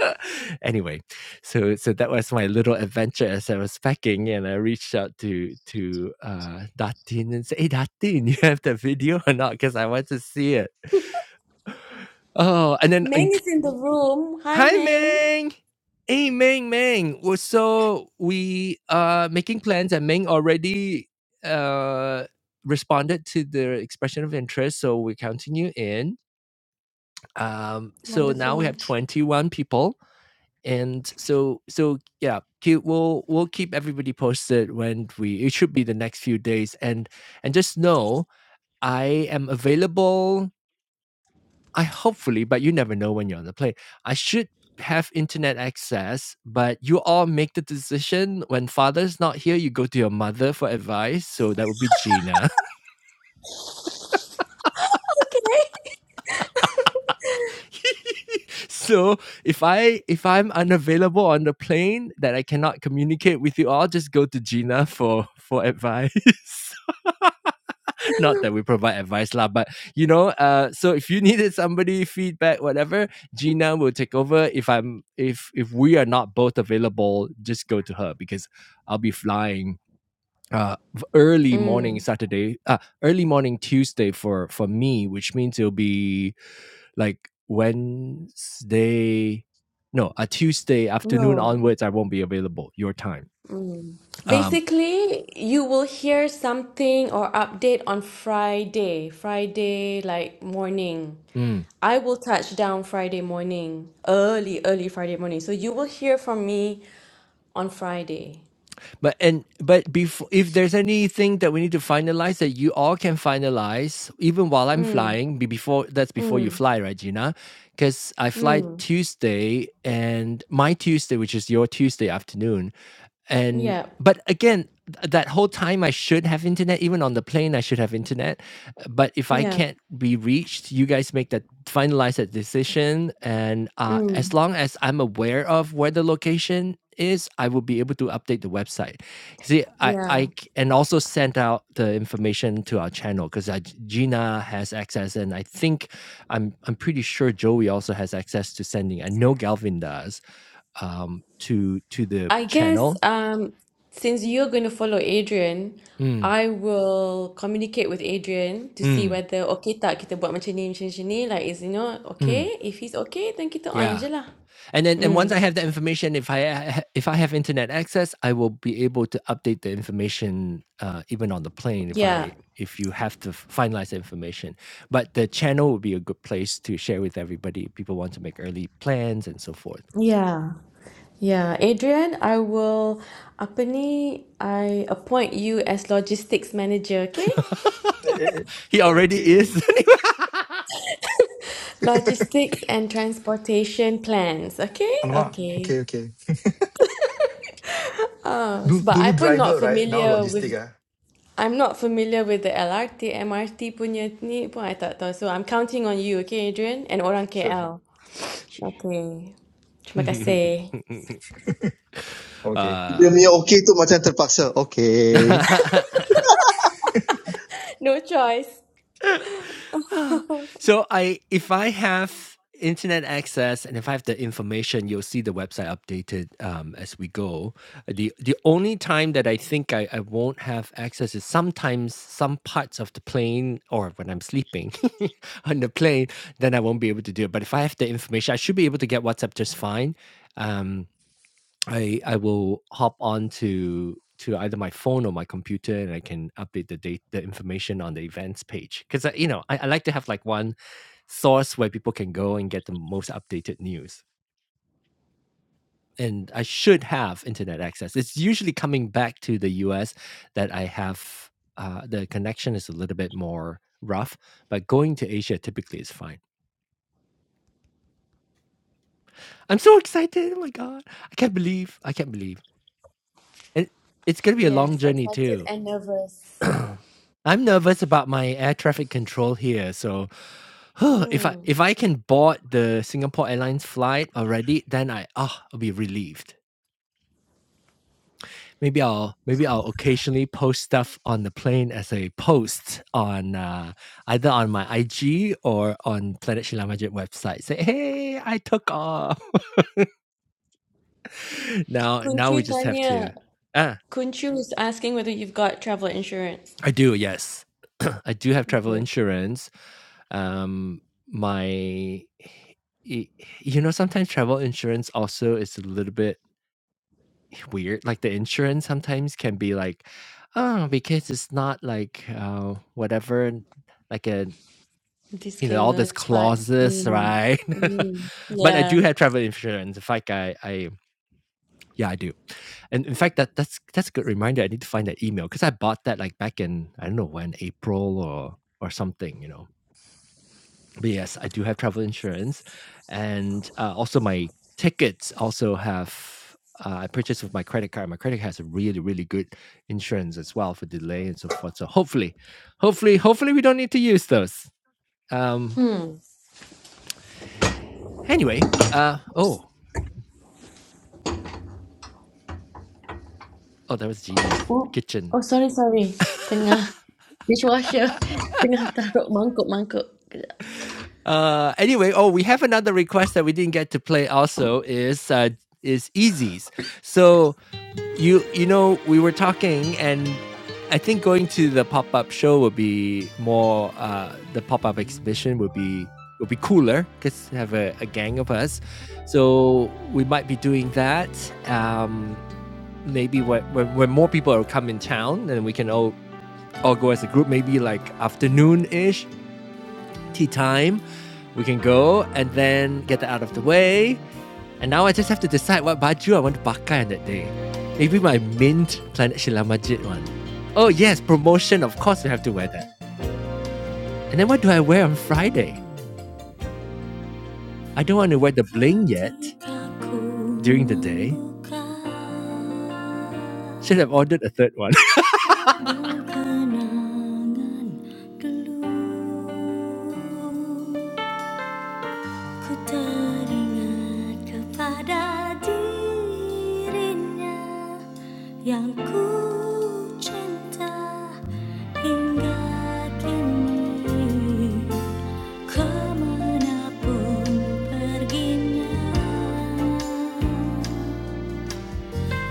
Speaker 1: anyway, so so that was my little adventure as I was packing, and I reached out to to uh, Datin and said, "Hey, Datin, you have the video or not? Because I want to see it." Oh, and then I-
Speaker 2: Meng is in the room. Hi,
Speaker 1: hi,
Speaker 2: Meng.
Speaker 1: Meng. Hey, Meng, Meng. Well, So we are making plans, and Meng already uh, responded to the expression of interest, so we're counting you in. Um, so now we
Speaker 2: Wonderful.
Speaker 1: have twenty one people And so so yeah, keep we'll we'll keep everybody posted when we it should be the next few days. And and just know I am available. I hopefully, but you never know when you're on the plane. I should have internet access, but you all make the decision. When father's not here, you go to your mother for advice. So that would be Gina.
Speaker 2: Okay.
Speaker 1: so if I if I'm unavailable on the plane that I cannot communicate with you all, just go to Gina for for advice. Not that we provide advice, lah, but you know, uh, so if you needed somebody, feedback, whatever, Gina will take over. If I'm if if we are not both available, just go to her because I'll be flying uh early morning
Speaker 2: Mm,
Speaker 1: Saturday, uh early morning Tuesday for for me, which means it'll be like Wednesday no, a Tuesday afternoon
Speaker 2: no.
Speaker 1: onwards I won't be available your time.
Speaker 2: Mm.
Speaker 1: Um
Speaker 2: Basically, you will hear something or update on Friday, Friday like morning.
Speaker 1: mm.
Speaker 2: I will touch down Friday morning, early, early Friday morning. So you will hear from me on Friday.
Speaker 1: But and but before, if there's anything that we need to finalize that you all can finalize, even while I'm
Speaker 2: Mm,
Speaker 1: flying, be before that's before you
Speaker 2: mm,
Speaker 1: fly, right, Gina? Because I fly
Speaker 2: mm.
Speaker 1: Tuesday and my Tuesday, which is your Tuesday afternoon, and
Speaker 2: Yeah,
Speaker 1: but again, th- that whole time I should have internet. Even on the plane, I should have internet but if I
Speaker 2: yeah,
Speaker 1: can't be reached, you guys make that finalize that decision. And uh, as
Speaker 2: mm,
Speaker 1: long as I'm aware of where the location is, I will be able to update the website. See, I
Speaker 2: yeah.
Speaker 1: I c- and also send out the information to our channel because Gina has access, and I think I'm I'm pretty sure Joey also has access to sending. I know Galvin does um, to to the
Speaker 2: I guess
Speaker 1: channel.
Speaker 2: um, since you're going to follow Adrian,
Speaker 1: Mm,
Speaker 2: I will communicate with Adrian to see
Speaker 1: mm,
Speaker 2: whether okay tak kita buat macam ni, macam, macam ni. Like, is you know
Speaker 1: mm.
Speaker 2: okay? If he's okay, then kita on
Speaker 1: Yeah,
Speaker 2: je lah.
Speaker 1: And then, and once I have the information, if I if I have internet access, I will be able to update the information uh, even on the plane. If I
Speaker 2: Yeah,
Speaker 1: if you have to finalize the information, but the channel would be a good place to share with everybody. if People want to make early plans and so forth.
Speaker 2: yeah. Yeah, Adrian, I will apa ni? I appoint you as logistics manager, okay?
Speaker 6: Eh, eh, eh.
Speaker 1: he already
Speaker 6: Okay.
Speaker 1: is.
Speaker 2: Logistics and transportation plans, okay?
Speaker 6: Alamak.
Speaker 2: Okay.
Speaker 6: Okay, okay. Du-
Speaker 2: Sebab I
Speaker 6: Dulu
Speaker 2: pun not
Speaker 6: driver, right? Now
Speaker 2: familiar
Speaker 6: logistic.
Speaker 2: with
Speaker 6: Ah,
Speaker 2: I'm not familiar with the LRT, MRT punya ni pun I tak tahu. So I'm counting on you, okay, Adrian? And orang
Speaker 6: Sure, sure.
Speaker 2: KL.
Speaker 6: sure.
Speaker 2: Okay. Terima kasih.
Speaker 6: Okay.
Speaker 3: Dia
Speaker 1: uh,
Speaker 3: punya okay tu macam terpaksa. Okay.
Speaker 2: No choice.
Speaker 1: so I if I have internet access and if I have the information, you'll see the website updated um, as we go. The the only time that I think I, I won't have access is sometimes some parts of the plane or when I'm sleeping on the plane, then I won't be able to do it. But if I have the information, I should be able to get WhatsApp just fine. Um, I I will hop on to to either my phone or my computer, and I can update the date the information on the events page because you know I, I like to have like one source where people can go and get the most updated news. And I should have internet access. It's usually coming back to the U.S. that I have uh, the connection is a little bit more rough, but going to Asia typically is fine. I'm so excited! Oh my god, I can't believe I can't believe, and it's gonna be a long
Speaker 2: Yes,
Speaker 1: journey too
Speaker 2: excited and nervous.
Speaker 1: I'm nervous about my air traffic control here, so if I
Speaker 2: Hmm.
Speaker 1: if I can board the Singapore Airlines flight already, then I ah I'll be relieved. Maybe I'll maybe I'll occasionally post stuff on the plane as a post on uh, either on my IG or on Planet Shilamajit website. Say hey, I took off. now now we
Speaker 2: Kunci
Speaker 1: just have
Speaker 2: tanya
Speaker 1: to ah
Speaker 2: Kunchu is asking whether you've got travel insurance.
Speaker 1: I do, yes. I do have travel
Speaker 2: Good.
Speaker 1: insurance. Um, my, y- you know, sometimes travel insurance also is a little bit weird. Like the insurance sometimes can be like, oh, because it's not like uh, whatever, like a, you know, all
Speaker 2: Disclaimer,
Speaker 1: these
Speaker 2: but
Speaker 1: clauses,
Speaker 2: mm,
Speaker 1: right?
Speaker 2: mm,
Speaker 1: but I
Speaker 2: yeah.
Speaker 1: do have travel insurance. In fact, I, I yeah, I do. And in fact, that that's that's a good reminder. I need to find that email because I bought that like back in I don't know when April or or something, you know. But yes, I do have travel insurance, and uh, also my tickets also have. Uh, I purchased with my credit card. My credit card has a really, really good insurance as well for delay and so forth. So hopefully, hopefully, hopefully, we don't need to use those. Um. Anyway, uh. Oh, oh, that was genius
Speaker 2: Oh,
Speaker 1: kitchen.
Speaker 2: oh, sorry, sorry. Tengah dishwasher, tengah taruh mangkuk-mangkuk. Kejap.
Speaker 1: Uh, anyway, oh, we have another request that we didn't get to play. Also, is uh, is Easy's. So you you know we were talking, and I think going to the pop up show would be more. Uh, the pop up exhibition would be would be cooler because have a, a gang of us. So we might be doing that. Um, maybe when, when when more people are come in town, then we can all all go as a group. Maybe like afternoon ish tea time. We can go and then get that out of the way. And now I just have to decide what baju I want to pakai on that day. Maybe my mint Planet Shilamajit one. Oh yes, promotion. Of course, we have to wear that. And then what do I wear on Friday? I don't want to wear the bling yet. during the day. Should have ordered a third one. Ku teringat kepada dirinya yang ku cinta hingga kini kemanapun perginya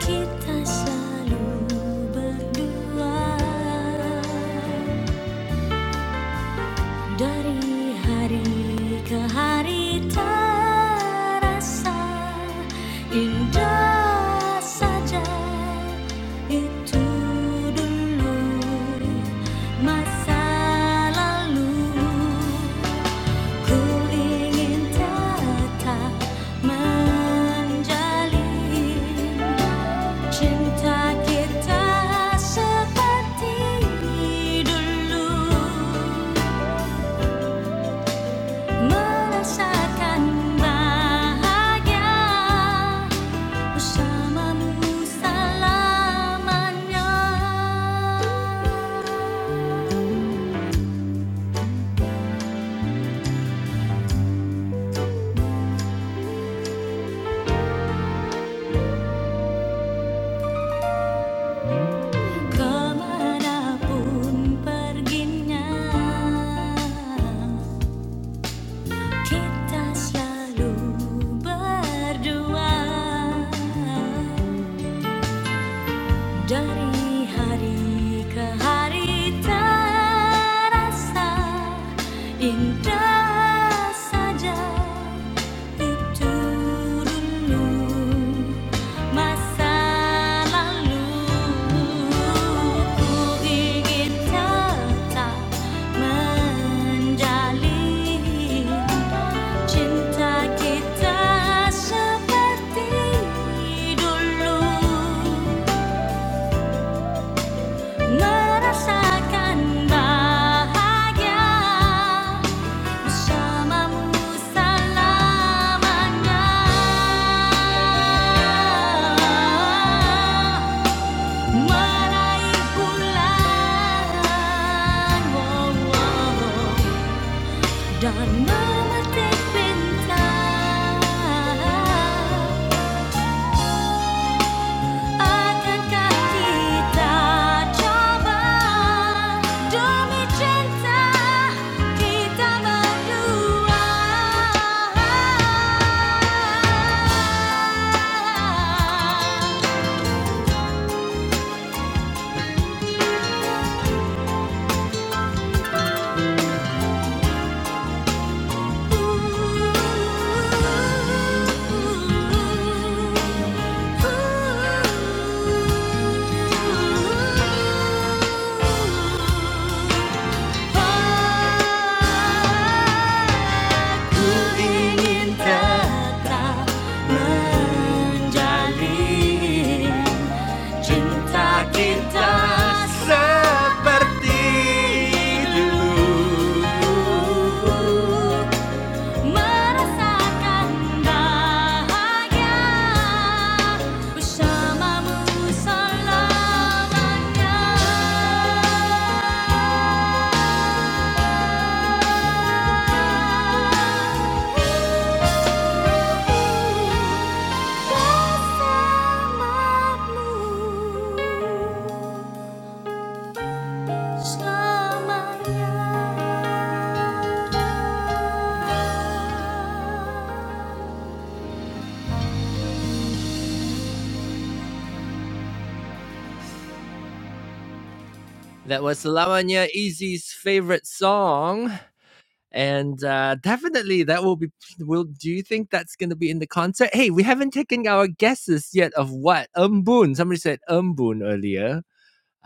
Speaker 1: kita selalu berdua. Dari hari ke hari terasa indah saja itu dulu masa lalu ku ingin tetap menjalin Cinta kita seperti dulu Merasakan bahagia bersamamu selamanya. Kemanapun perginya, kita selalu berdua. Dari hari ke hari terasa indah saja itu dulu masa lalu ku ingin tetap menjalin cinta kita seperti dulu. Merasakan bahagia bersamamu selamanya. Meraih bulan, wow, wow, dan memetik bintang. Akankah kita coba demi cinta kita berdua? Ooh, ooh, ooh, ooh. Ku ingin tetap menjalin cinta kita sendiri dulu merasakan bahagia bersamamu selamanya. That was Lamanya Easy's favorite song. And uh, definitely that will be will do you think that's gonna be in the concert? Hey, we haven't taken our guesses yet of what? Umbun. Somebody said Umbun earlier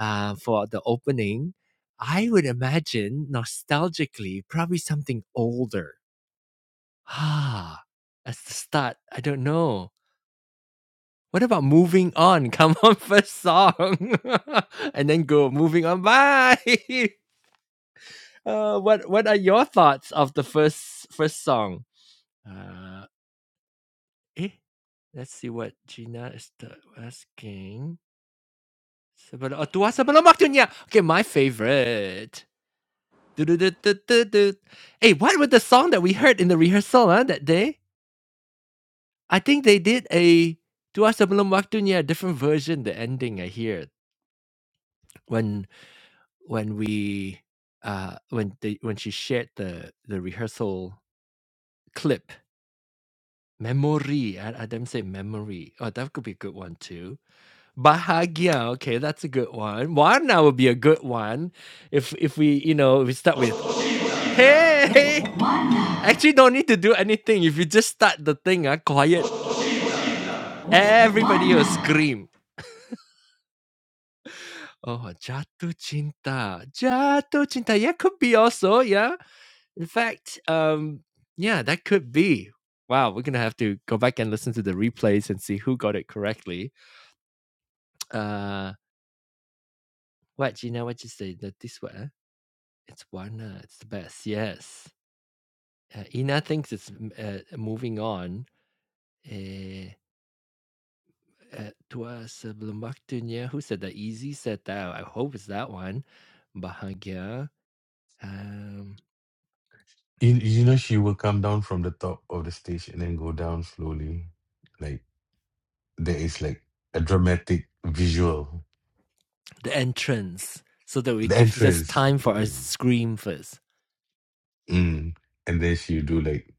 Speaker 1: uh, for the opening. I would imagine nostalgically probably something older Ah, that's the start. I don't know. What about "Moving On"? Come on, first song, and then go "Moving On." Bye. Uh, what What are your thoughts of the first first song? Uh, eh, let's see what Gina is the asking. Sebelum oh, tua sebelum waktunya. Okay, my favorite. Du-du-du-du-du-du. Hey, what was the song that we heard in the rehearsal huh, that day? I think they did a Dua Sebelum Waktunya, a different version, the ending I hear when when we uh when they when she shared the the rehearsal clip. Memory. I, I didn't say memory. Oh, that could be a good one too. Bahagia. Okay, that's a good one. Warna would be a good one. If if we, you know, we start with hey. Actually don't need to do anything. If you just start the thing, uh, quiet, everybody will scream. Oh, jatuh cinta. Jatuh cinta. Yeah, could be also. Yeah. In fact, um, yeah, that could be. Wow, we're gonna have to go back and listen to the replays and see who got it correctly. Uh, what Gina? What you say? That this one? eh? It's Warna. It's the best. Yes. Uh, Ina thinks it's m- uh, moving on. Eh, uh, tua sebelum waktunya. Who said that? Easy said that. I hope it's that one. Bahagia. Um.
Speaker 4: You, you know, she will come down from the top of the stage and then go down slowly. Like, there is like a dramatic visual.
Speaker 1: the entrance so that we
Speaker 4: The
Speaker 1: give us
Speaker 4: entrance.
Speaker 1: time for a
Speaker 4: um,
Speaker 1: scream first.
Speaker 4: Mm. And then she do like,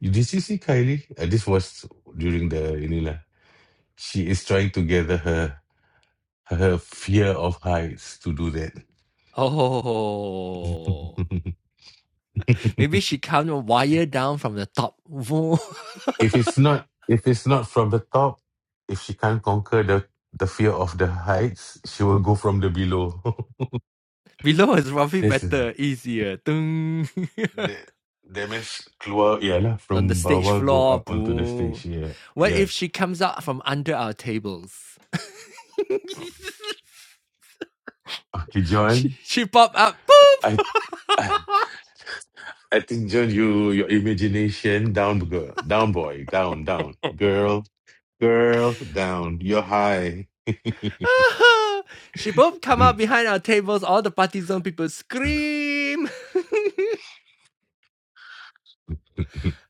Speaker 4: you, did you see Kylie? Uh, this was during the Inila. She is trying to gather her her fear of heights to do that.
Speaker 1: Oh, maybe she come a wire down from the top.
Speaker 4: if it's not if it's not from the top, if she can't conquer the the fear of the heights, she will go from the below.
Speaker 1: Below is probably
Speaker 4: This
Speaker 1: better, easier.
Speaker 4: The they miss keluar ialah
Speaker 1: On the
Speaker 4: from
Speaker 1: stage
Speaker 4: bawah go
Speaker 1: floor,
Speaker 4: up onto the stage.
Speaker 1: boo.
Speaker 4: Yeah,
Speaker 1: What
Speaker 4: yeah.
Speaker 1: if she comes out from under our tables?
Speaker 4: Okay,
Speaker 1: she,
Speaker 4: John.
Speaker 1: she pop up, boop.
Speaker 4: I I, I think John, you your imagination down girl, down boy, down down girl, girl down. You're high.
Speaker 1: she boop come out behind our tables. All the party zone people scream.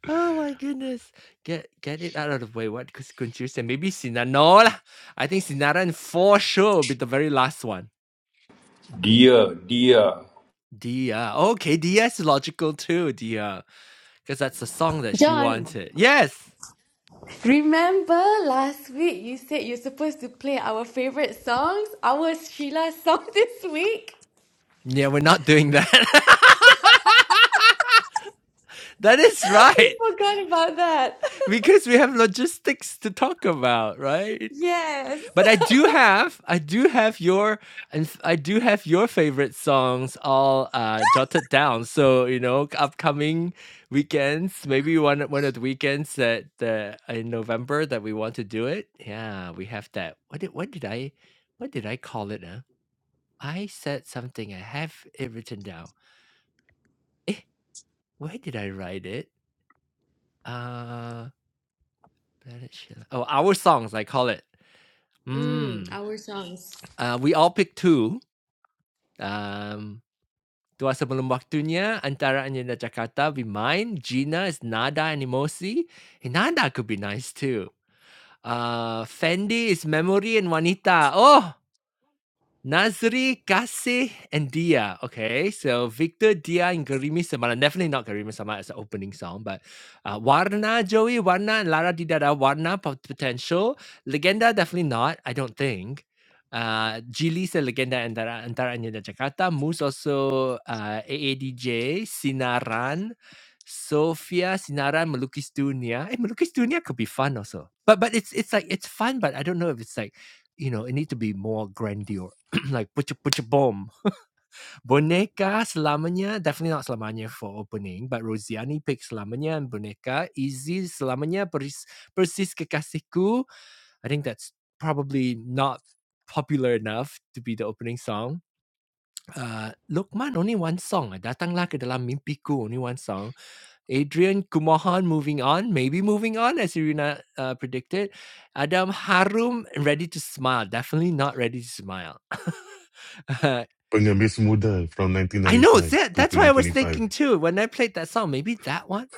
Speaker 1: Oh my goodness. Get get it out of the way. What cons- confusion? Maybe Sinan. No lah. I think Sinaran for sure will be the very last one.
Speaker 5: Dear, dear.
Speaker 1: Dia. Okay, Dia is logical too, Dia. Because that's the song that she
Speaker 2: John,
Speaker 1: wanted. Yes.
Speaker 2: remember last week you said you're supposed to play our favorite songs, our Sheila song this week?
Speaker 1: Yeah, we're not doing that. that is
Speaker 2: We
Speaker 1: right.
Speaker 2: forgot about that.
Speaker 1: Because we have logistics to talk about, right?
Speaker 2: yes.
Speaker 1: But I do have, I do have your, and I do have your favorite songs all uh, jotted down. So you know, upcoming weekends, maybe one one of the weekends that uh, in November that we want to do it. Yeah, we have that. What did what did I, what did I call it? Huh? I said something. I have it written down. Eh, where did I write it? Uh, Ballad Shilla- oh, our songs. I call it.
Speaker 2: Mm,
Speaker 1: Mm.
Speaker 2: our songs.
Speaker 1: Uh, we all pick two. Um. Tua sebelum waktunya antara Anila Jakarta be mine, Gina is Nada and Emosi. Hey, Nada could be nice too. Uh, Fendi is Memory and Wanita. Oh! Nazri, Kasih, and Dia. Okay, so Victor, Dia, and Garimi Samara. Definitely not Garimi Samara as the opening song, but uh, Warna, Joey, Warna, and Lara Didada, Warna, pot- Potential. Legenda, definitely not, I don't think. Uh, Gili sa Legenda Antara, Antara Anya dan Jakarta. Moose also uh, AADJ, Sinaran, Sophia, Sinaran, Melukis Dunia. Hey, Melukis Dunia could be fun also. But but it's it's like it's fun, but I don't know if it's like you know, it needs to be more grandiose like butcher butcher bomb. Boneka selamanya definitely not selamanya for opening, but Rosiani picked selamanya and boneka. Easy selamanya persis, persis kekasihku. I think that's probably not popular enough to be the opening song. Uh, Lokman only one song. eh. Datanglah ke dalam mimpiku only one song. Adrian Kumohan moving on, maybe moving on as Irina uh, predicted. Adam Harum ready to smile, definitely not ready to smile. uh,
Speaker 4: Pengemis muda from
Speaker 1: I know, it's
Speaker 4: 1995 to
Speaker 1: That's why I was
Speaker 4: 2025.
Speaker 1: thinking too when I played that song. Maybe that one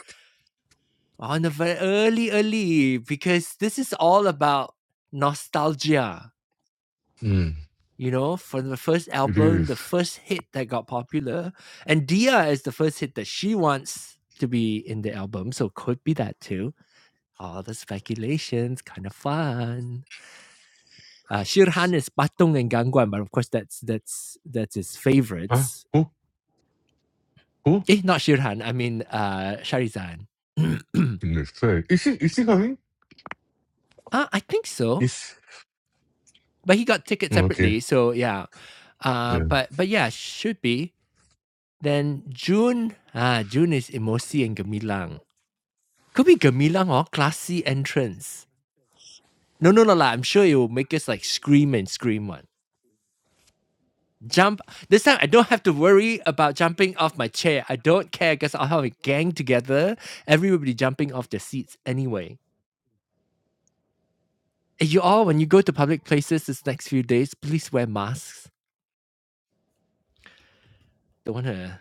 Speaker 1: on the very early, early, because this is all about nostalgia.
Speaker 4: Hmm.
Speaker 1: You know, for the first
Speaker 4: It
Speaker 1: album,
Speaker 4: is.
Speaker 1: the first hit that got popular, and Dia is the first hit that she wants to be in the album, so could be that too. All the speculations, kind of fun. Uh, Shirhan is Batong and Gangguan, but of course that's that's that's his
Speaker 4: Huh?
Speaker 1: favorites.
Speaker 4: Who? Who?
Speaker 1: Eh, not Shirhan. I mean, uh, Sharizan.
Speaker 4: Next time. Is she? Is she coming?
Speaker 1: Uh, I think so,
Speaker 4: Is.
Speaker 1: but he got tickets
Speaker 4: oh, Okay.
Speaker 1: separately, so yeah. Uh,
Speaker 4: Yeah.
Speaker 1: but but yeah, should be. Then June, ah, June is Emosi and Gemilang. Could be Gemilang or classy entrance. No, no, no, lah. I'm sure it will make us like scream and scream one. Jump. This time I don't have to worry about jumping off my chair. I don't care because I'll have a gang together. Everybody jumping off their seats anyway. Eh, You all, when you go to public places this next few days, please wear masks. Don't want to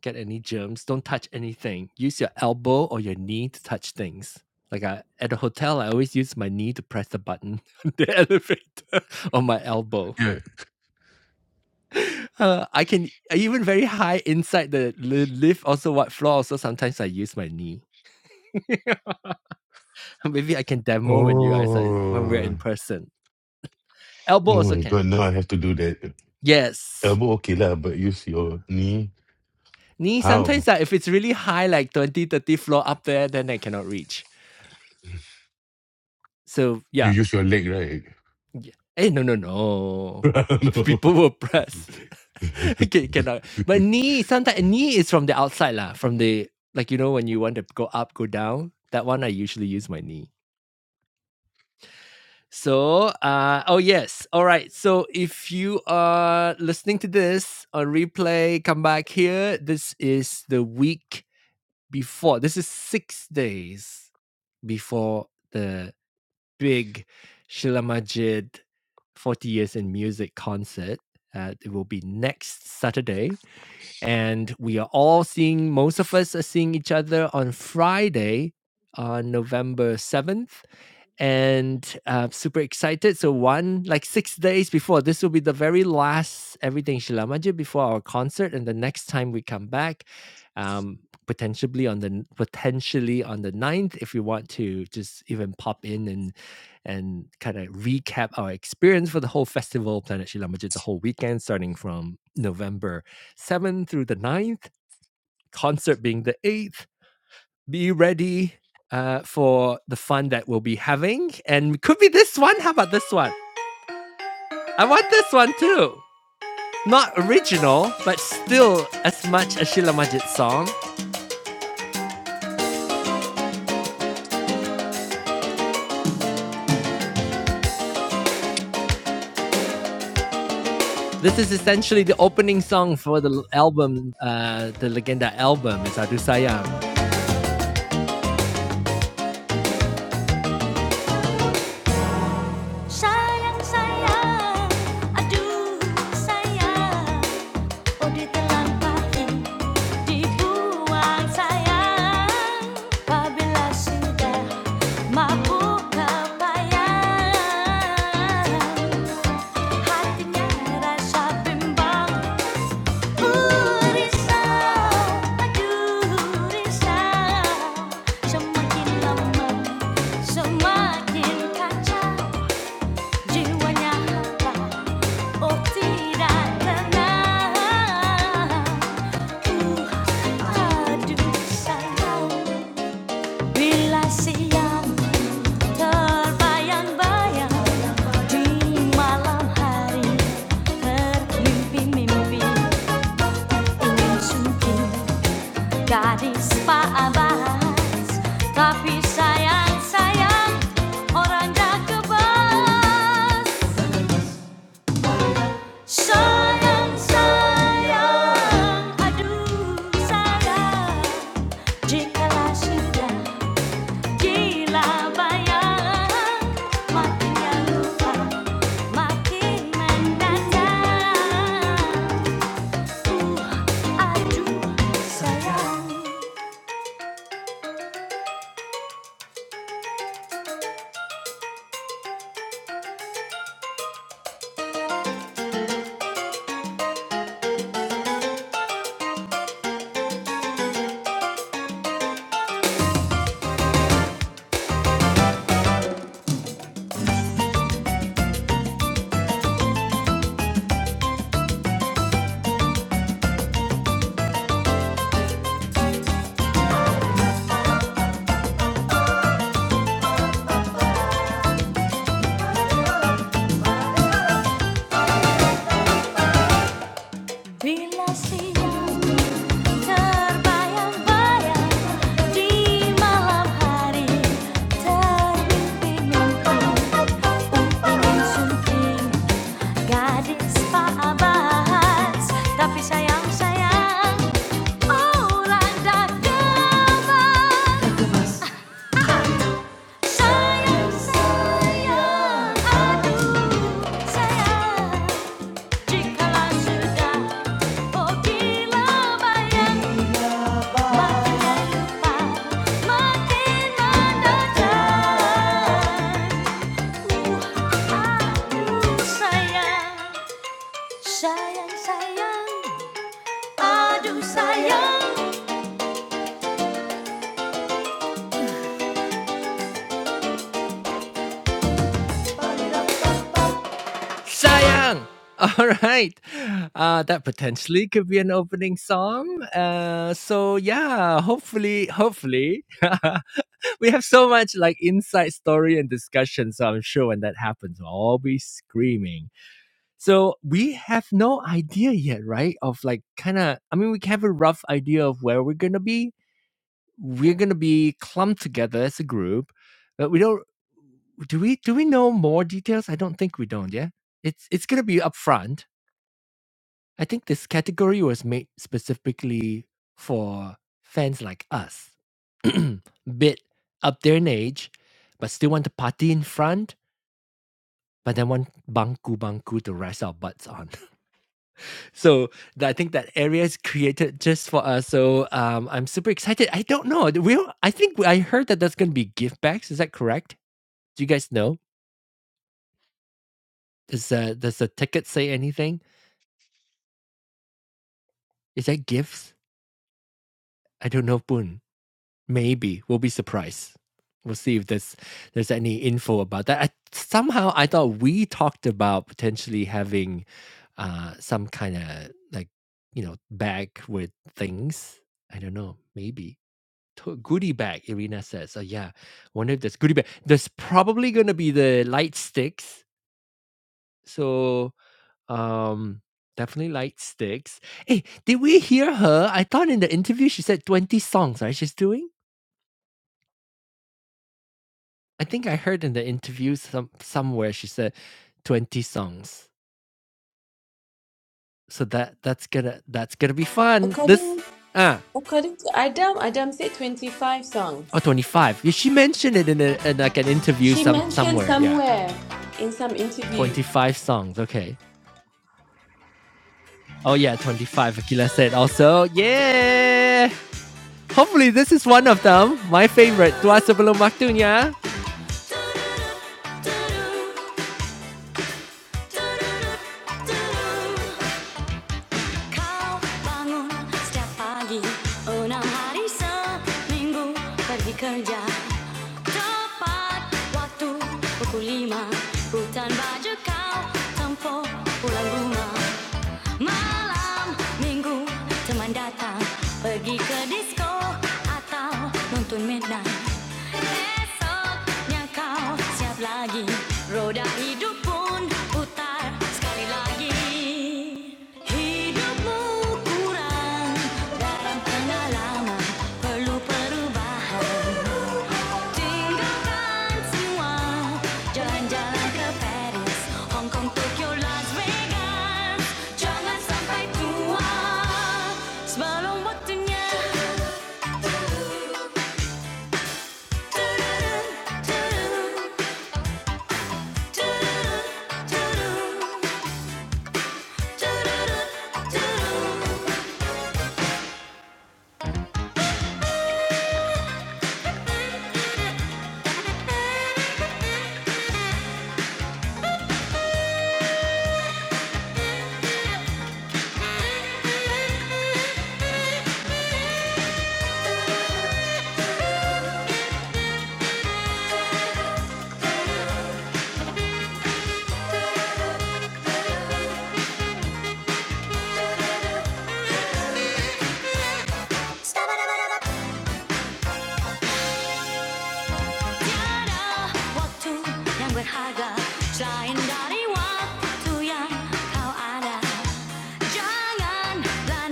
Speaker 1: get any germs. Don't touch anything. Use your elbow or your knee to touch things. Like I, at the hotel, I always use my knee to press the button on the elevator or my elbow.
Speaker 4: Yeah.
Speaker 1: Uh, I can even very high inside the lift. Also, what floor? Also, sometimes I use my knee. Maybe I can demo when you guys are when we're
Speaker 4: Oh.
Speaker 1: in person. Elbow
Speaker 4: Oh
Speaker 1: also
Speaker 4: my
Speaker 1: can.
Speaker 4: god, now I have to do that.
Speaker 1: Yes.
Speaker 4: Elbow okay lah, but use your knee.
Speaker 1: Knee sometimes
Speaker 4: How?
Speaker 1: like if it's really high, like 20, 30 floor up there, then I cannot reach. So
Speaker 4: You
Speaker 1: yeah,
Speaker 4: use your leg, right?
Speaker 1: Eh, no, no, no.
Speaker 4: I don't
Speaker 1: The
Speaker 4: know.
Speaker 1: people were pressed. okay, cannot. But knee, sometimes knee is from the outside lah. From the like you know when you want to go up, go down. That one I usually use my knee. So, uh, oh yes, all right. So if you are listening to this on replay, come back here. This is the week before. This is six days before the big Sheila Majid 40 Years in Music concert. Uh, it will be next Saturday and we are all seeing most of us are seeing each other on friday uh, november 7th and uh, super excited so one like six days before this will be the very last everything shilamaji before our concert and the next time we come back um potentially on the potentially on the ninth, if you want to just even pop in and and kind of recap our experience for the whole festival planet shilamaji the whole weekend starting from november 7th through the ninth concert being the 8th. Be ready uh, for the fun that we'll be having. And could be this one. How about this one? I want this one too. Not original, but still as much a Sheila Majid song. This is essentially the opening song for the album, uh, the Legenda album, is Adu Sayang. Sayang sayang, aduh sayang, Oh ditelan patin, dibuang sayang Apabila sudah mabuk kebayang Hatinya rasa bimbang Uh risau, aduh risau Semakin lama, semakin kacau Jiwanya hantar Bila siang terbayang-bayang di malam hari termimpi-mimpi ingin sungking gadis Pak Abbas tapi sayang sayang orang dah kebas Sayang, sayang, aduh sayang Jikalau sudah gila bayang Makinnya lupa, makin mendadak Uh, aduh sayang Bila siang terbayang-bayang di malam hari terbit mimpiku ingin sunting gadis Pak Abbas tapi sayang sayang orang dah gemar sayang sayang aduh sayang jikalau sudah oh gila bayang Sayang, sayang, aduh sayang. Sayang! All right. Uh, that potentially could be an opening song. Uh, so yeah, hopefully, hopefully, we have so much like inside story and discussion. So I'm sure when that happens, we will all be screaming. So we have no idea yet, right? Of like kind of, I mean, we have a rough idea of where we're going to be. We're going to be clumped together as a group, but we don't, do we, do we know more details? I don't think we don't. Yeah. It's, it's going to be upfront. I think this category was made specifically for fans like us, bit up there in age, but still want to party in front, but then want bangku bangku to rest our butts on. So th- I think that area is created just for us. So um, I'm super excited. I don't know. Do We don't- I think I heard that that's going to be gift bags. Is that correct? Do you guys know? Does uh, does the ticket say anything? Is that gifts? I don't know, Boon. Maybe we'll be surprised. We'll see if there's there's any info about that. I, somehow I thought we talked about potentially having uh, some kind of like you know bag with things. I don't know. Maybe to goodie bag, Irina says. Oh yeah, wonder if there's goodie bag. There's probably gonna be the light sticks. So um definitely light sticks. Hey, did we hear her? I thought in the interview she said 20 songs, right? She's doing? I think I heard in the interview some somewhere she said 20 songs. So that that's gonna that's gonna be fun. This
Speaker 2: According
Speaker 1: ah
Speaker 2: According to Adam, Adam said 25
Speaker 1: or
Speaker 2: songs.
Speaker 1: 25. Yeah, she mentioned it in, a, in like an interview
Speaker 2: She
Speaker 1: some
Speaker 2: mentioned
Speaker 1: somewhere. Yeah.
Speaker 2: somewhere in some interview.
Speaker 1: 25 songs. Okay. Oh yeah, 25 Akila said also. Yeah. Hopefully this is one of them. My favorite, Dua Sebelum Waktunya. Kau bangun setiap pagi Enam hari seminggu pergi kerja Tepat waktu pukul lima Hutan baju kau tempuh pulang rumah Malam minggu teman datang Pergi ke disco atau nonton midnight Esoknya kau siap lagi Roda hidup pun putar sekali lagi Hidupmu kurang dalam pengalaman Perlu perubahan Tinggalkan semua Jalan-jalan ke Paris Hong Kong, Tokyo, Las Vegas Jangan sampai tua Sebelum waktunya Tudurun, tudurun Stabababab, tiada waktu yang berharga selain dari waktu yang kau ada. Janganlah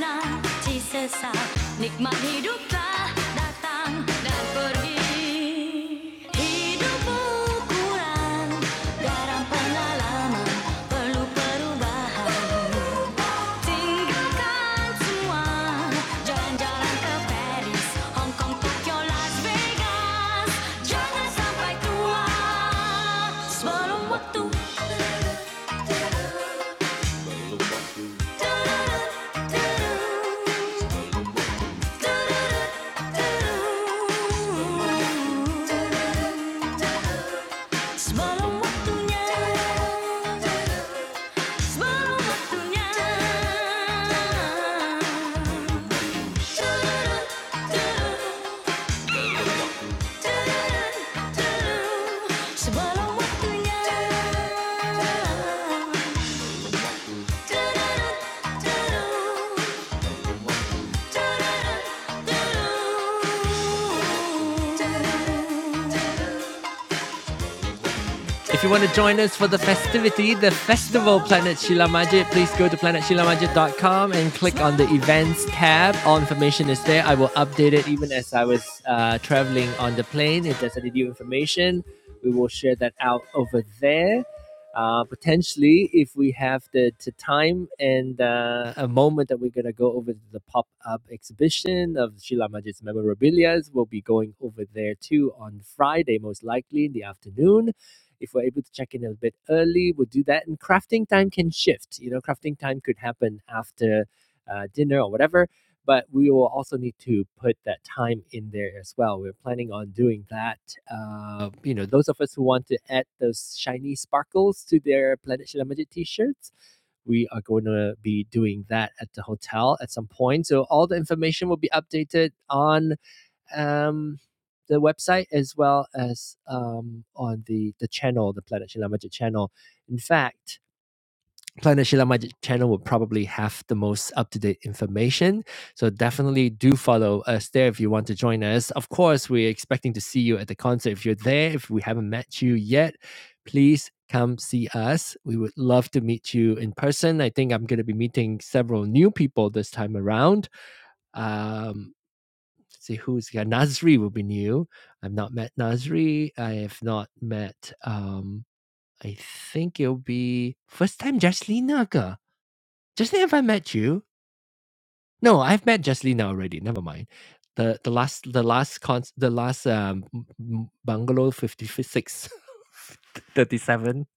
Speaker 1: nanti sesal Nikmat hiduplah datang dan pergi Hidup ukuran Garam Perlu perubahan Tinggalkan semua Jalan-jalan ke Paris Hong Kong, Tokyo, Las Vegas Jangan sampai tua Sebelum waktu Sebelum waktunya Semalam waktunya Da-da-da-da-da. If you want to join us for the festivity, the festival Planet Shila please go to planet shilamaje dot com and click on the events tab. All information is there. I will update it even as I was uh, traveling on the plane. If there's any new information, we will share that out over there. Uh, potentially, if we have the, the time and uh, a moment that we're going to go over to the pop up exhibition of Sheila memorabilia, we'll be going over there too on Friday, most likely in the afternoon if we're able to check in a little bit early, we'll do that. And crafting time can shift. You know, crafting time could happen after uh, dinner or whatever. But we will also need to put that time in there as well. We're planning on doing that. Uh, you know, those of us who want to add those shiny sparkles to their Planet Shilamaji t-shirts, we are going to be doing that at the hotel at some point. So all the information will be updated on um, the website as well as um, on the the channel, the Planet Shila Magic channel. In fact, Planet Shila Magic channel will probably have the most up to date information. So definitely do follow us there if you want to join us. Of course, we're expecting to see you at the concert. If you're there, if we haven't met you yet, please come see us. We would love to meet you in person. I think I'm going to be meeting several new people this time around. Um, Let's see who's yeah, Nasri will be new. I've not met Nasri. I have not met um I think it'll be first time Jaslina. ke? Jaslina, have I met you? No, I've met Jaslina already. Never mind. The the last the last con the last um m- bungalow 56 37,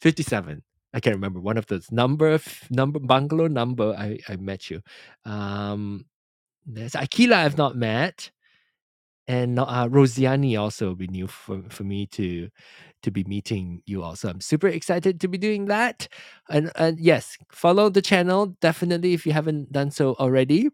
Speaker 1: 57. I can't remember one of those number f- number bungalow number I I met you um there's Akila I've not met And no, uh, Rosiani also will be new for, for me to to be meeting you also. I'm super excited to be doing that. And, and yes, follow the channel definitely if you haven't done so already.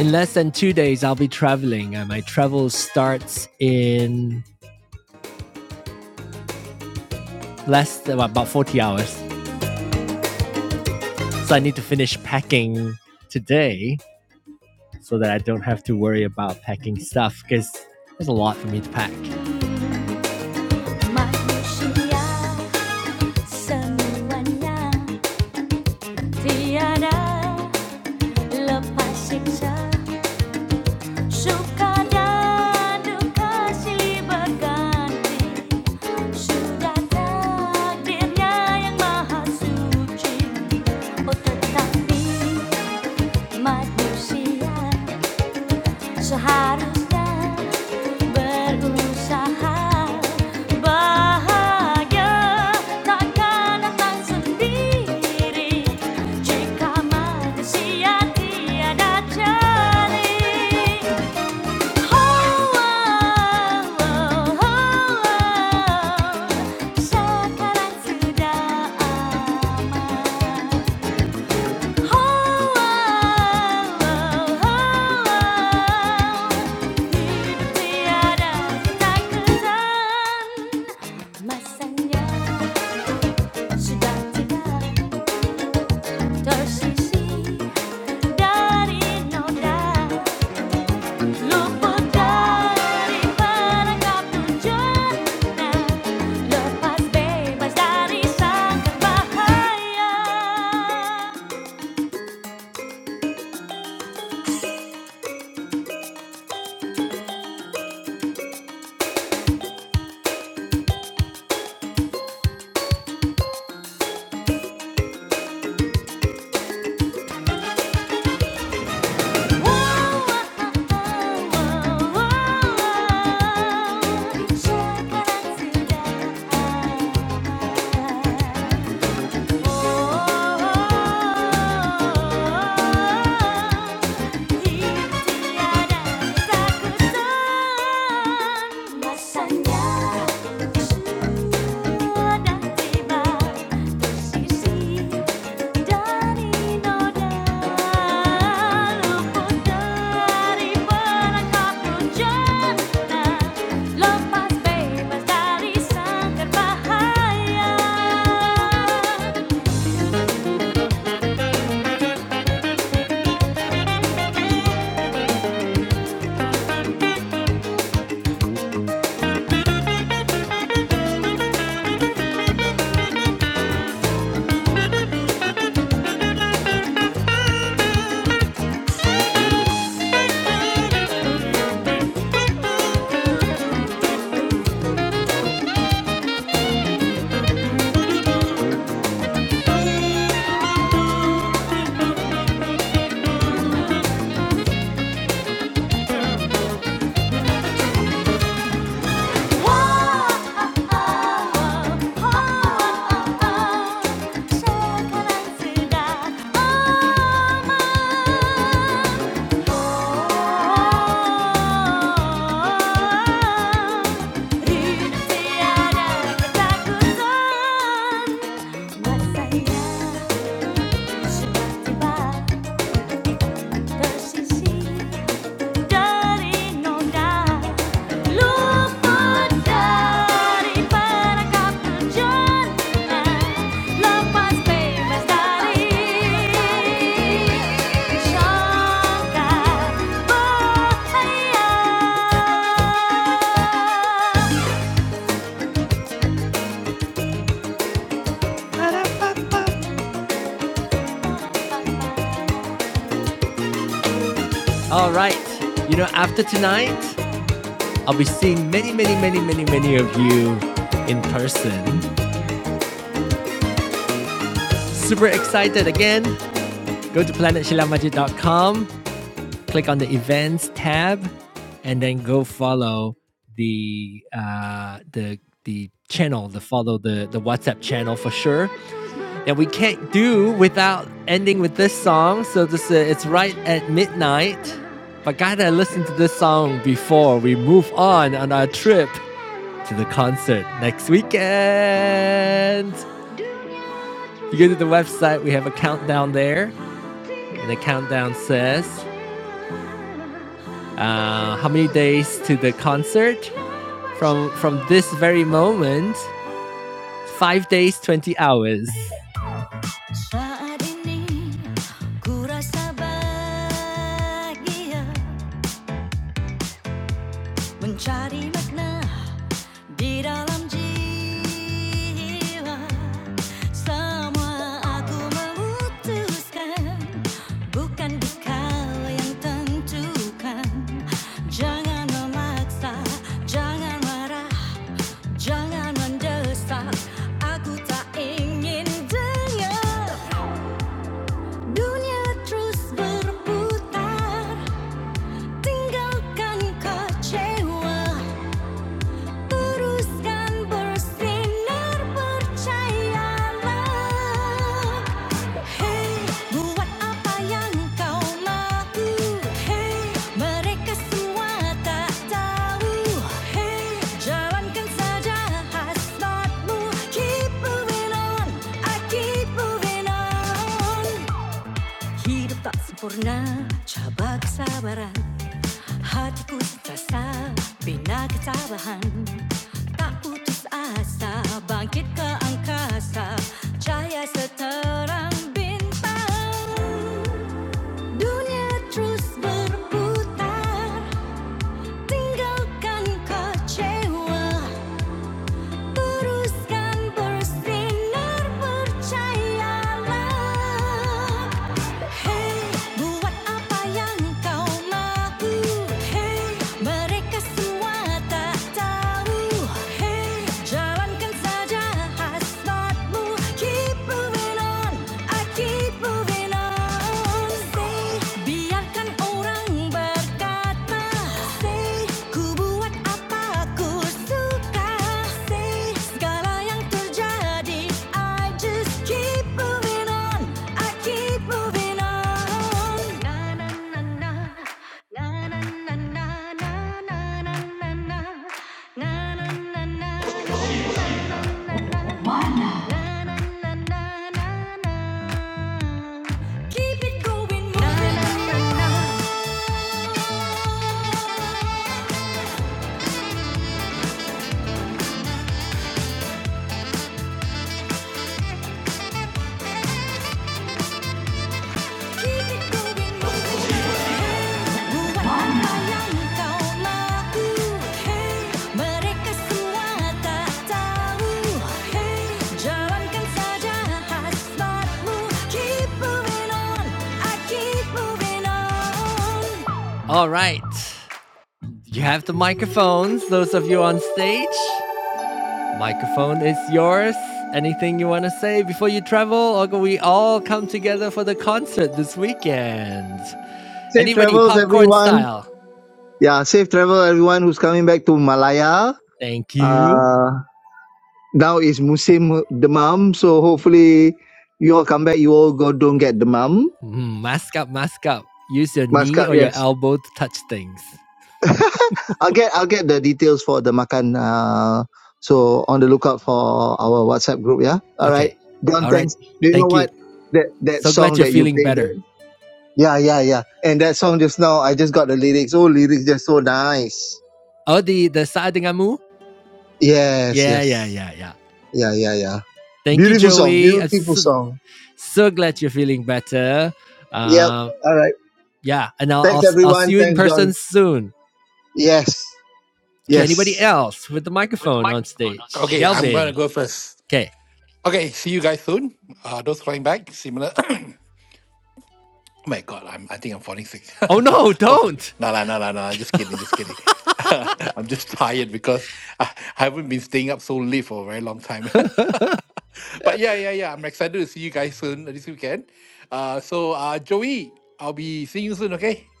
Speaker 1: In less than two days, I'll be traveling, and my travel starts in less than well, about 40 hours. So I need to finish packing today so that I don't have to worry about packing stuff because there's a lot for me to pack. Manusia semuanya Tiada lepas siksa Suka dan duka silih berganti Sudah takdirnya yang maha suci Oh tetapi manusia Seharusnya berusaha bahagia takkan datang sendiri jika manusia tiada jari. Oh, oh, oh, oh, oh, sekarang sudah aman. Masanya sudah tidak tersisi dari noda luput dari perangkap tujuannya lepas bebas dari sangkar bahaya. Check out today. Lepas bebas dari sangkar bahaya Masaya, sudah tiba tersisih All right. You know, after tonight, I'll be seeing many, many, many, many, many of you in person. Super excited again. Go to planet shila majid dot com. click on the events tab, and then go follow the uh, the the channel, the follow the the WhatsApp channel for sure. And we can't do without ending with this song. So this uh, it's right at midnight. But gotta listen to this song before we move on on our trip to the concert next weekend. you go to the website, we have a countdown there, and the countdown says uh, how many days to the concert? From from this very moment, five days, twenty hours. Jangan mendesak, aku tak ingin dengar. Dunia terus berputar, tinggalkan kecewa. Teruskan bersinar percayalah Hey buat apa yang kau mahu Hey mereka semua tak tahu Hey jalankan saja hasratmu Keep moving on, I keep moving on Hidup tak sempurna, cabak sabaran Hatiku sesasa, bina kecarahan Tak putus asa, bangkit ke angkasa Cahaya seterang bintang Dunia terus berputar Tinggalkan kecewa teruskan bersinar percayalah Hey buat apa yang kau mahu Hey mereka semua tak tahu Hey jalankan saja hasratmu Keep moving on I keep moving on Say Biarkan orang berkata Say, ku buat apa ku suka Say, segala yang terjadi I just keep moving on I keep moving on Na na na na Na na na na na na na na Na na na na na na na Keep it going, moving on All right. You have the microphones, those of you on stage. Microphone is yours. Anything you want to say before you travel, or can we all come together for the concert this weekend?
Speaker 3: Safe
Speaker 1: Anybody,
Speaker 3: travels
Speaker 1: popcorn
Speaker 3: everyone.
Speaker 1: style.
Speaker 3: Yeah, safe travel everyone who's coming back to Malaya.
Speaker 1: Thank you.
Speaker 3: Uh, now is musim demam, so hopefully you all come back. You all go don't get demam.
Speaker 1: Mm, mask up, mask up. Use your
Speaker 3: Must
Speaker 1: knee
Speaker 3: come,
Speaker 1: or your
Speaker 3: yes.
Speaker 1: elbow to touch things.
Speaker 3: I'll get I'll get the details for the makan. Uh, so on the lookout for our WhatsApp group. Yeah. All right.
Speaker 1: Okay.
Speaker 3: John,
Speaker 1: All right.
Speaker 3: thanks. Do you know
Speaker 1: Thank you.
Speaker 3: what that that
Speaker 1: So glad
Speaker 3: song
Speaker 1: you're
Speaker 3: that you
Speaker 1: feeling
Speaker 3: played?
Speaker 1: better.
Speaker 3: the- Yeah, yeah, yeah. And that song just now, I just got the lyrics. Oh, lyrics, they're so nice.
Speaker 1: Oh, the the side denganmu?
Speaker 3: Yes,
Speaker 1: Yeah, yeah,
Speaker 3: yes.
Speaker 1: yeah, yeah.
Speaker 3: Yeah, yeah, yeah.
Speaker 1: Thank you,
Speaker 3: Beautiful song.
Speaker 1: Joey. I'm
Speaker 3: Beautiful
Speaker 1: so,
Speaker 3: song.
Speaker 1: so glad you're feeling better.
Speaker 3: Yep.
Speaker 1: Um,
Speaker 3: All right.
Speaker 1: yeah, and I'll,
Speaker 3: Thanks,
Speaker 1: I'll I'll see
Speaker 3: everyone.
Speaker 1: you in
Speaker 3: Thanks,
Speaker 1: person
Speaker 3: John.
Speaker 1: soon.
Speaker 3: Yes.
Speaker 1: Okay, anybody
Speaker 3: Yes.
Speaker 1: else with the microphone on stage?
Speaker 7: Okay. I'm going
Speaker 1: Galvin.
Speaker 7: to go first.
Speaker 1: Okay.
Speaker 7: Okay. See you guys soon. Uh, those flying back, similar. Oh my God, I'm, I think I'm falling sick.
Speaker 1: Oh no,
Speaker 7: Hopefully.
Speaker 1: don't.
Speaker 7: No, no, no, no, no. Just kidding, just kidding. I'm just tired because I, I haven't been staying up so late for a very long time. but yeah, yeah, yeah. I'm excited to see you guys soon uh, this weekend. Uh, so, uh, Joey, I'll be seeing you soon, okay?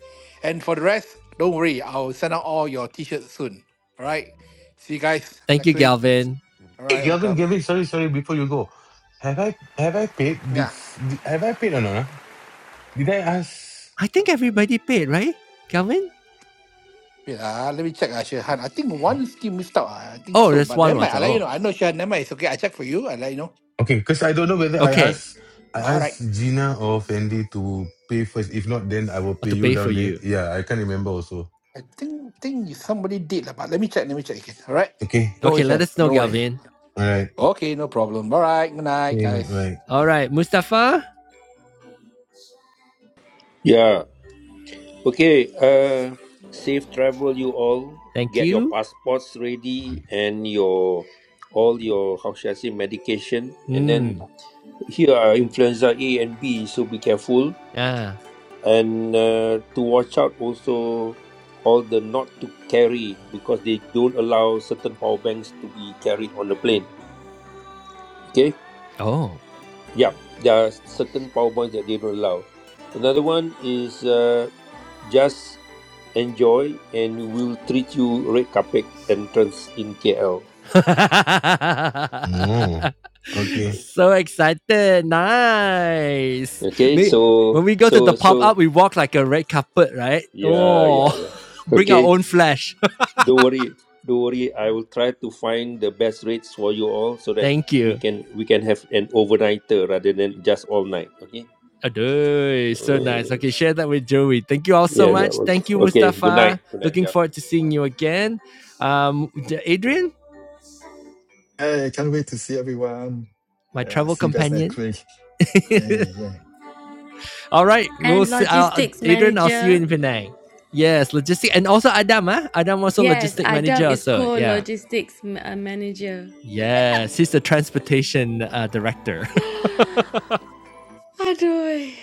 Speaker 7: And for the rest, don't worry. I'll send out all your t shirts soon. All right. See you guys
Speaker 1: Thank you,
Speaker 7: next week.
Speaker 1: Galvin.
Speaker 7: All
Speaker 4: hey
Speaker 7: right.
Speaker 4: Gavin,
Speaker 7: Welcome.
Speaker 4: Gavin, sorry, sorry, before you go. Have I have I paid
Speaker 7: Yeah.
Speaker 4: this did, have I paid or not? ah? Did I ask
Speaker 1: I think everybody paid, right? Galvin?
Speaker 7: Wait, ah, let me check ah, Shehan. I think one still missed out. Ah. I think
Speaker 1: Oh,
Speaker 7: so.
Speaker 1: there's
Speaker 7: But
Speaker 1: one
Speaker 7: never mind.
Speaker 1: was
Speaker 7: I let you
Speaker 1: oh.
Speaker 7: know. I know Shehan. Never mind. It's okay. I check for you. I let you know.
Speaker 4: Okay, because I don't know whether I
Speaker 1: Okay.
Speaker 4: asked I
Speaker 7: All right.
Speaker 4: asked Gina or Fendi to pay first. If not, then I
Speaker 1: I
Speaker 4: will pay
Speaker 1: have to
Speaker 4: you
Speaker 1: pay
Speaker 4: down
Speaker 1: for
Speaker 4: there.
Speaker 1: you.
Speaker 4: Yeah, I can't remember also.
Speaker 7: I think think somebody did lah, but let me check. Let me check again. All right.
Speaker 4: Okay.
Speaker 7: Don't
Speaker 1: Okay,
Speaker 7: worry,
Speaker 1: let
Speaker 7: Shehan.
Speaker 1: us know,
Speaker 7: Don't worry.
Speaker 1: Galvin.
Speaker 4: Alright.
Speaker 7: Okay, no problem. All right. Good night,
Speaker 4: Okay, night,
Speaker 7: guys.
Speaker 4: right.
Speaker 1: All right, Mustafa.
Speaker 5: Yeah. Okay. Uh, safe travel, you all.
Speaker 1: Thank
Speaker 5: Get your
Speaker 1: you.
Speaker 5: passports ready and your all your how should I say medication. And then
Speaker 1: Hmm.
Speaker 5: here are influenza A and B, so be careful.
Speaker 1: Ah.
Speaker 5: And uh, to watch out also all the not to carry because they don't allow certain power banks to be carried on the plane. Okay.
Speaker 1: Oh.
Speaker 5: Yeah, there are certain PowerPoints that they don't allow. Another one is uh, just enjoy and we'll treat you red carpet entrance in KL.
Speaker 4: Oh. Okay.
Speaker 1: So excited. Nice.
Speaker 5: Okay,
Speaker 1: May- When
Speaker 5: so
Speaker 1: we go to the
Speaker 5: so
Speaker 1: pop
Speaker 5: so
Speaker 1: up, we walk like a red carpet, right?
Speaker 5: yeah
Speaker 1: Oh,
Speaker 5: yeah yeah.
Speaker 1: bring our
Speaker 5: Okay,
Speaker 1: own flash.
Speaker 5: don't worry, don't worry. I will try to find the best rates for you all so that
Speaker 1: Thank
Speaker 5: we
Speaker 1: you.
Speaker 5: can we can have an overnighter rather than just all night. Okay.
Speaker 1: Adoy, so nice.
Speaker 5: Uh,
Speaker 1: Okay, share that with Joey. Thank you all so
Speaker 5: yeah yeah
Speaker 1: much.
Speaker 5: okay.
Speaker 1: Thank you,
Speaker 5: Okay. Good night.
Speaker 1: Mustafa.
Speaker 5: Good night.
Speaker 1: Looking
Speaker 5: Yeah.
Speaker 1: forward to seeing you again. Um, Adrian,
Speaker 6: I can't wait to see everyone.
Speaker 1: my
Speaker 6: Yeah,
Speaker 1: travel
Speaker 6: see you guys next
Speaker 1: companion.
Speaker 6: week. Hey, yeah.
Speaker 1: All right, we'll
Speaker 2: And
Speaker 1: see. I'll,
Speaker 2: logistics
Speaker 1: Adrian, I'll see you
Speaker 2: manager.
Speaker 1: in Penang. Yes, logistic, and also Adam, huh? Adam also
Speaker 2: Yes,
Speaker 1: logistic manager
Speaker 2: Adam is
Speaker 1: also.
Speaker 2: called
Speaker 1: Yeah.
Speaker 2: logistics m- uh, manager.
Speaker 1: Yes, he's the transportation uh, director.
Speaker 2: Adoy.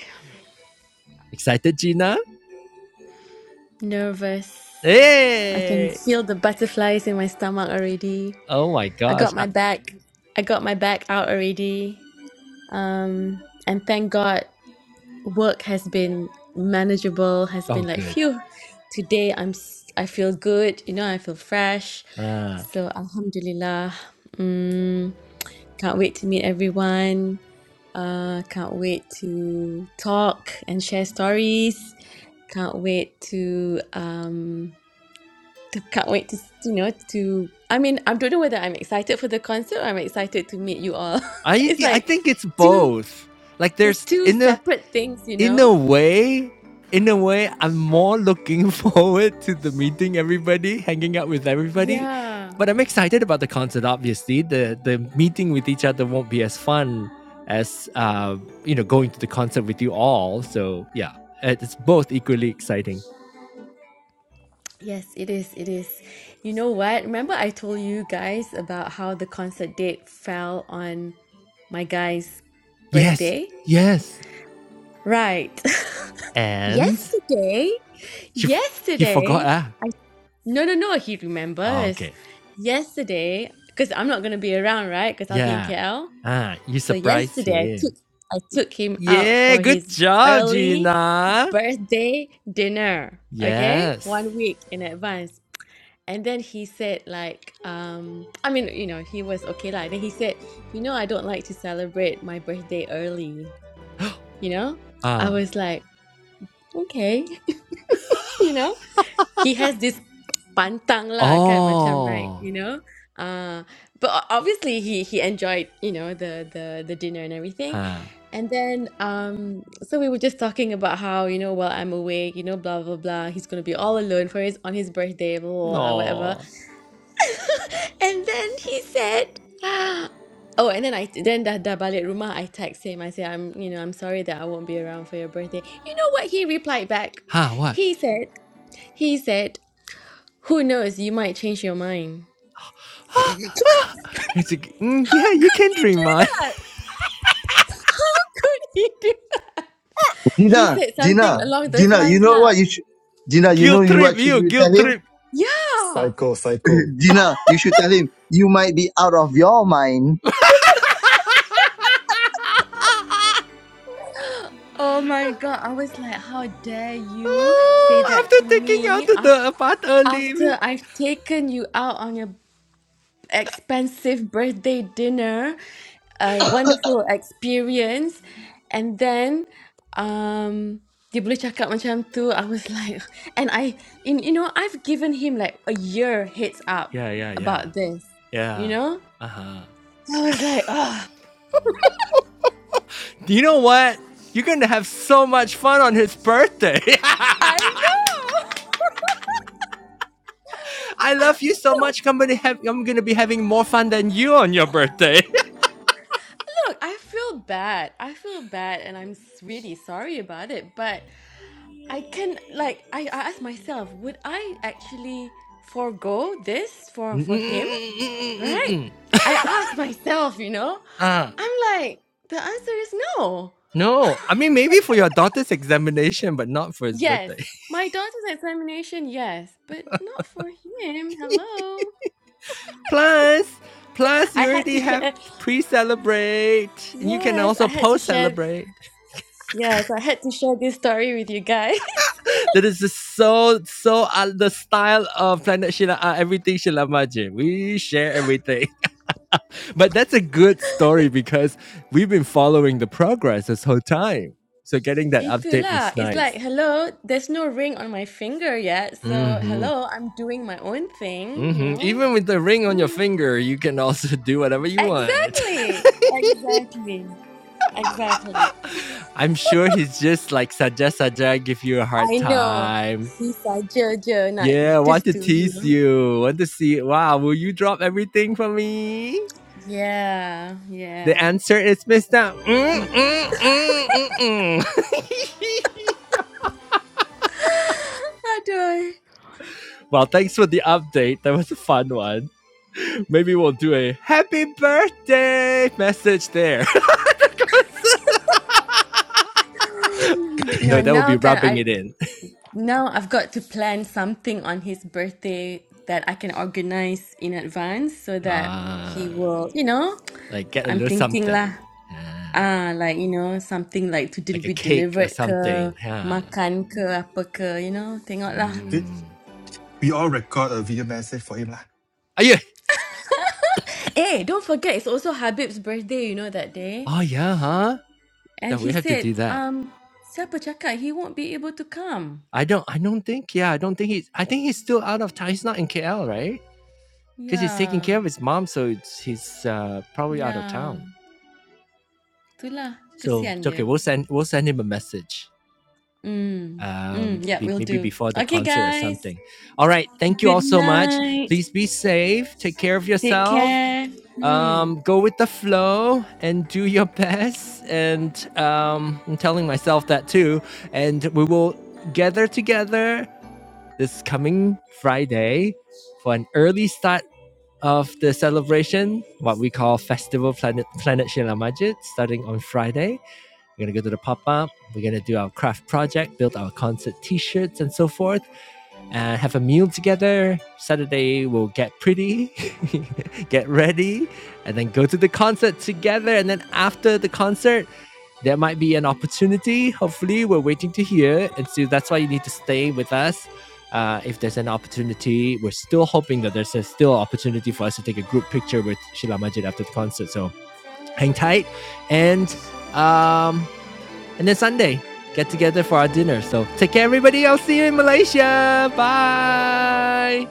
Speaker 1: Excited, Gina?
Speaker 2: Nervous. I can
Speaker 1: Hey!
Speaker 2: feel the butterflies in my stomach already.
Speaker 1: Oh my
Speaker 2: I
Speaker 1: gosh.
Speaker 2: got
Speaker 1: I,
Speaker 2: my back. I got my back out already. And thank God. work has been manageable has been
Speaker 1: oh,
Speaker 2: like
Speaker 1: good.
Speaker 2: phew today i'm s- i feel good you know i feel fresh
Speaker 1: Uh,
Speaker 2: so alhamdulillah can't wait to meet everyone uh can't wait to talk and share stories can't wait to um to- can't wait to you know to i mean i don't know whether i'm excited for the concert or i'm excited to meet you all
Speaker 1: I
Speaker 2: it's
Speaker 1: I
Speaker 2: like
Speaker 1: think it's
Speaker 2: two
Speaker 1: both. Like
Speaker 2: it's
Speaker 1: there's
Speaker 2: two
Speaker 1: in a
Speaker 2: separate things you
Speaker 1: in
Speaker 2: know
Speaker 1: a way, in a way, I'm more looking forward to the meeting everybody, hanging out with everybody.
Speaker 2: yeah
Speaker 1: But I'm excited about the concert. Obviously, the the meeting with each other won't be as fun as uh, you know going to the concert with you all. So yeah, it's both equally exciting.
Speaker 2: Yes, it is. It is. You know what? Remember, I told you guys about how the concert date fell on my guy's
Speaker 1: Yes,
Speaker 2: birthday?
Speaker 1: yes.
Speaker 2: Right.
Speaker 1: And
Speaker 2: Yesterday,
Speaker 1: she, f- he forgot.
Speaker 2: yesterday,
Speaker 1: Ah.
Speaker 2: I no, no, no, he
Speaker 1: Oh,
Speaker 2: remembers.
Speaker 1: okay.
Speaker 2: Yesterday, because I'm not going to be around, right? Because I'll be in
Speaker 1: Yeah.
Speaker 2: KL.
Speaker 1: Ah, you
Speaker 2: So
Speaker 1: surprised
Speaker 2: yesterday, I took
Speaker 1: him.
Speaker 2: I took him out
Speaker 1: Yeah,
Speaker 2: for
Speaker 1: good
Speaker 2: his
Speaker 1: job,
Speaker 2: early
Speaker 1: Gina.
Speaker 2: birthday dinner. Okay,
Speaker 1: Yes.
Speaker 2: one week in advance And then he said, like, um, I mean, you know, he was okay lah. Then he said, you know, I don't like to celebrate my birthday early. You know, I
Speaker 1: Ah.
Speaker 2: was like, okay, you know, he has this pantang lah, kan macam like,
Speaker 1: Oh.
Speaker 2: you know, uh, but o- obviously he he enjoyed, you know, the the the dinner and everything.
Speaker 1: Huh.
Speaker 2: And then, um, so we were just talking about how, you know, while I'm awake, you know, blah blah blah, he's gonna be all alone for his on his birthday, blah, blah, blah whatever.
Speaker 1: No.
Speaker 2: And then he said, "Oh, and then I then dah dah balik rumah, I text him. I say, I'm you know I'm sorry that I won't be around for your birthday. You know what he replied back?
Speaker 1: Huh, what?
Speaker 2: He said, he said, who knows? You might change your mind.
Speaker 1: It's a, mm,
Speaker 2: How
Speaker 1: yeah, you
Speaker 2: could
Speaker 1: can
Speaker 2: he
Speaker 1: drink,
Speaker 2: do
Speaker 1: man.
Speaker 2: that? How could he do that? He
Speaker 3: Gina,
Speaker 2: said something
Speaker 3: Gina,
Speaker 2: along those
Speaker 3: Gina, you
Speaker 2: lines,
Speaker 3: know what
Speaker 2: lah.
Speaker 3: you should, Gina, you know
Speaker 1: guilt
Speaker 3: you
Speaker 1: trip,
Speaker 3: what should
Speaker 1: you,
Speaker 3: you tell
Speaker 1: guilt
Speaker 3: him?
Speaker 1: trip.
Speaker 2: Yeah.
Speaker 6: Psycho, psycho.
Speaker 3: Gina, you should tell him you might be out of your mind,
Speaker 2: Oh my God, I was like, how dare you say
Speaker 1: Oh,
Speaker 2: that
Speaker 1: after
Speaker 2: to
Speaker 1: taking
Speaker 2: me
Speaker 1: out to
Speaker 2: af
Speaker 1: the apart
Speaker 2: after
Speaker 1: early.
Speaker 2: I've taken you out on your expensive birthday dinner, a wonderful experience. And then um dia boleh cakap macam tu. I was like and I in you know I've given him like a year heads up
Speaker 1: Yeah, yeah, yeah.
Speaker 2: about this. You
Speaker 1: Yeah.
Speaker 2: know?
Speaker 1: Uh-huh.
Speaker 2: I was like, oh
Speaker 1: You know what? You're gonna have so much fun on his birthday.
Speaker 2: I know.
Speaker 1: I love you so much. I'm gonna have I'm gonna be having more fun than you on your birthday.
Speaker 2: Look, I feel bad. I feel bad and I'm s- really sorry about it, but I can like I, I asked myself, would I actually forego this for for him? Right? I asked myself, you know,
Speaker 1: Ah,
Speaker 2: I'm like, the answer is no.
Speaker 1: no. I mean maybe for your daughter's examination, but not for his
Speaker 2: Yes,
Speaker 1: birthday.
Speaker 2: my daughter's examination, yes, but not for him. Hello.
Speaker 1: Plus, plus
Speaker 2: I
Speaker 1: you
Speaker 2: had to
Speaker 1: already have
Speaker 2: share,
Speaker 1: pre-celebrate, and you can
Speaker 2: yes,
Speaker 1: also
Speaker 2: I had to share,
Speaker 1: post-celebrate.
Speaker 2: yes, I had to share this story with you guys.
Speaker 1: That is just so so uh, the style of Planet Shila. Uh, everything Shilamaji. We share everything. but that's a good story because we've been following the progress this whole time. So getting that update
Speaker 2: Itulah.
Speaker 1: is
Speaker 2: It's like,
Speaker 1: nice.
Speaker 2: hello, there's no ring on my finger yet. So,
Speaker 1: hmm
Speaker 2: hello, I'm doing my own thing, you
Speaker 1: hmm
Speaker 2: know?
Speaker 1: Even with the ring on your
Speaker 2: Mm.
Speaker 1: finger, you can also do whatever you want.
Speaker 2: Exactly. Exactly. Exactly.
Speaker 1: I'm sure he's just like suggest suggest give you a hard
Speaker 2: I know.
Speaker 1: time.
Speaker 2: He's a judge, uh, not
Speaker 1: Yeah, want
Speaker 2: just
Speaker 1: to
Speaker 2: to, you
Speaker 1: tease
Speaker 2: know.
Speaker 1: you. Want to see? Wow, will you drop everything for me?
Speaker 2: Yeah,
Speaker 1: The
Speaker 2: yeah.
Speaker 1: answer is Mister. Mm, mm, mm, mm, mm.
Speaker 2: How
Speaker 1: well, thanks for the update. That was a fun one. Maybe we'll do a happy birthday message there.
Speaker 2: No,
Speaker 1: no, that would
Speaker 2: now
Speaker 1: be
Speaker 2: can
Speaker 1: rubbing
Speaker 2: I
Speaker 1: it in.
Speaker 2: now I've got to plan something on his birthday that I can organize in advance so that he
Speaker 1: Ah,
Speaker 2: will, you know,
Speaker 1: like get a
Speaker 2: I'm
Speaker 1: little
Speaker 2: thinking
Speaker 1: something.
Speaker 2: lah.
Speaker 1: Ah,
Speaker 2: Ah, like, you know, something like to del-
Speaker 1: like a
Speaker 2: be
Speaker 1: cake or
Speaker 2: delivered ke,
Speaker 1: something. Yeah.
Speaker 2: makan ke, apa ke, you know, tengok lah.
Speaker 6: Did
Speaker 1: Mm.
Speaker 6: we all record a video message for him lah?
Speaker 1: Are you?
Speaker 2: Eh, don't forget, it's also Habib's birthday, you know, that day.
Speaker 1: Oh yeah, huh?
Speaker 2: And
Speaker 1: That
Speaker 2: he
Speaker 1: we have to
Speaker 2: said,
Speaker 1: do that.
Speaker 2: um, siapa cakap he won't be able to come?
Speaker 1: I don't. I don't think. Yeah, I don't think he's. I think he's still out of town. He's not in KL, right? Because he's taking care
Speaker 2: Yeah,
Speaker 1: of his mom, so it's, he's uh, probably out of
Speaker 2: yeah.
Speaker 1: town.
Speaker 2: Itulah,
Speaker 1: So
Speaker 2: kesian
Speaker 1: it's okay.
Speaker 2: dia.
Speaker 1: We'll send. We'll send him a message.
Speaker 2: Mm,
Speaker 1: um,
Speaker 2: mm, yeah,
Speaker 1: be,
Speaker 2: we'll
Speaker 1: maybe
Speaker 2: do.
Speaker 1: before the
Speaker 2: Okay,
Speaker 1: concert or
Speaker 2: guys.
Speaker 1: something. All right. Thank you
Speaker 2: Good
Speaker 1: all so much.
Speaker 2: night.
Speaker 1: Please be safe. Take care of
Speaker 2: Take
Speaker 1: yourself.
Speaker 2: care. Hmm.
Speaker 1: Um, go with the flow and do your best. And um, I'm telling myself that too. And we will gather together this coming Friday for an early start of the celebration, what we call Festival Planet Planet Shila Majid, starting on Friday we're going to go to the pop up. We're going to do our craft project, build our concert t shirts and so forth, and have a meal together. Saturday, we'll get pretty, get ready, and then go to the concert together. And then after the concert, there might be an opportunity. Hopefully, we're waiting to hear. And so that's why you need to stay with us. Uh, if there's an opportunity, we're still hoping that there's a still opportunity for us to take a group picture with Sheila Majid after the concert. So hang tight. And um, and then Sunday, get together for our dinner. So take care, everybody. I'll see you in Malaysia. Bye.